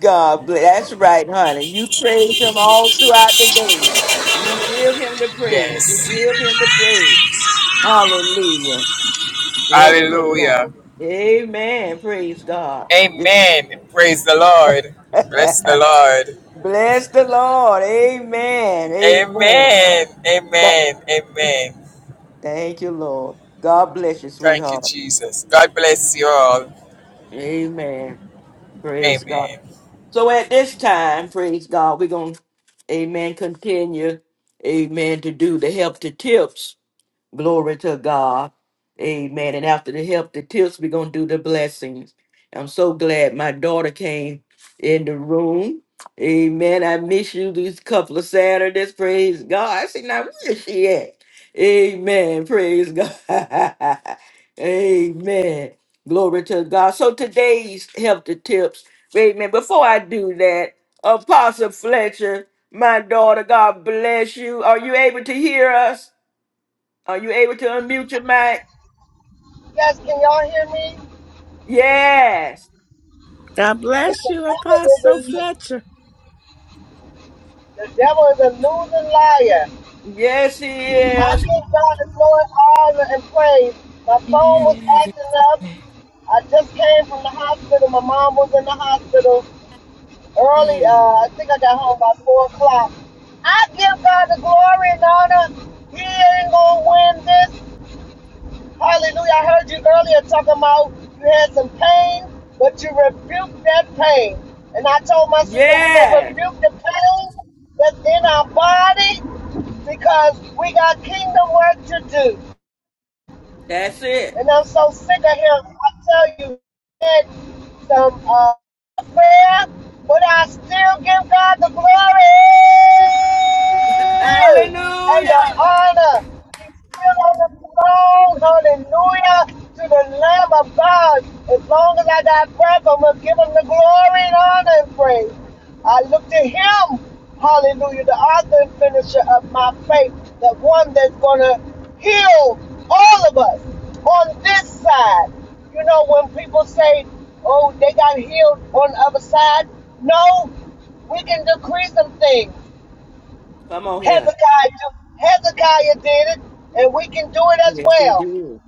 Speaker 1: God bless. That's right, honey. You praise Him all throughout the day. You give Him the praise. You
Speaker 9: Yes.
Speaker 1: give Him the praise. Hallelujah. Glory to God.
Speaker 9: Hallelujah.
Speaker 1: Amen. Praise God.
Speaker 9: Amen. Praise the Lord. Bless the Lord.
Speaker 1: Bless the Lord. Amen. Amen.
Speaker 9: Amen.
Speaker 1: That,
Speaker 9: Amen. Amen.
Speaker 1: thank you, Lord. God bless you,
Speaker 9: Thank you,
Speaker 1: sweetheart.
Speaker 9: Jesus. God bless you all.
Speaker 1: Amen. Praise God.
Speaker 9: Amen.
Speaker 1: So at this time, praise God, we're going to, amen, continue, amen, to do the help to tips. Glory to God. Amen. And after the help, the tips, we're going to do the blessings. I'm so glad my daughter came in the room. Amen. I miss you these couple of Saturdays. Praise God. I said, now where is she at? Amen. Praise God. Amen. Glory to God. So today's help the tips. Amen. Before I do that, Apostle Fletcher, my daughter, God bless you. Are you able to hear us? Are you able to unmute your mic? Yes.
Speaker 8: God bless you, Apostle Fletcher.
Speaker 1: Yes, he is.
Speaker 2: Yes.
Speaker 1: Mm. Yes. That's it. Hallelujah. Come on here. Yes, he did.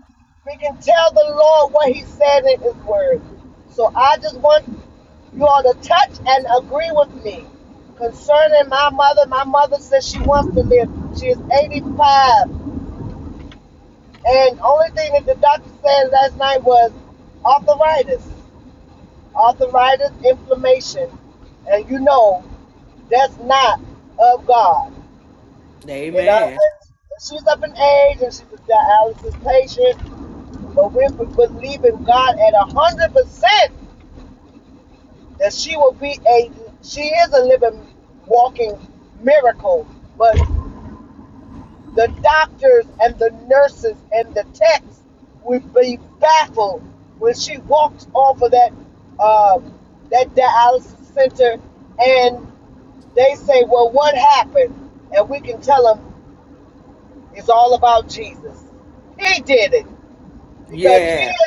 Speaker 1: Amen. Yeah.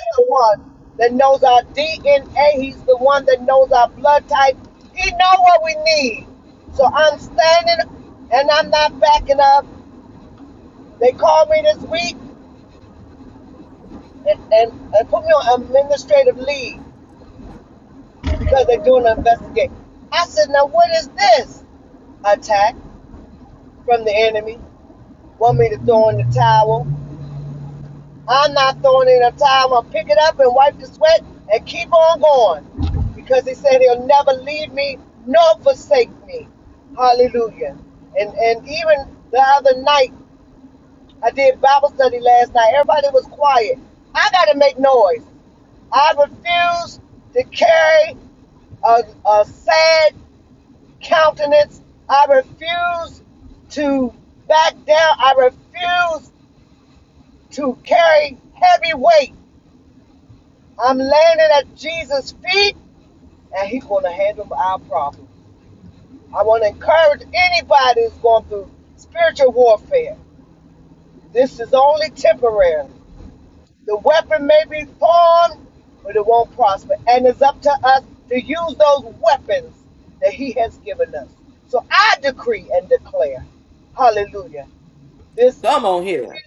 Speaker 1: Come on here.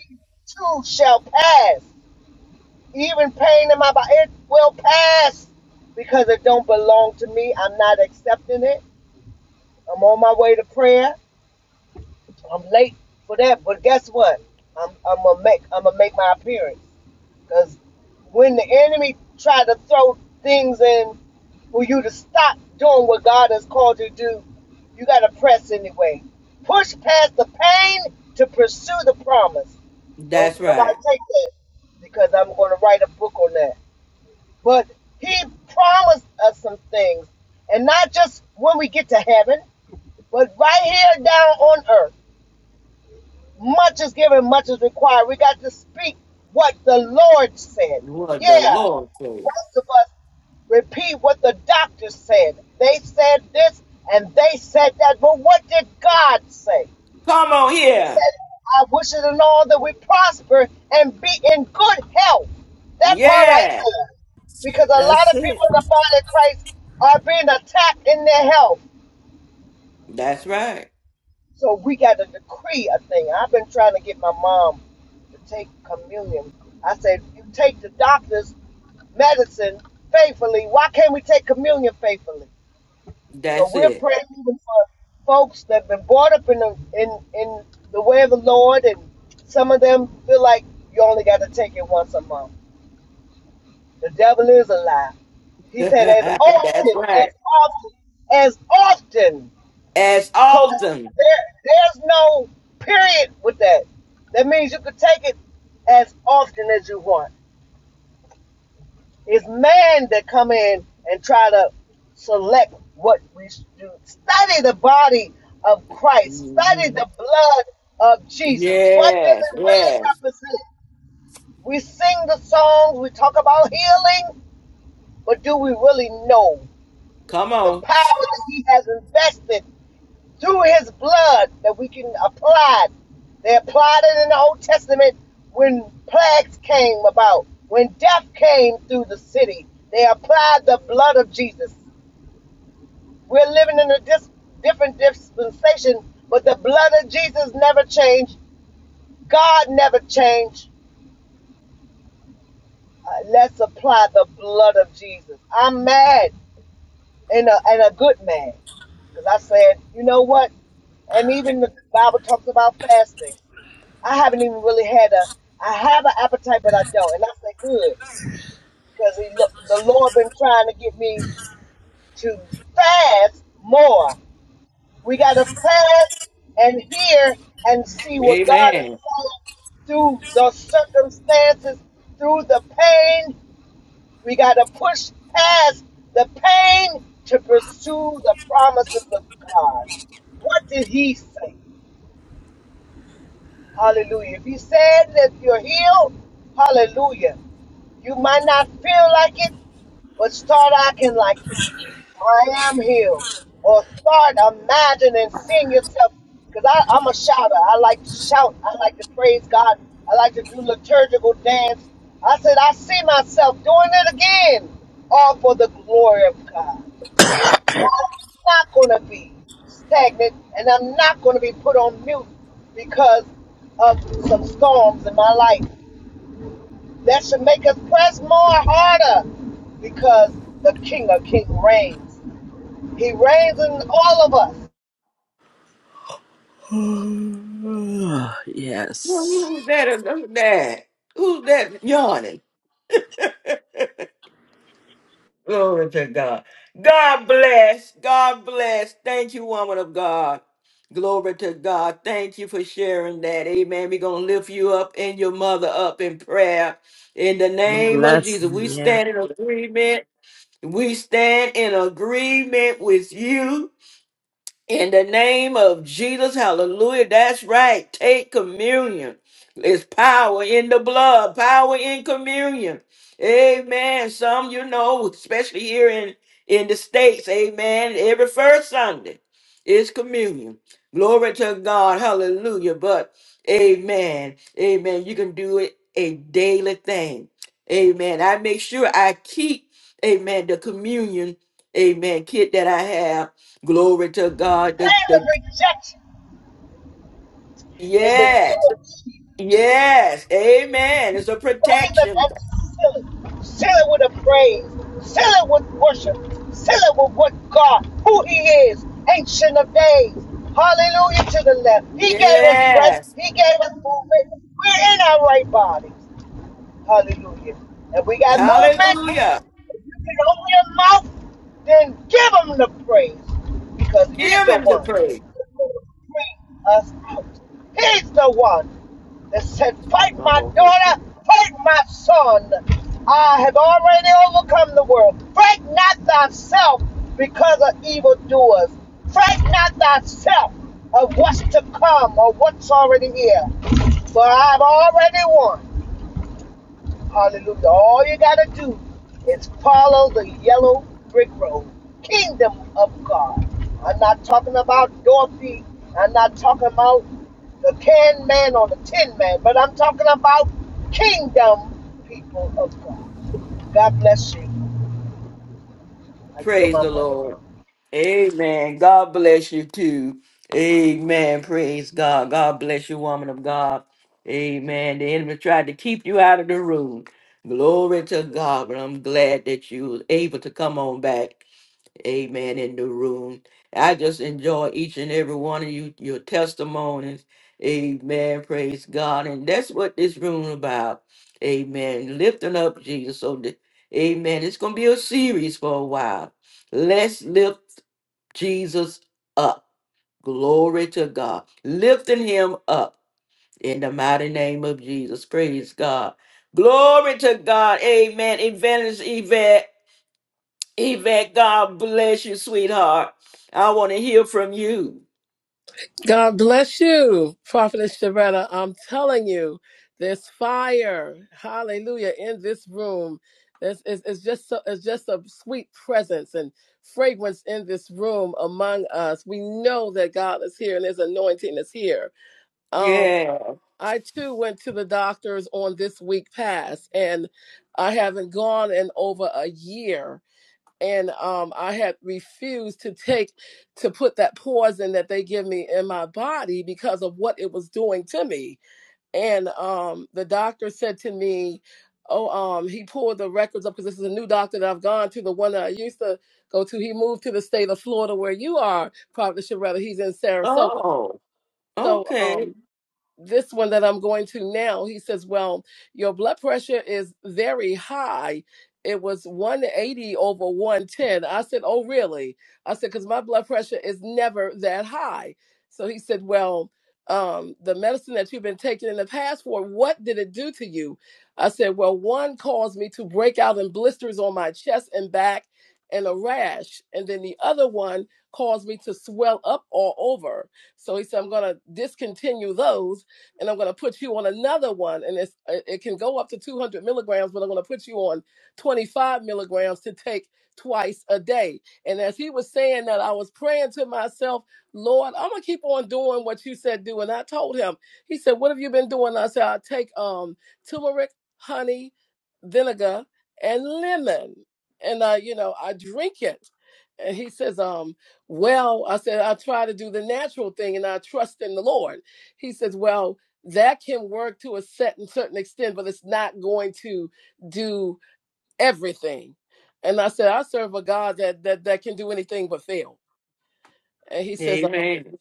Speaker 1: That's right. What the Lord said. Come on here. Yeah.
Speaker 8: That's it.
Speaker 1: That's right. That's it. That's right. As often. Mhm. Yes. Yes. Come on. Amen. Well,
Speaker 8: yes.
Speaker 1: Who's that? Who's that? Who's that yawning? Glory to God. God bless. God bless. Thank you, woman of God. Glory to God. Thank you for sharing that. Amen. We're going to lift you up and your mother up in prayer. In the name of
Speaker 8: Bless.
Speaker 1: Jesus,
Speaker 8: you.
Speaker 1: we
Speaker 8: Yeah.
Speaker 1: stand in agreement. We stand in agreement with you In the name of Jesus, hallelujah. That's right. Take communion. It's power in the blood, power in communion. Amen. Some, you know, especially here in, in the States, amen. Every first Sunday is communion. Glory to God. Hallelujah. But, amen. Amen. You can do it a daily thing. Amen. I make sure I keep, amen, the communion, amen, kit that I have. Glory to God. The, the, yes. Yes. Amen. It's a protection. Yes. Hallelujah. Give him the praise. Praise the Lord. Amen. God bless you too. Amen. Praise God. God bless you, woman of God. Amen. The enemy tried to keep you out of the room. Glory to God. But I'm glad that you was able to come on back. Amen. In the room. I just enjoy each and every one of you, your testimonies. Amen. Praise God. And that's what this room about. Amen. Lifting up Jesus. So, the, amen. It's going to be a series for a while. Let's lift Jesus up. Glory to God. Lifting him up in the mighty name of Jesus. Praise God. Glory to God. Amen. Evangelist Yvette. Yvette, God bless you, sweetheart. I want to hear from you.
Speaker 10: God bless you, Prophetess Sharetta. I'm telling you, there's fire, hallelujah, in this room. It's, it's, it's just so, it's just a sweet presence and fragrance in this room among us. We know that God is here and His anointing is here. Um,
Speaker 1: Yeah.
Speaker 10: I too went to the doctors on this week past, and I haven't gone in over a year and um, I had refused to take to put that poison that they give me in my body because of what it was doing to me. And um, the doctor said to me, "Oh, um, he pulled the records up because this is a new doctor that I've gone to. The one that I used to go to, he moved to the state of Florida where you are, probably should rather. He's in Sarasota."
Speaker 1: Oh,
Speaker 10: So
Speaker 1: okay.
Speaker 10: um this one that I'm going to now, he says, Well, your blood pressure is very high. It was 180 over 110. I said, Oh, really? I said, Because my blood pressure is never that high. So he said, Well, um, the medicine that you've been taking in the past for, what did it do to you? I said, Well, one caused me to break out in blisters on my chest and back and a rash. And then the other one caused me to swell up all over. So he said, I'm going to discontinue those and I'm going to put you on another one. And it's, it can go up to 200 milligrams, but I'm going to put you on 25 milligrams to take twice a day. And as he was saying that, I was praying to myself, Lord, I'm going to keep on doing what you said do. And I told him, he said, What have you been doing? I said, I take um, turmeric, honey, vinegar, and lemon. And, uh, you know, I drink it. And he says, um, well, I said, I try to do the natural thing and I trust in the Lord. He says, Well, that can work to a set and certain extent, but it's not going to do everything. And I said, I serve a God that that, that can do anything but fail. And he says,
Speaker 1: Amen.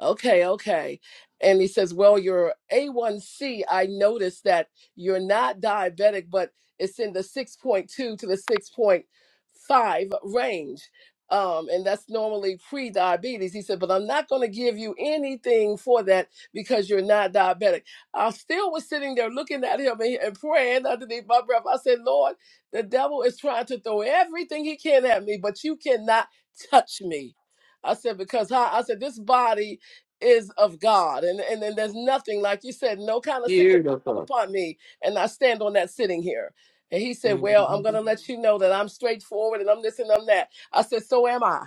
Speaker 10: Okay, okay. And he says, Well, your A1C, I noticed that you're not diabetic, but it's in the 6.2 to the 6.5 range. Um, and that's normally pre diabetes. He said, But I'm not going to give you anything for that because you're not diabetic. I still was sitting there looking at him and, and praying underneath my breath. I said, Lord, the devil is trying to throw everything he can at me, but you cannot touch me. I said, Because I, I said, This body is of God. And, and and there's nothing, like you said, no kind of sickness come
Speaker 1: Beautiful.
Speaker 10: upon me. And I stand on that sitting here. And he said, Well, I'm
Speaker 1: Mhm.
Speaker 10: gonna let you know that I'm straightforward and I'm this and I'm that. I said, So am I.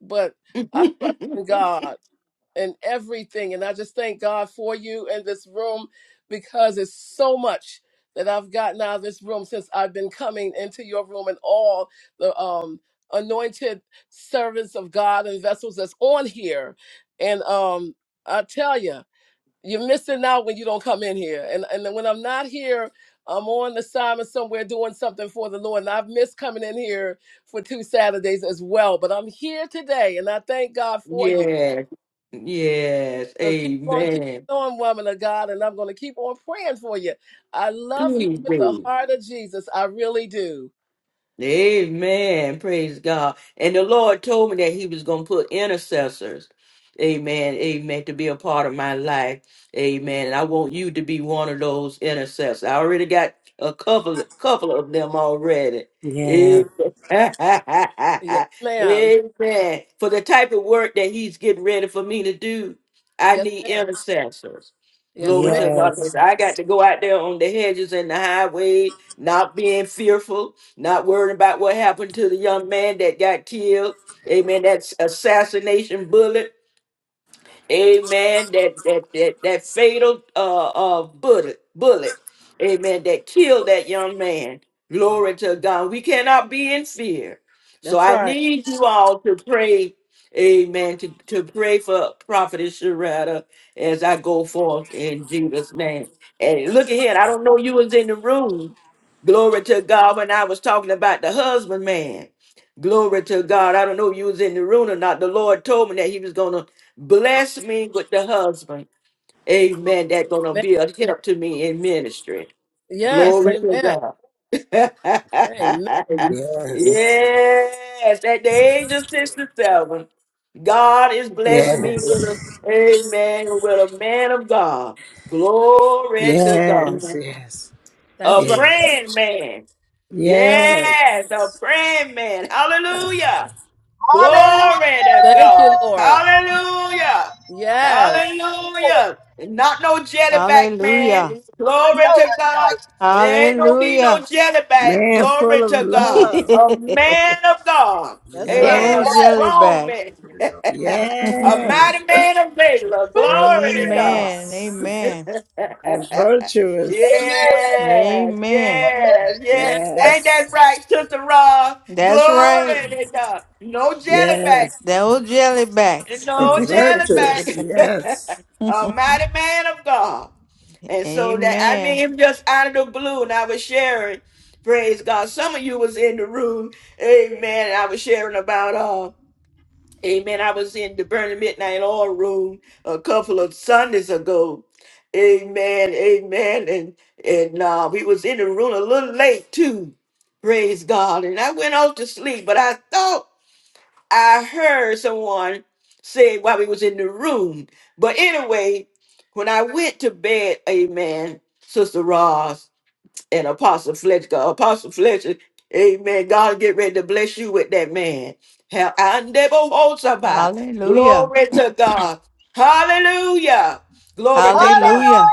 Speaker 10: But I trust in God and everything. And I just thank God for you in this room because it's so much that I've gotten out of this room since I've been coming into your room and all the um anointed servants of God and vessels that's on here. And um I tell you, you're missing out when you don't come in here. And and then when I'm not here, I'm on assignment somewhere doing something for the Lord. And I've missed coming in here for two Saturdays as well. But I'm here today and I thank God for you
Speaker 1: yes. Yes.
Speaker 10: so keep on, keep
Speaker 1: Amen.
Speaker 10: on, woman of God, and I'm going to keep on praying for you. I love you
Speaker 1: Please
Speaker 10: with the
Speaker 1: do.
Speaker 10: heart of Jesus. I really do.
Speaker 1: Amen. Praise God. And the Lord told me that He was going to put intercessors. Amen. Amen. To be a part of my life. Amen. And I want you to be one of those intercessors. I already got a couple, couple of them already.
Speaker 8: Yeah.
Speaker 1: Amen. Amen.
Speaker 10: Yes, ma'am.
Speaker 1: For the type of work that He's getting ready for me to do, I
Speaker 10: Yes,
Speaker 1: need
Speaker 10: ma'am.
Speaker 1: intercessors.
Speaker 10: Yes,
Speaker 1: Glory
Speaker 10: ma'am.
Speaker 1: to God.
Speaker 8: Yes.
Speaker 1: I got to go out there on the hedges and the highway, not being fearful not worrying about what happened to the young man that got killed. Amen. That's assassination bullet. Amen. That that that, that fatal uh, uh bullet bullet. Amen. That killed that young man. Glory to God. We cannot be in fear. So
Speaker 10: That's
Speaker 1: I
Speaker 10: right.
Speaker 1: need you all to pray. Amen. To, to pray for Prophetess Sharada as I go forth in Jesus' name. And look ahead. I don't know you was in the room. Glory to God when I was talking about the husband man. Glory to God. I don't know if you was in the room or not. The Lord told me that He was gonna Bless me with the husband. Amen. That's gonna
Speaker 10: Amen.
Speaker 1: be a help to me in ministry.
Speaker 10: Yes,
Speaker 1: Glory to
Speaker 10: amen.
Speaker 1: God. yes,
Speaker 10: Amen.
Speaker 8: Yes.
Speaker 1: at the age of 67, God is blessing me with
Speaker 8: Yes.
Speaker 1: a amen with a man of God. Glory to
Speaker 8: Yes,
Speaker 1: God.
Speaker 8: yes,
Speaker 10: That's
Speaker 1: A
Speaker 10: right.
Speaker 8: yes,
Speaker 1: praying man.
Speaker 8: yes.
Speaker 1: Yes, a praying man.
Speaker 8: A
Speaker 1: Hallelujah. Glory to
Speaker 10: Thank you,
Speaker 1: God.
Speaker 10: Lord.
Speaker 1: Hallelujah.
Speaker 10: Yes,
Speaker 1: Hallelujah. And not no jelly back,
Speaker 11: Hallelujah.
Speaker 1: man. Glory to God. There ain't no be
Speaker 11: Hallelujah.
Speaker 1: no jelly back.
Speaker 8: man full
Speaker 1: Glory
Speaker 8: of
Speaker 1: to God.
Speaker 8: love,
Speaker 1: A man of God.
Speaker 10: that's right.
Speaker 1: Amen.
Speaker 2: Yes.
Speaker 11: no
Speaker 1: A
Speaker 8: love.
Speaker 11: jelly
Speaker 1: strong
Speaker 11: back.
Speaker 1: man. a
Speaker 8: Yes,
Speaker 1: mighty man of valor. Glory to God.
Speaker 11: amen.
Speaker 8: yes.
Speaker 11: Amen.
Speaker 1: yes,
Speaker 8: A virtuous,
Speaker 1: yes,
Speaker 11: Amen.
Speaker 10: Amen.
Speaker 1: yes. Ain't that
Speaker 8: yes,
Speaker 1: right, Sister Ross?
Speaker 11: That's right.
Speaker 1: Glory to God. No jelly back.
Speaker 8: yes.
Speaker 11: No jelly backs.
Speaker 8: A
Speaker 1: No jelly back.
Speaker 8: virtuous, yes.
Speaker 1: A mighty man of God. And so that I mean
Speaker 11: amen.
Speaker 1: him just out of the blue, and I was sharing. Praise God. Some of you was in the room. Amen. I was sharing about uh Amen. I was in the Burning Midnight Oil Room a couple of Sundays ago. Amen. Amen. And and uh, we was in the room a little late too. Praise God. And I went off to sleep, but I thought I heard someone say while we was in the room. But anyway, when I went to bed, Amen, Sister Ross and Apostle Fletcher. 'cause Apostle Fletcher, amen. God get ready to bless you with that man. Have I never hold somebody.
Speaker 11: Hallelujah.
Speaker 1: Glory to God. Hallelujah. Glory to
Speaker 12: Hallelujah!
Speaker 1: God.
Speaker 11: Hallelujah.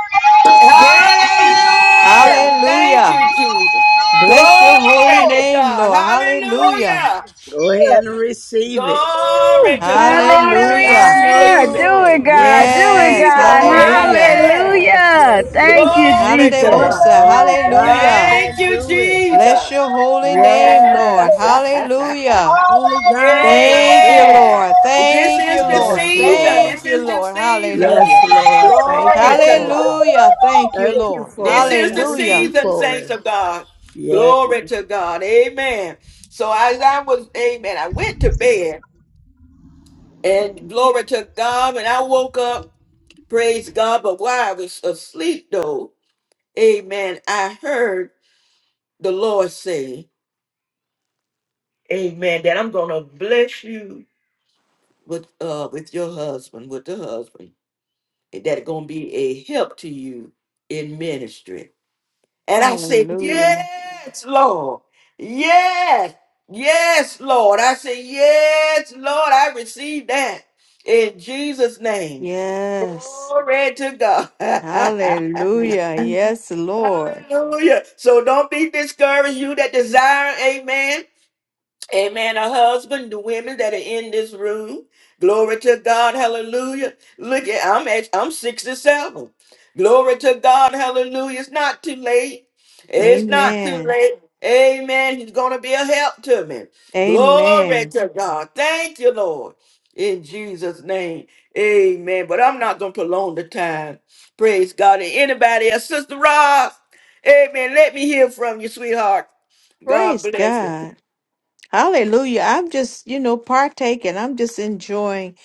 Speaker 2: Yes.
Speaker 1: Hallelujah. Thank
Speaker 11: Hallelujah.
Speaker 1: you, Jesus.
Speaker 11: Bless your holy
Speaker 1: Glory to
Speaker 11: name,
Speaker 1: God.
Speaker 11: Lord. Hallelujah.
Speaker 1: Hallelujah.
Speaker 8: Go ahead and receive it.
Speaker 1: Glory
Speaker 6: Woo!
Speaker 1: to God.
Speaker 11: Hallelujah.
Speaker 1: Receive
Speaker 6: Hallelujah.
Speaker 1: it.
Speaker 6: Do it,
Speaker 8: Donald,
Speaker 6: God. Do it,
Speaker 11: Yes.
Speaker 1: Receive it.
Speaker 6: God.
Speaker 11: Hallelujah.
Speaker 8: yes,
Speaker 1: Amen.
Speaker 8: yes,
Speaker 6: Hallelujah.
Speaker 8: yes,
Speaker 6: Thank
Speaker 8: yes.
Speaker 6: you,
Speaker 1: Glory to
Speaker 6: Jesus.
Speaker 8: Yeah,
Speaker 1: God.
Speaker 11: Hallelujah.
Speaker 8: only God
Speaker 11: Hallelujah.
Speaker 8: can
Speaker 1: Thank you,
Speaker 8: do it.
Speaker 1: Jesus.
Speaker 11: Bless your holy name, Lord.
Speaker 8: Yes,
Speaker 11: Hallelujah.
Speaker 8: only God can
Speaker 11: Thank you,
Speaker 8: do it.
Speaker 1: yeah.
Speaker 11: Lord.
Speaker 1: This
Speaker 11: Thank
Speaker 1: is
Speaker 11: you,
Speaker 1: the
Speaker 11: Lord.
Speaker 8: Yes,
Speaker 1: season.
Speaker 8: Lord.
Speaker 11: Thank
Speaker 1: This
Speaker 11: you,
Speaker 1: is the
Speaker 11: Lord.
Speaker 1: season.
Speaker 8: Yes,
Speaker 11: Hallelujah.
Speaker 8: Lord. Thank you
Speaker 1: Glory to
Speaker 8: for
Speaker 1: God.
Speaker 8: it.
Speaker 11: Hallelujah. Thank you,
Speaker 8: Thank you
Speaker 11: Lord.
Speaker 1: This
Speaker 8: for it.
Speaker 1: is the
Speaker 8: Thank
Speaker 11: Hallelujah.
Speaker 8: you
Speaker 1: season,
Speaker 8: for
Speaker 1: saints
Speaker 8: it.
Speaker 1: of God.
Speaker 8: Yeah.
Speaker 1: Glory to God. Amen. So as I was, amen, I went to bed and glory to God. And I woke up, praise God. But while I was asleep, though, amen, I heard the Lord say, amen, that I'm going to bless you with uh with your husband, with the husband, that it gonna be a help to you in ministry. And I said,
Speaker 11: Hallelujah.
Speaker 1: Yes, Lord. Yes, yes, Lord. I said, Yes, Lord, I receive that in Jesus' name.
Speaker 11: Yes.
Speaker 1: Glory to God.
Speaker 11: Hallelujah. Yes, Lord.
Speaker 1: Hallelujah. So don't be discouraged, you that desire, amen. Amen. A husband, the women that are in this room. Glory to God. Hallelujah. Look at I'm at I'm 67. Glory to God. Hallelujah. It's not too late. It's not too
Speaker 11: Amen.
Speaker 1: late. Amen. He's gonna be a help to me. Glory
Speaker 11: Amen.
Speaker 1: to God. Thank you, Lord. In Jesus' name. Amen. But I'm not gonna prolong the time. Praise God. And anybody else, Sister Ross. Amen. Let me hear from you, sweetheart. God
Speaker 11: Praise
Speaker 1: bless you.
Speaker 11: God. Hallelujah. I'm just, you know, partaking. I'm just enjoying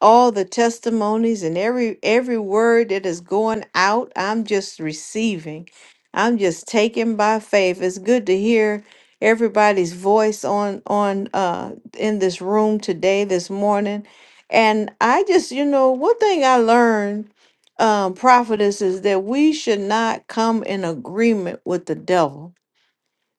Speaker 11: all the testimonies and every every word that is going out. I'm just receiving. I'm just taking by faith. It's good to hear everybody's voice on on uh in this room today, this morning. And I just, you know, one thing I learned, um, prophetess, is that we should not come in agreement with the devil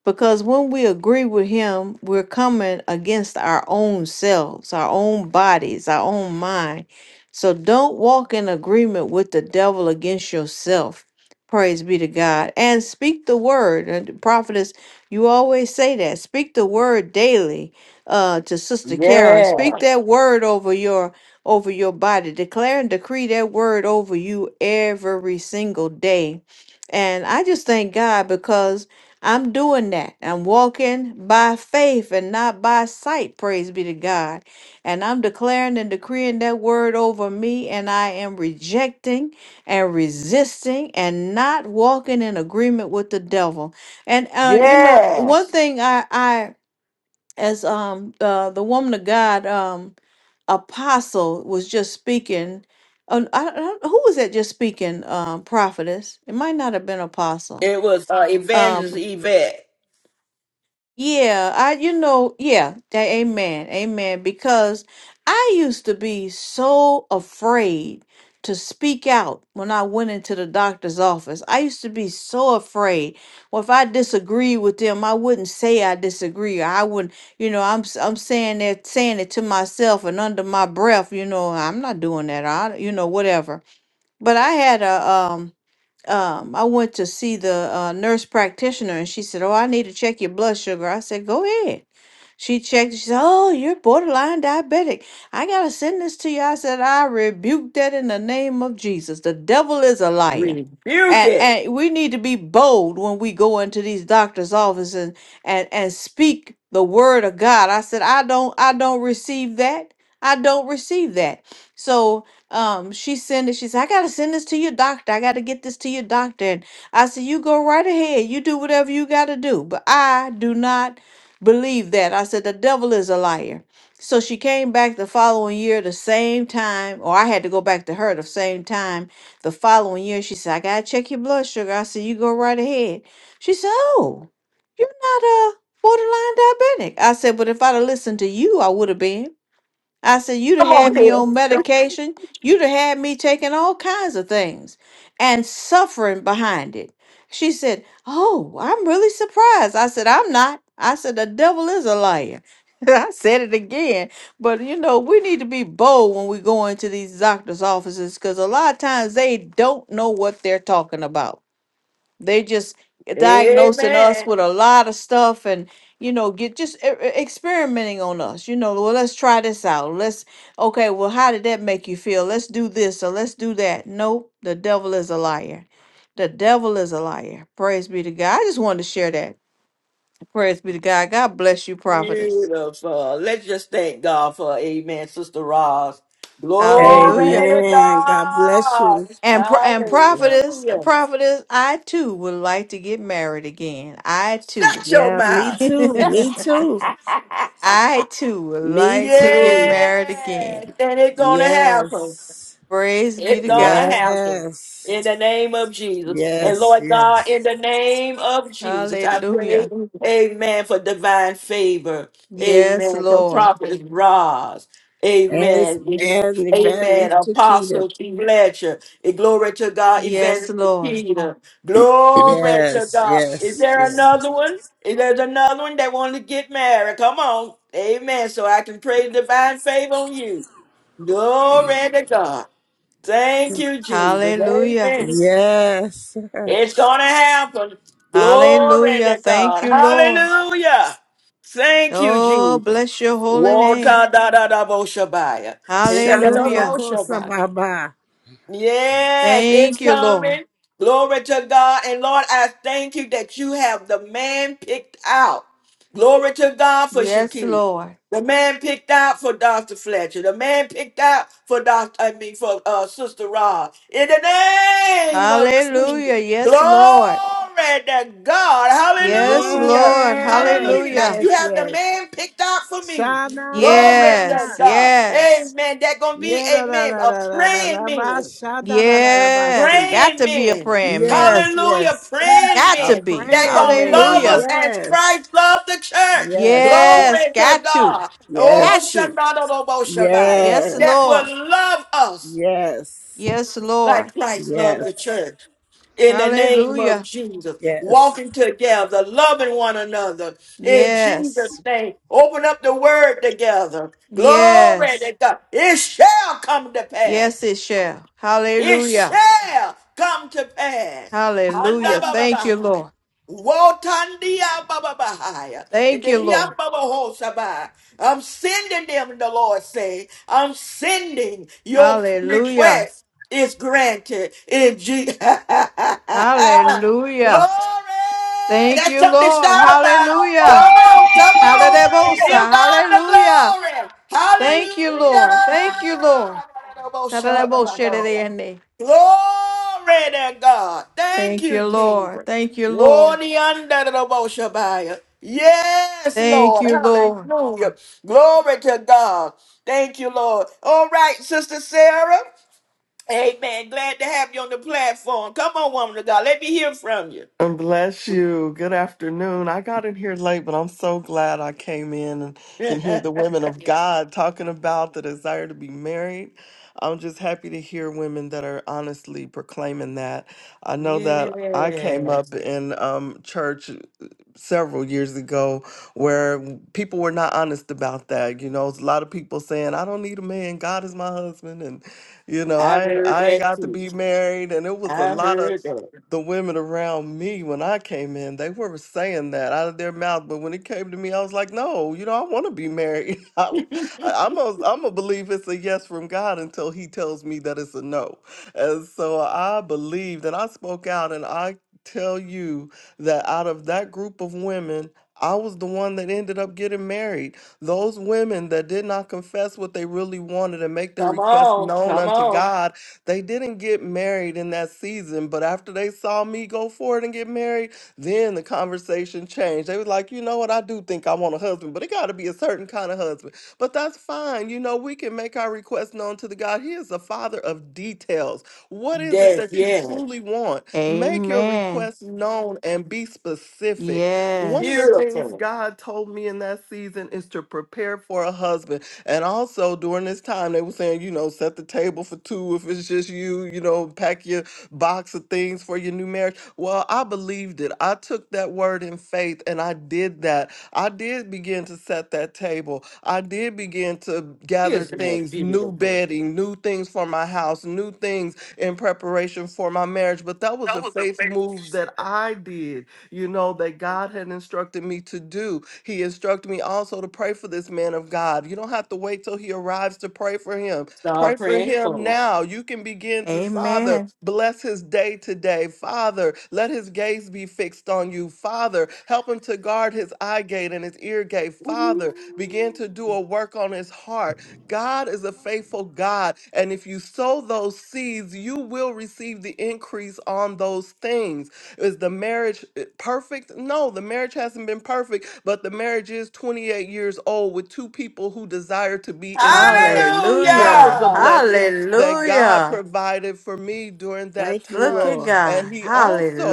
Speaker 11: because when we agree with him, we're coming against our own selves, our own bodies, our own mind. So don't walk in agreement with the devil against yourself. Praise be to God. And speak the word. And prophetess, you always say that. Speak the word daily uh, to Sister Karen.
Speaker 1: Yeah.
Speaker 11: Speak that word over your over your body. Declare and decree that word over you every single day. And I just thank God because I'm doing that. I'm walking by faith and not by sight. Praise be to God. And I'm declaring and decreeing that word over me, and I am rejecting and resisting and not walking in agreement with the devil. And uh, you know,
Speaker 1: Yeah.
Speaker 11: one thing I, I as um uh, the woman of God um apostle was just speaking. Uh, I, I, who was that just speaking? Um, prophetess. It might not have been apostle.
Speaker 1: It was uh,
Speaker 11: Um,
Speaker 1: Evangelist Yvette.
Speaker 11: yeah, I, you know, yeah, that, amen, amen. Because I used to be so afraid to speak out when I went into the doctor's office. I used to be so afraid. Well, if I disagreed with them, I wouldn't say I disagree. or I wouldn't, you know, I'm s- I'm saying that, saying it to myself and under my breath, you know, I'm not doing that. or I, you know, whatever. But I had a um um, I went to see the uh, nurse practitioner and she said, Oh, I need to check your blood sugar. I said, Go ahead. She checked. She said, "Oh, you're borderline diabetic. I gotta send this to you." I said, "I rebuke that in the name of Jesus. The devil is a liar."
Speaker 1: Rebuke
Speaker 11: And,
Speaker 1: it.
Speaker 11: and we need to be bold when we go into these doctors' offices and, and, and speak the word of God. I said, I don't I don't receive that. I don't receive that. So um, she sent it. She said, I gotta send this to your doctor. I gotta get this to your doctor. And I said, you go right ahead. You do whatever you gotta do. But I do not believe that. I said, the devil is a liar. So she came back the following year, the same time, or I had to go back to her the same time the following year. She said, I got to check your blood sugar. I said, you go right ahead. She said, oh, you're not a borderline diabetic. I said, but if I'd have listened to you, I would have been. I said, You'd have
Speaker 1: Come on
Speaker 11: had me on
Speaker 1: here.
Speaker 11: medication. You'd have had me taking all kinds of things and suffering behind it. She said, Oh, I'm really surprised. I said, I'm not. I said, The devil is a liar. I said it again. But you know, we need to be bold when we go into these doctor's offices because a lot of times they don't know what they're talking about. They just diagnosing us
Speaker 1: Amen.
Speaker 11: with a lot of stuff and you know get just e- e- experimenting on us you know well let's try this out let's okay well how did that make you feel let's do this or let's do that nope the devil is a liar the devil is a liar praise be to god i just wanted to share that praise be to god god bless you prophetess
Speaker 1: Beautiful. Let's just thank God for Amen, Sister Ross. Glory
Speaker 11: hallelujah
Speaker 1: to
Speaker 8: Amen. God bless
Speaker 1: God.
Speaker 8: you.
Speaker 11: and pro- and prophetess
Speaker 1: Hallelujah.
Speaker 11: prophetess i too would like to get married again i too
Speaker 1: Shut your
Speaker 8: Yeah, me
Speaker 1: mouth.
Speaker 8: too. Me too.
Speaker 11: I too would
Speaker 8: Me
Speaker 11: like to get
Speaker 8: too.
Speaker 11: married
Speaker 1: yeah.
Speaker 11: again.
Speaker 1: Then it's gonna happen.
Speaker 8: Yes.
Speaker 11: Praise be
Speaker 1: It's
Speaker 11: to
Speaker 1: gonna
Speaker 11: God.
Speaker 1: happen
Speaker 8: Yes.
Speaker 1: in the name of Jesus. And
Speaker 8: Yes.
Speaker 1: Lord
Speaker 8: Yes.
Speaker 1: God, in the name of Jesus, I pray,
Speaker 11: Hallelujah.
Speaker 1: amen, for divine favor.
Speaker 11: Yes,
Speaker 1: Amen. For
Speaker 11: Lord.
Speaker 1: prophet Roz.
Speaker 8: And
Speaker 1: Amen.
Speaker 8: and
Speaker 1: Amen.
Speaker 8: Evangelist Chiquita.
Speaker 1: Apostle Fletcher. And glory to God,
Speaker 11: Yes,
Speaker 1: Evangelist
Speaker 11: Lord.
Speaker 1: Peter. Glory to
Speaker 8: Yes.
Speaker 1: God. Is
Speaker 8: Yes.
Speaker 1: there
Speaker 8: Yes.
Speaker 1: another one? Is there another one that want to get married? Come on. Amen. So I can pray divine favor on you. Glory to God. Thank you, Jesus.
Speaker 11: Hallelujah.
Speaker 1: Amen.
Speaker 8: Yes.
Speaker 1: It's going to happen. Glory
Speaker 11: Hallelujah.
Speaker 1: to
Speaker 11: Thank
Speaker 1: God.
Speaker 11: you, Lord.
Speaker 1: Hallelujah. Thank you,
Speaker 11: Oh,
Speaker 1: Jesus.
Speaker 11: bless your holy name.
Speaker 1: Wota da da da bo shabaya. Hinda da da bo
Speaker 11: Hallelujah.
Speaker 8: Shana
Speaker 1: shabaya.
Speaker 8: Baba.
Speaker 1: Yes, it's
Speaker 11: Thank you, Lord.
Speaker 1: coming. Glory to God. And Lord, I thank you that you have the man picked out. Glory to God for
Speaker 11: Yes,
Speaker 1: Shaquille.
Speaker 11: Lord.
Speaker 1: The man picked out for Dr. Fletcher. The man picked out for Dr. I mean for uh, Sister Rod. In the name of Jesus.
Speaker 11: Hallelujah. Yes,
Speaker 1: Glory
Speaker 11: Lord.
Speaker 1: to God.
Speaker 11: Yes,
Speaker 1: Hallelujah.
Speaker 11: Lord.
Speaker 8: Yes,
Speaker 1: Hallelujah. Like
Speaker 11: Hallelujah.
Speaker 1: you
Speaker 8: yes,
Speaker 1: have the
Speaker 8: yes.
Speaker 1: man picked out for me.
Speaker 8: Sha na na
Speaker 1: Glory
Speaker 8: na na.
Speaker 1: to
Speaker 11: Yes,
Speaker 1: God.
Speaker 11: yes,
Speaker 1: Amen. That gonna be,
Speaker 8: Yeah la la
Speaker 1: amen,
Speaker 8: la
Speaker 1: a
Speaker 8: la la la
Speaker 1: praying
Speaker 8: la ba
Speaker 1: man
Speaker 8: sha da la la la ba
Speaker 11: yes.
Speaker 8: si.
Speaker 11: Got
Speaker 1: praying
Speaker 11: to be a
Speaker 1: men.
Speaker 11: praying man.
Speaker 8: Yes,
Speaker 1: Hallelujah,
Speaker 8: yes.
Speaker 1: praying
Speaker 11: Got
Speaker 8: A
Speaker 11: to
Speaker 1: men
Speaker 11: be.
Speaker 1: that
Speaker 8: praying
Speaker 1: gonna love
Speaker 8: man.
Speaker 1: us
Speaker 11: Hallelujah.
Speaker 1: as
Speaker 8: Yes,
Speaker 1: Christ loved the church.
Speaker 8: yes, yes,
Speaker 11: Yes,
Speaker 1: Glory to
Speaker 11: got to.
Speaker 1: God. Oh,
Speaker 8: yes,
Speaker 11: Got to.
Speaker 1: Shabbat Shabbat.
Speaker 11: Yes,
Speaker 8: yes,
Speaker 1: That
Speaker 11: Lord.
Speaker 1: will love us
Speaker 8: yes,
Speaker 11: Yes,
Speaker 1: like
Speaker 11: Lord.
Speaker 1: Christ loved the
Speaker 8: yes,
Speaker 1: church in the name of
Speaker 11: Hallelujah.
Speaker 1: Jesus,
Speaker 8: yes.
Speaker 1: walking together, loving one another in Jesus'
Speaker 11: Yes.
Speaker 1: name. Open up the word together. Glory
Speaker 11: Yes.
Speaker 1: to God. It shall come to pass
Speaker 11: Yes, it shall.
Speaker 1: it
Speaker 11: Hallelujah.
Speaker 1: shall come to pass. Handa
Speaker 11: Hallelujah.
Speaker 1: baba
Speaker 11: Thank you,
Speaker 1: bahai.
Speaker 11: Lord.
Speaker 1: Wotandia baba bahai.
Speaker 11: Thank you, Lord.
Speaker 1: Ididia baba hosabai. I'm sending them, the Lord say. I'm sending your
Speaker 11: Hallelujah.
Speaker 1: request is granted in Jesus. glory.
Speaker 11: Hallelujah. Thank
Speaker 1: That's
Speaker 11: you,
Speaker 1: something to
Speaker 11: Lord.
Speaker 1: shout about.
Speaker 11: Hallelujah.
Speaker 1: Come on, come on.
Speaker 11: Hallelujah.
Speaker 1: Give God the
Speaker 11: Hallelujah.
Speaker 1: glory.
Speaker 11: Thank you, Lord. Thank you, Lord.
Speaker 1: Hallelujah. Glory to God. Thank
Speaker 11: Thank
Speaker 1: you,
Speaker 11: you, Lord.
Speaker 1: Jesus.
Speaker 11: Thank you, Lord.
Speaker 1: Worthy under the Boshabaya. Yes,
Speaker 11: Thank
Speaker 1: Lord.
Speaker 11: you, Lord.
Speaker 1: Hallelujah. Glory to God. Thank you, Lord. All right, Sister Sarah. Amen. Glad to have you on the platform. Come on, woman of God. Let me hear from you.
Speaker 13: And Bless you. Good afternoon. I got in here late, but I'm so glad I came in and can hear
Speaker 1: yes.
Speaker 13: the women of God talking about the desire to be married. I'm just happy to hear women that are honestly proclaiming that. I know that I came up in um, church several years ago where people were not honest about that. You know, a lot of people saying, I don't need a man, God is my husband and you know,
Speaker 1: I
Speaker 13: I
Speaker 1: heard
Speaker 13: I ain't
Speaker 1: that
Speaker 13: got to
Speaker 1: too.
Speaker 13: be married and it was a
Speaker 1: I
Speaker 13: lot of
Speaker 1: heard that.
Speaker 13: the women around me when I came in, they were saying that out of their mouth. But when it came to me, I was like, no, you know, I want to be married. I, I- I'm a, I'm a believe it's a yes from God until He tells me that it's a no. And so I believed and I spoke out and I tell you that out of that group of women, I was the one that ended up getting married. Those women that did not confess what they really wanted and make their
Speaker 1: Come
Speaker 13: request
Speaker 1: on.
Speaker 13: known
Speaker 1: Come
Speaker 13: unto
Speaker 1: on.
Speaker 13: God, they didn't get married in that season. But after they saw me go forward and get married, then the conversation changed. They was like, you know what? I do think I want a husband, but it got to be a certain kind of husband. But that's fine. You know, we can make our request known to the God. He is the father of details. What is it
Speaker 1: That,
Speaker 13: that you
Speaker 1: yes.
Speaker 13: truly want? Make your
Speaker 11: Amen.
Speaker 13: request known and be specific. One of the
Speaker 11: Yes.
Speaker 13: things
Speaker 1: Beautiful.
Speaker 13: God told me in that season is to prepare for a husband. And also during this time, time they were saying, you know, set the table for two if it's just you, you know, pack your box of things for your new marriage. Well, I believed it. I took that word in faith and I did that. I did begin to set that table. I did begin to gather
Speaker 1: Isn't that
Speaker 13: things, new
Speaker 1: beautiful?
Speaker 13: bedding, new things for my house, new things in preparation for my marriage. But that was
Speaker 11: That
Speaker 13: a
Speaker 11: was the
Speaker 13: faith move
Speaker 11: best.
Speaker 13: that I did you know, that God had instructed me to do. He instructed me also to pray for this man of God. You don't have to wait till he arrives to pray for him. Pray
Speaker 1: Start
Speaker 13: for
Speaker 1: praying
Speaker 13: him
Speaker 1: for
Speaker 13: now. You can begin to, Father,
Speaker 11: Amen.
Speaker 13: bless his day today. Father, let his gaze be fixed on you. Father, help him to guard his eye gate and his ear gate.
Speaker 1: them.
Speaker 13: Father, begin to do
Speaker 1: Ooh.
Speaker 13: a work on his heart. God is a faithful God. And if you sow those seeds, you will receive the increase on those things. Is the marriage uh, perfect? No, the marriage hasn't been perfect, but the marriage is 28 years old with two people who desire to be in the marriage. That was
Speaker 11: Hallelujah.
Speaker 13: a
Speaker 1: Hallelujah.
Speaker 13: blessing that God
Speaker 11: Hallelujah.
Speaker 13: provided for me during that
Speaker 8: Thank you,
Speaker 11: Look
Speaker 13: time.
Speaker 11: at
Speaker 8: Lord.
Speaker 13: And
Speaker 11: God.
Speaker 13: He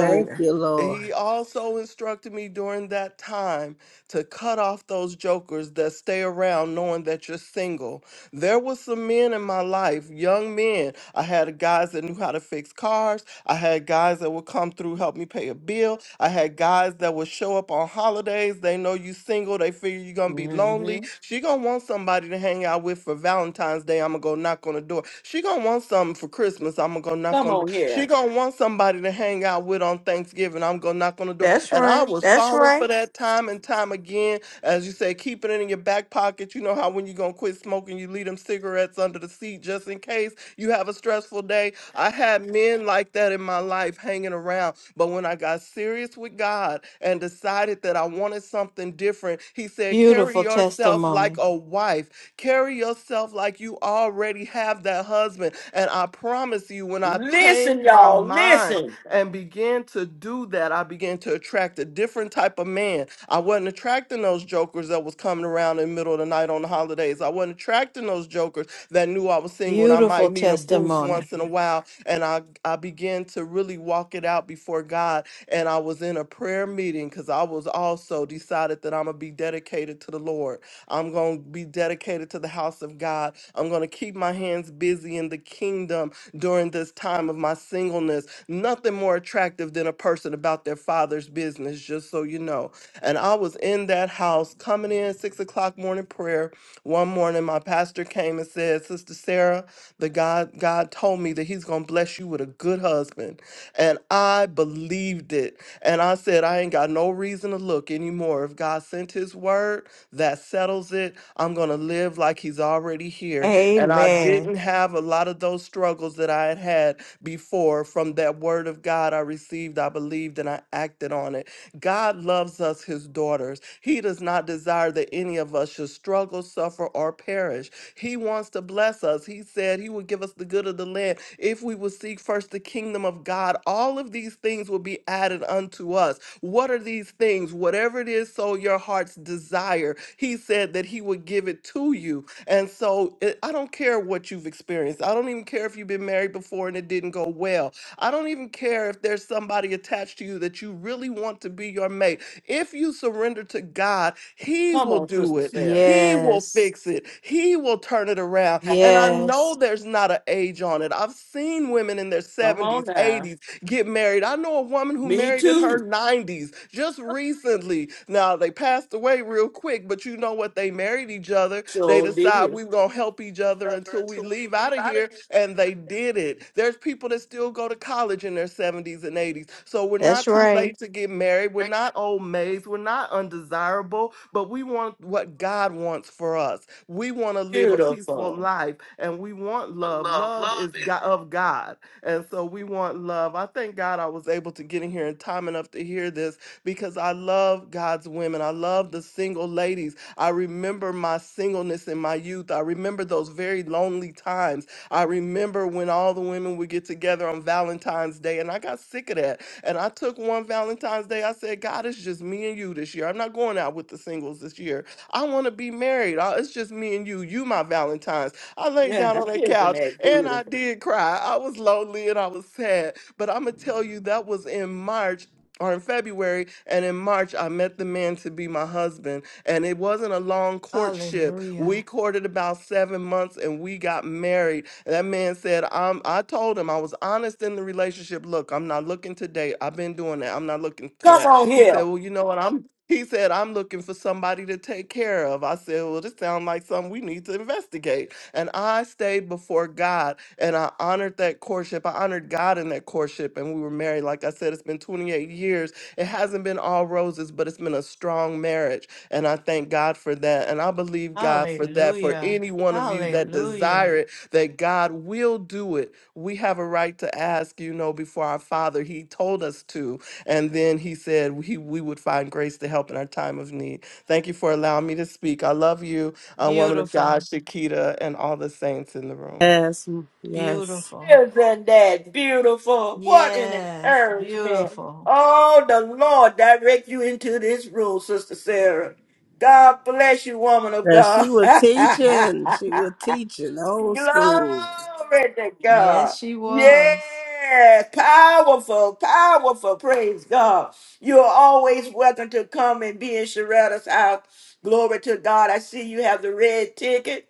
Speaker 8: Thank you, Lord.
Speaker 13: He also instructed me during that time to cut off those jokers that stay around knowing that you're single there was some men in my life, young men. I had guys that knew how to fix cars. I had guys that would come through, help me pay a bill. I had guys that would show up on holidays. They know you single. They figure you're gonna be lonely.
Speaker 1: hmm
Speaker 13: She gonna want somebody to hang out with for Valentine's Day. I'm gonna go knock on the door. She gonna want something for Christmas. I'm gonna go knock
Speaker 1: Come
Speaker 13: on. The,
Speaker 1: on
Speaker 13: door. she
Speaker 1: here.
Speaker 13: gonna want somebody to hang out with on Thanksgiving. I'm gonna knock on the door.
Speaker 11: That's
Speaker 13: And I
Speaker 11: right.
Speaker 13: was
Speaker 11: That's
Speaker 13: falling for
Speaker 11: right.
Speaker 13: that time and time again. As you say, keeping it in your back pocket. You know how when you gonna quit smoking, you leave them cigarettes under the seat just in case you have a stressful day. I had men like that in my life hanging around. But when I got serious with God and decided that I wanted something different, He said, Carry
Speaker 11: Beautiful
Speaker 13: yourself like
Speaker 11: testimony.
Speaker 13: a wife, carry yourself like you already have that husband. And I promise you, when I
Speaker 1: Listen,
Speaker 13: changed my
Speaker 1: y'all.
Speaker 13: mind
Speaker 1: Listen.
Speaker 13: and began to do that, I began to attract a different type of man. I wasn't attracting those jokers that was coming around in the middle of the night on the holidays. I wasn't attracting those jokers that knew I was single and I might
Speaker 11: Beautiful
Speaker 13: need a boost
Speaker 11: testimony.
Speaker 13: once in a while. And I, I began to really walk it out before God. And I was in a prayer meeting because I was also decided that I'm going to be dedicated to the Lord. I'm going to be dedicated to the house of God. I'm going to keep my hands busy in the kingdom during this time of my singleness. Nothing more attractive than a person about their father's business, just so you know. And I was in that house coming in six o'clock morning prayer. One morning, my pastor came and said, Sister Sarah, the God God told me that He's gonna bless you with a good husband. And I believed it. And I said, I ain't got no reason to look anymore. If God sent his word, that settles it. I'm gonna live like he's already here. And I
Speaker 11: Amen.
Speaker 13: didn't have a lot of those struggles that I had had before from that word of God I received, I believe believed and I acted on it. God loves us, his daughters. He does not desire that any of us should struggle, suffer, or perish. He wants to bless us. He said he would give us the good of the land if we would seek first the kingdom of God. All of these things will be added unto us. What are these things? Whatever it is, so your heart's desire. He said that he would give it to you. And so it, I don't care what you've experienced. I don't even care if you've been married before and it didn't go well. I don't even care if there's somebody attached to you that you really want to be your mate. If you surrender to God, He
Speaker 1: Come
Speaker 13: will
Speaker 1: on,
Speaker 13: do
Speaker 1: Sister
Speaker 13: it.
Speaker 1: Sarah.
Speaker 13: He will
Speaker 11: Yes.
Speaker 13: fix it. He will turn it around. And I know
Speaker 11: Yes.
Speaker 13: there's not an age on it. I've seen women in their
Speaker 1: Come on
Speaker 13: 70s,
Speaker 1: now.
Speaker 13: 80s, get married. I know a woman who
Speaker 1: Me
Speaker 13: married in her
Speaker 1: too.
Speaker 13: 90s just recently. Now they passed away real quick, but you know what? They married each other. They
Speaker 1: So
Speaker 13: decide
Speaker 1: did.
Speaker 13: we're gonna help each other until we leave out of here, and they did it. There's people that still go to college in their 70s and 80s. So we're not
Speaker 11: That's
Speaker 13: too
Speaker 11: right.
Speaker 13: late to get married. We're not old maids, we're not undesirable, but we want what God wants for us. We want to live a peaceful
Speaker 1: Beautiful.
Speaker 13: life and we want love. Love is go- of God. And so we want love. I thank God I was able to get in here in time enough to hear this because I love God's women. I love the single ladies. I remember my singleness in my youth. I remember those very lonely times. I remember when all the women would get together on Valentine's Day, and I got sick of that. And I took one Valentine's Day, I said, God, it's just me and you this year. I'm not going out with the singles this year. I want to be married. I- It's just me and you. You, my Valentine's. I laid
Speaker 1: Yeah,
Speaker 13: down on that
Speaker 1: isn't
Speaker 13: couch
Speaker 1: that
Speaker 13: and I
Speaker 1: beautiful?
Speaker 13: did cry. I was lonely and I was sad. But I'm going to tell you, that was in March or in February. And in March, I met the man to be my husband. And it wasn't a long courtship. We
Speaker 11: Hallelujah.
Speaker 13: courted about seven months and we got married. And that man said, I'm, I told him I was honest in the relationship. Look, I'm not looking to date. I've been doing that. I'm not looking for
Speaker 1: Come
Speaker 13: that.
Speaker 1: on
Speaker 13: He
Speaker 1: here.
Speaker 13: said, Well, you know what? I'm he said, I'm looking for somebody to take care of. I said, Well, this sounds like something we need to investigate. And I stayed before God and I honored that courtship. I honored God in that courtship and we were married. Like I said, it's been 28 years. It hasn't been all roses, but it's been a strong marriage. And I thank God for that. And I believe God for that. For
Speaker 11: Hallelujah.
Speaker 13: any one of you that
Speaker 11: Hallelujah.
Speaker 13: desire it, that God will do it. We have a right to ask, you know, before our Father. He told us to. And then He said he, we would find grace to help in our time of need. Thank you for allowing me to speak. I love you a woman of God,
Speaker 11: Beautiful.
Speaker 13: Shakita, and all the saints in the room.
Speaker 8: Yes, yes.
Speaker 11: Beautiful.
Speaker 1: Isn't that beautiful? What an
Speaker 11: Yes,
Speaker 1: encouragement.
Speaker 11: beautiful.
Speaker 1: Oh, the Lord direct you into this room, Sister Sarah. God bless you, woman of
Speaker 8: That
Speaker 1: God.
Speaker 8: she was teaching. She was teaching old school.
Speaker 1: Glory to
Speaker 11: Yes,
Speaker 1: God.
Speaker 11: she was.
Speaker 1: Yes, powerful, powerful. Praise God. You're always welcome to come and be in Sharetta's house. Glory to God. I see you have the red ticket.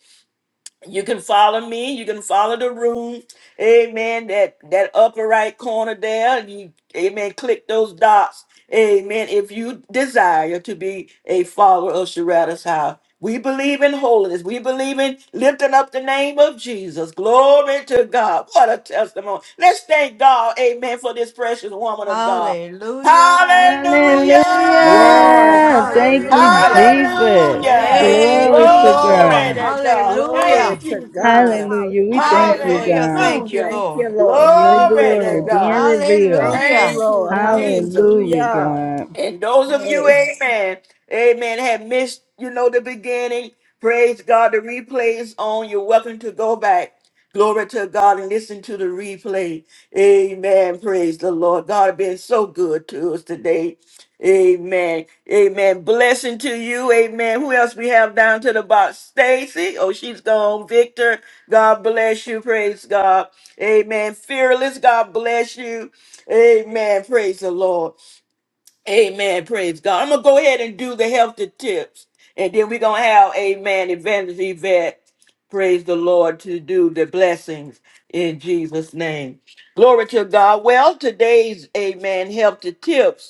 Speaker 1: You can follow me. You can follow the room. Amen. That that upper right corner there. You amen. Click those dots. Amen. If you desire to be a follower of Sharada's house. We believe in holiness. We believe in lifting up the name of Jesus. Glory to God. What a testimony. Let's thank God. Amen. For this precious woman of God.
Speaker 11: Hallelujah.
Speaker 1: Hallelujah.
Speaker 6: Hallelujah.
Speaker 11: Thank you, Lord.
Speaker 8: Yes,
Speaker 6: Thank you,
Speaker 8: hallelujah.
Speaker 11: Hallelujah.
Speaker 6: Jesus.
Speaker 8: Thank
Speaker 1: Hallelujah.
Speaker 8: you,
Speaker 11: Thank
Speaker 6: Glory
Speaker 11: you,
Speaker 6: to
Speaker 8: Jesus.
Speaker 11: Lord.
Speaker 1: Glory to
Speaker 6: God.
Speaker 1: God.
Speaker 8: Glory
Speaker 1: Thank
Speaker 11: Hallelujah.
Speaker 8: to
Speaker 1: you,
Speaker 8: God.
Speaker 1: Jesus.
Speaker 6: Hallelujah. We thank
Speaker 8: Hallelujah.
Speaker 6: you,
Speaker 11: Hallelujah.
Speaker 6: God.
Speaker 11: Thank you,
Speaker 1: Hallelujah.
Speaker 8: Thank
Speaker 11: Lord.
Speaker 8: you,
Speaker 6: for
Speaker 8: Lord.
Speaker 6: your
Speaker 8: Thank you,
Speaker 1: Glory to
Speaker 6: glory
Speaker 8: Lord.
Speaker 6: being
Speaker 1: God.
Speaker 6: revealed.
Speaker 8: Thank you,
Speaker 11: Hallelujah.
Speaker 1: Thank you,
Speaker 8: Lord.
Speaker 1: Jesus.
Speaker 6: Hallelujah,
Speaker 8: Hallelujah.
Speaker 6: God.
Speaker 1: And those of you,
Speaker 8: Hey.
Speaker 1: amen, amen, have missed, you know, the beginning. Praise God. The replay is on. You're welcome to go back. Glory to God and listen to the replay. Amen. Praise the Lord. God has been so good to us today. Amen. Amen. Blessing to you. Amen. Who else we have down to the box? Stacy. Oh, she's gone. Victor. God bless you. Praise God. Amen. Fearless. God bless you. Amen. Praise the Lord. Amen. Praise God. I'm gonna go ahead and do the healthy tips, and then we're gonna have Amen. Evangelist Yvette, praise the Lord to do the blessings in Jesus' name. Glory to God. Well, today's Amen healthy tips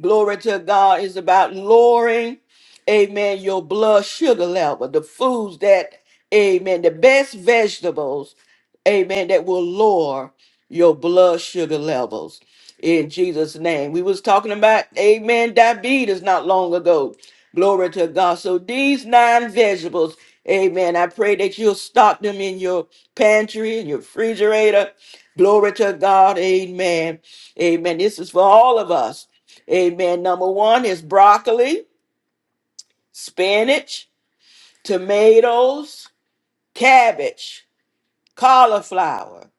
Speaker 1: glory to God, is about lowering, amen, your blood sugar level, the foods that, amen, the best vegetables, amen, that will lower your blood sugar levels in Jesus' name. We was talking about, amen, diabetes not long ago. Glory to God. So these nine vegetables, amen, I pray that you'll stock them in your pantry, in your refrigerator. Glory to God, amen. Amen. This is for all of us. Amen. Number one is broccoli, spinach, tomatoes, cabbage, cauliflower,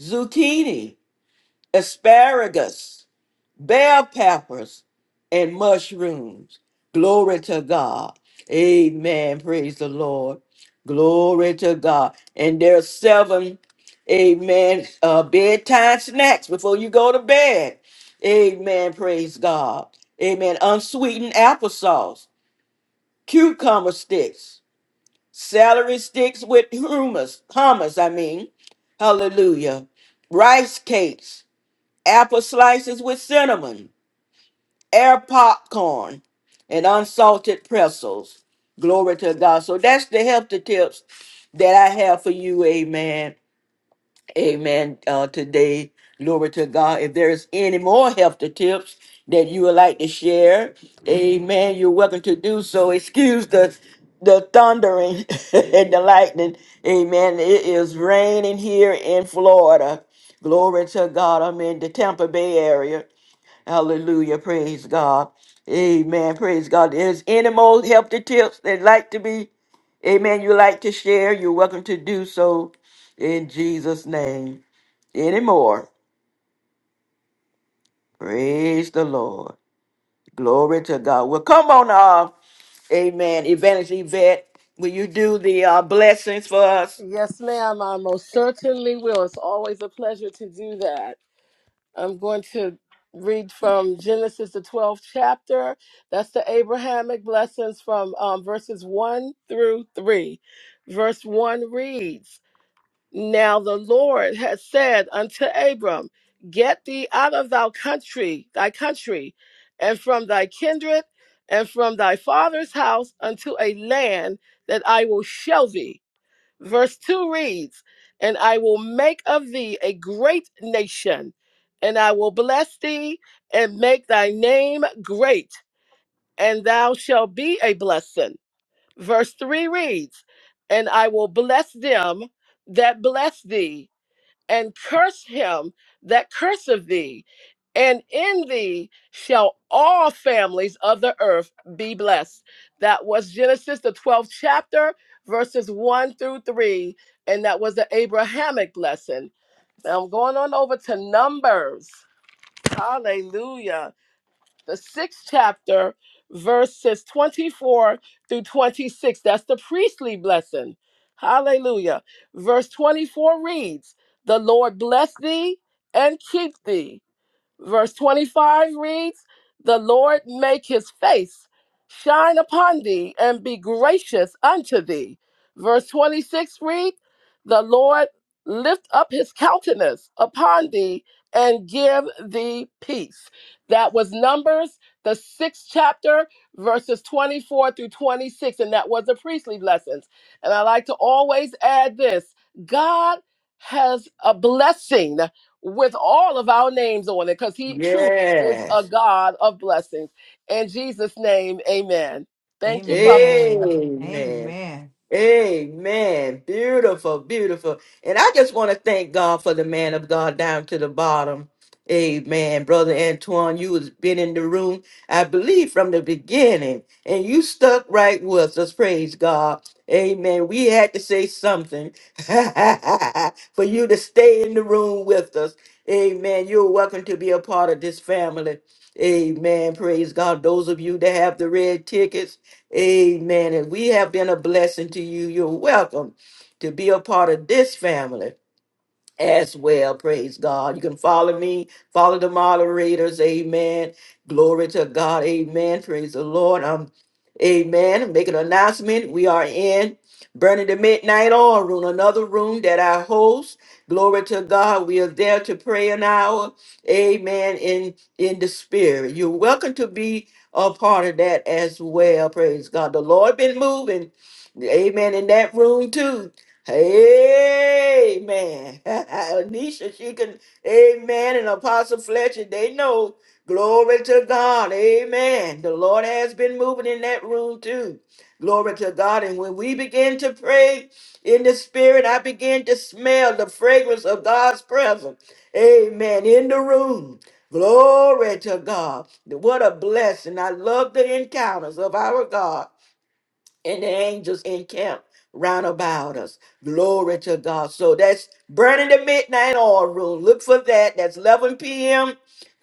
Speaker 1: zucchini, asparagus, bell peppers, and mushrooms. Glory to God. Amen. Praise the Lord. Glory to God. And there's seven, amen, uh, bedtime snacks before you go to bed. Amen. Praise God. Amen. Unsweetened applesauce cucumber sticks, celery sticks with hummus, hummus, I mean, hallelujah, rice cakes, apple slices with cinnamon, air popcorn, and unsalted pretzels. Glory to God. So that's the healthy tips that I have for you, amen. Amen. Uh, today, glory to God. If there is any more help to tips that you would like to share, Amen. You're welcome to do so. Excuse the the thundering and the lightning. Amen. It is raining here in Florida. Glory to God. I'm in the Tampa Bay area. Hallelujah. Praise God. Amen. Praise God. There's any more healthy tips that like to be, amen, you like to share, you're welcome to do so in Jesus' name. Any more? Praise the Lord. Glory to God. Well, come on, uh, amen. Evangelist Yvette, will you do the uh, blessings for us?
Speaker 10: Yes, ma'am. I most certainly will. It's always a pleasure to do that. I'm going to read from Genesis, the 12th chapter. That's the Abrahamic blessings from um, verses 1 through 3. Verse 1 reads Now the Lord has said unto Abram, Get thee out of thy country, thy country, and from thy kindred, and from thy father's house unto a land that I will show thee Verse 2 reads, And I will make of thee a great nation, and I will bless thee and make thy name great, and thou shalt be a blessing. Verse 3 reads, And I will bless them that bless thee, and curse him that curseth thee, and in thee shall all families of the earth be blessed. That was Genesis, the 12th chapter, verses 1 through 3, and that was the Abrahamic blessing. Now I'm going on over to Numbers. Hallelujah the sixth chapter, verses 24 through 26. That's the priestly blessing. Hallelujah. Verse 24 reads, The Lord bless thee and keep thee. Verse 25 reads, The Lord make his face shine upon thee and be gracious unto thee. Verse 26 reads, The Lord lift up his countenance upon thee and give thee peace. That was Numbers, the sixth chapter, verses 24 through 26, and that was the priestly lessons. And I like to always add this God has a blessing with all of our names on it because he truly is a
Speaker 1: Yes.
Speaker 10: God of blessings. In Jesus' name, amen. Thank you, Prophet.
Speaker 11: Amen.
Speaker 1: Amen.
Speaker 11: Amen.
Speaker 1: Amen. Beautiful, beautiful. And I just want to thank God for the man of God down to the bottom. Amen. Brother Antoine, you has been in the room, I believe, from the beginning. And you stuck right with us. Praise God. Amen. We had to say something for you to stay in the room with us. Amen. You're welcome to be a part of this family. Amen. Praise God. Those of you that have the red tickets. Amen. And we have been a blessing to you. You're welcome to be a part of this family as well. Praise God. You can follow me, follow the moderators. Amen. Glory to God. Amen. Praise the Lord. Um. Amen. Make an announcement. We are in Burning the Midnight Oil Room, another room that I host. Glory to God. We are there to pray an hour. Amen. In in the spirit. You're welcome to be a part of that as well. Praise God. The Lord been moving. Amen. In that room too. Amen. Anisha, she can, amen. And Apostle Fletcher, they know. Glory to God. Amen. The Lord has been moving in that room too. Glory to God. And when we begin to pray in the spirit, I begin to smell the fragrance of God's presence. Amen. In the room. Glory to God. What a blessing. I love the encounters of our God and the angels encamp round about us. Glory to God. So that's burning the midnight oil room. Look for that. That's 11 p.m.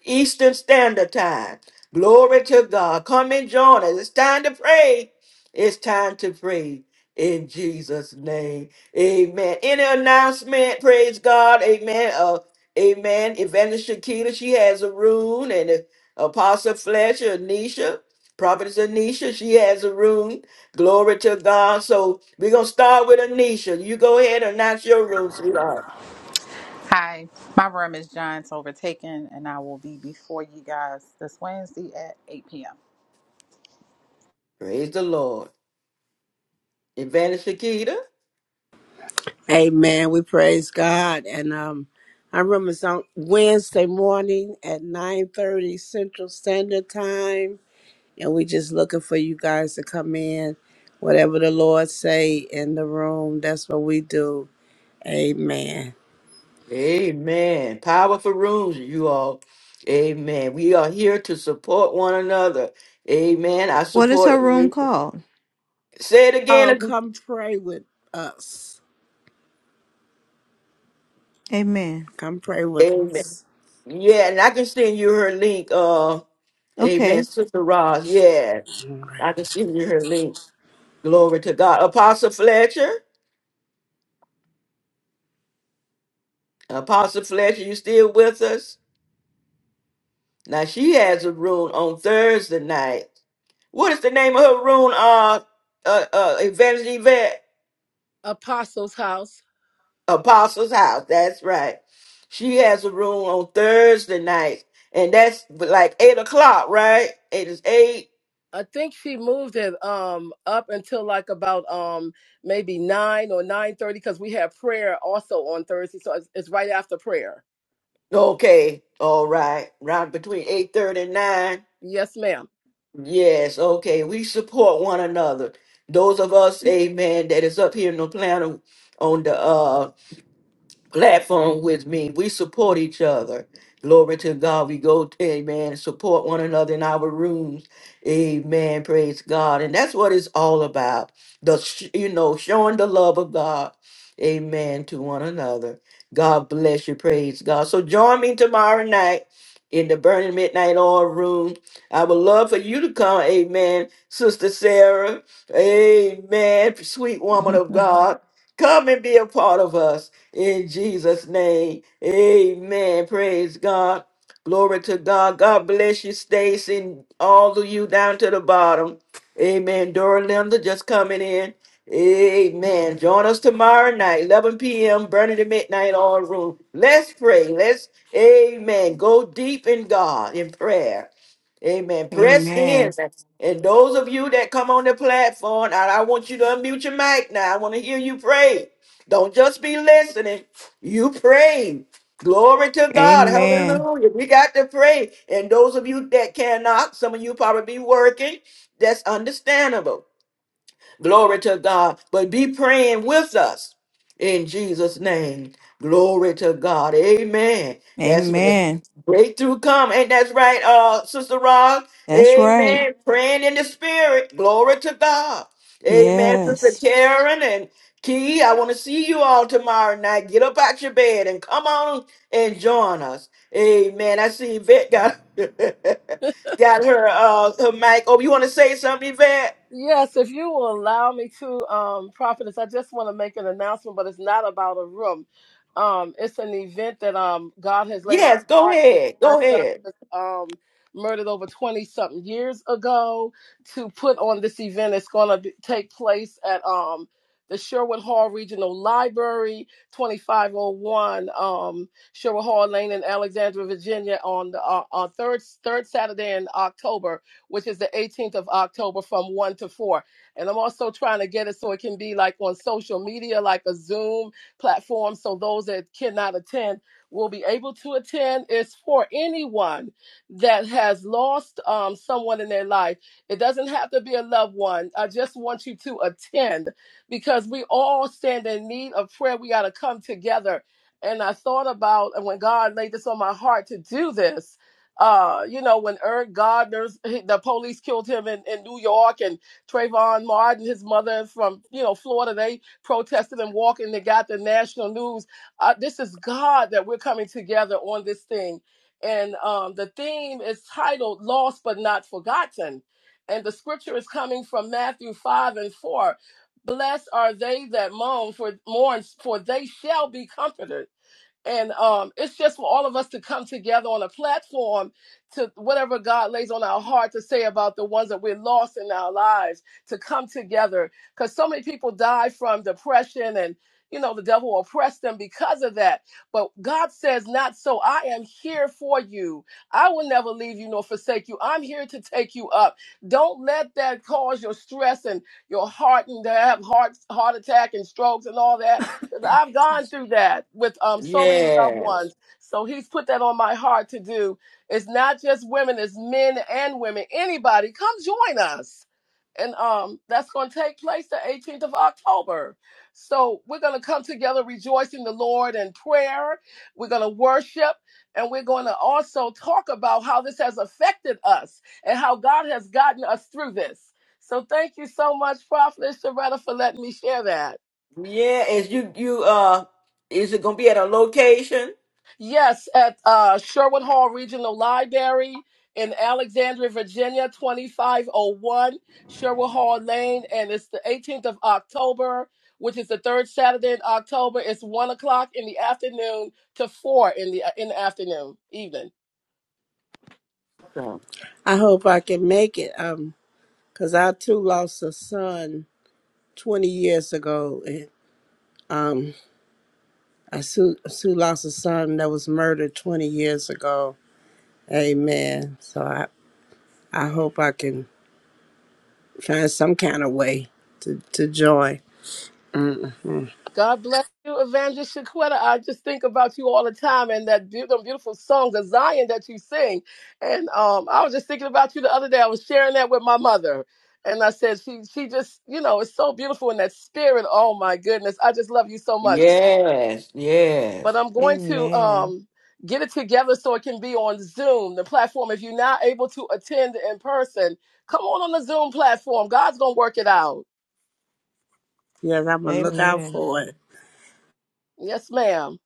Speaker 1: Eastern Standard Time. Glory to God. Come and join us. It's time to pray. It's time to pray in Jesus' name. Amen. Any announcement? Praise God. Amen. Uh, amen. Evangelist Shakita, she has a room, and uh, Apostle Fletcher, Anisha, Prophetess Anisha, she has a room. Glory to God. So we're going to start with Anisha. You go ahead and announce your room, sweetheart.
Speaker 2: Hi, my room is Giants Overtaken, and I will be before you guys this Wednesday at 8 p.m.
Speaker 1: Praise the Lord. Evangelist Shakita.
Speaker 8: Amen. We praise God. And um, I remember it's on Wednesday morning at 9.30 Central Standard Time. And we just looking for you guys to come in. Whatever the Lord say in the room, that's what we do. Amen.
Speaker 1: Amen. Powerful rooms, you all. Amen. We are here to support one another. Amen. I
Speaker 11: What is
Speaker 1: support
Speaker 11: her room
Speaker 1: Anisha.
Speaker 11: called?
Speaker 1: Say it
Speaker 8: Oh,
Speaker 1: again.
Speaker 8: come pray with us.
Speaker 11: Amen.
Speaker 8: Come pray with
Speaker 1: Amen.
Speaker 8: us.
Speaker 1: Yeah, and I can send you her link. Uh, amen.
Speaker 11: Okay.
Speaker 1: Sister Roz. Yeah, I can send you her link. Glory to God. Apostle Fletcher. Apostle Fletcher, you still with us? Now she has a room on Thursday night. What is the name of her room? Uh, uh, uh Evangelist Yvette
Speaker 10: Apostles' house.
Speaker 1: Apostles House. That's right. She has a room on Thursday night, and that's like eight o'clock, right? It is eight.
Speaker 10: I think she moved it um up until like about um maybe nine or nine thirty because we have prayer also on Thursday, so it's, it's right after prayer.
Speaker 1: Okay, all right. Round between eight thirty and nine.
Speaker 10: Yes, ma'am.
Speaker 1: Yes, okay. We support one another. Those of us, amen, that is up here in the planet on the planet platform with me. We support each other. Glory to God. We go, amen, support one another in our rooms. Amen. Praise God. And that's what it's all about. The, sh- you know, showing the love of God. Amen to one another. God bless you. Praise God. So join me tomorrow night in the Burning Midnight Oil Room. I would love for you to come. Amen. Sister Sarah. Amen. Sweet woman of God. Come and be a part of us. In Jesus' name, amen. Praise God. Glory to God. God bless you, Stacy, all of you down to the bottom. Amen. Dora Linda just coming in. Amen. Join us tomorrow night, 11 p.m., burning to midnight, all room. Let's pray. Let's, amen. Go deep in God in prayer. Amen. Press
Speaker 11: Amen.
Speaker 1: in. And those of you that come on the platform, and I want you to unmute your mic now. I want to hear you pray. Don't just be listening. You pray. Glory to God.
Speaker 11: Amen.
Speaker 1: Hallelujah. We got to pray. And those of you that cannot, some of you probably be working. That's understandable. Glory to God. But be praying with us in Jesus' name. Glory to God. Amen. That's what
Speaker 11: Amen.
Speaker 1: breakthrough come. Ain't that's right, uh, Sister Rod?
Speaker 11: That's right.
Speaker 1: Amen. Praying in the spirit. Glory to God. Amen. Sister
Speaker 11: Yes.
Speaker 1: Karen and Key, I want to see you all tomorrow night. Get up out your bed and come on and join us. Amen. I see Yvette got got her uh her mic. Oh, you want to say something, Yvette?
Speaker 10: Yes, if you will allow me to, um, prophetess, I just want to make an announcement, but it's not about a room. Um, it's an event that um God has laid on
Speaker 1: Yes,
Speaker 10: my
Speaker 1: go
Speaker 10: heart since
Speaker 1: ahead.
Speaker 10: my
Speaker 1: Go
Speaker 10: son
Speaker 1: ahead.
Speaker 10: was um murdered over twenty something years ago to put on this event. It's going to take place at um the Sherwood Hall Regional Library, twenty five oh one um Sherwood Hall Lane in Alexandria, Virginia, on the uh, on third third Saturday in October which is the 18th of October from 1 to 4. And I'm also trying to get it so it can be like on social media, like a Zoom platform, so those that cannot attend will be able to attend. It's for anyone that has lost um, someone in their life. It doesn't have to be a loved one. I just want you to attend because we all stand in need of prayer. We got to come together. And I thought about, and when God laid this on my heart to do this, uh, you know, when Eric Gardner's the police killed him in, in New York and Trayvon Martin, his mother from, you know, Florida, they protested and walked and they got the national news. Uh, this is God that we're coming together on this thing. And um, the theme is titled Lost But Not Forgotten. And the scripture is coming from Matthew 5 and 4. Blessed are they that mourn for mourn, for they shall be comforted and um, it's just for all of us to come together on a platform to whatever God lays on our heart to say about the ones that we're lost in our lives to come together because so many people die from depression and you know the devil oppressed them because of that but god says not so i am here for you i will never leave you nor forsake you i'm here to take you up don't let that cause your stress and your heart and to have heart heart attack and strokes and all that 'Cause I've gone through that with um so many loved
Speaker 1: Yes.
Speaker 10: ones. So he's put that on my heart to do. It's not just women, it's men and women. Anybody, come join us. And um that's gonna take place the 18th of October. So we're gonna come together rejoicing the Lord in prayer. We're gonna worship and we're gonna also talk about how this has affected us and how God has gotten us through this. So thank you so much, Prophet Loretta, for letting me share that.
Speaker 1: Yeah, is you you uh is it gonna be at a location?
Speaker 10: Yes, at uh, Sherwood Hall Regional Library in Alexandria, Virginia, 2501 Sherwood Hall Lane. And it's the 18th of October, which is the third Saturday in October. It's 1 o'clock in the afternoon to 4 in the, uh, in the afternoon, evening.
Speaker 1: Awesome.
Speaker 8: I hope I can make it. Um, cause I too lost a son 20 years ago. And, um, I too, too lost a son that was murdered 20 years ago. Amen. So I, I hope I can find some kind of way to, to join. Mm-hmm.
Speaker 10: God bless you, Evangelist Shaquetta. I just think about you all the time and that beautiful, beautiful song, the Zion that you sing. And um, I was just thinking about you the other day. I was sharing that with my mother. And I said, she, she just, you know, it's so beautiful in that spirit. Oh my goodness. I just love you so much.
Speaker 1: Yes,
Speaker 10: But
Speaker 1: yes.
Speaker 10: I'm going to
Speaker 11: Amen.
Speaker 10: um, get it together so it can be on Zoom, the platform. If you're not able to attend in person, come on on the Zoom platform. God's going to work it out.
Speaker 8: Yes, I'm gonna look out
Speaker 11: Amen.
Speaker 8: for it.
Speaker 10: Yes, ma'am.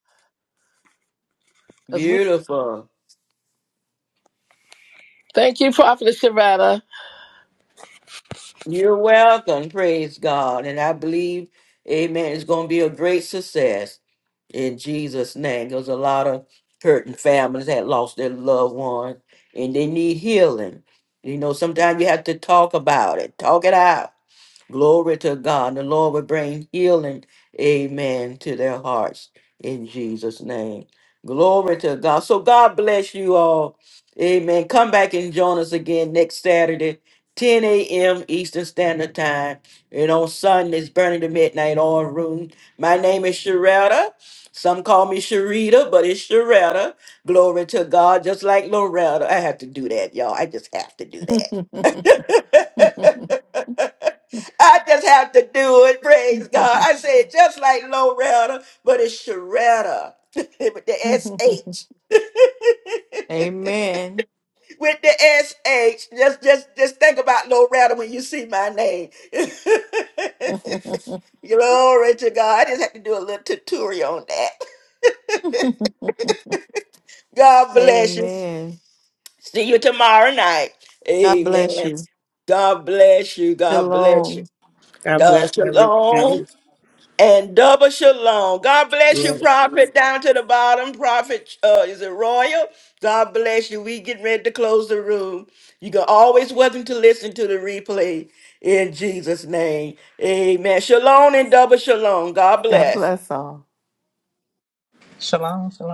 Speaker 10: As we
Speaker 1: Beautiful.
Speaker 10: thank you, Prophet Sharada.
Speaker 1: You're welcome, praise God. And I believe, amen, it's gonna be a great success in Jesus' name. There's a lot of hurting families that lost their loved ones and they need healing. You know, sometimes you have to talk about it, talk it out. Glory to God. The Lord will bring healing, amen, to their hearts in Jesus' name. Glory to God. So God bless you all. Amen. Come back and join us again next Saturday, 10 a.m. Eastern Standard Time. And on Sundays, Burning the Midnight oil Room. My name is Sharetta. Some call me Sharita, but it's Sharetta. Glory to God. Just like Loretta. I have to do that, y'all. I just have to do that. I just have to do it. Praise God. I say it just like Loretta, but it's Sharetta with the S H.
Speaker 11: Amen.
Speaker 1: with the S H. Just just just think about Loretta when you see my name. Glory to God. I just have to do a little tutorial on that. God bless you.
Speaker 11: Amen.
Speaker 1: See you tomorrow night.
Speaker 11: God bless
Speaker 1: Amen.
Speaker 11: you.
Speaker 1: God bless you. God bless
Speaker 11: Shalom.
Speaker 1: you.
Speaker 8: God
Speaker 1: Uh,
Speaker 8: bless
Speaker 1: shalom.
Speaker 8: everybody.
Speaker 1: and double shalom. God bless you,
Speaker 8: Yes.
Speaker 1: Prophet, down to the bottom. Prophet, uh, is it Royal? God bless you. We get ready to close the room. You can always welcome to listen to the replay in Jesus' name. Amen. Shalom and double shalom. God
Speaker 13: God
Speaker 1: bless.
Speaker 13: bless all.
Speaker 2: Shalom, shalom.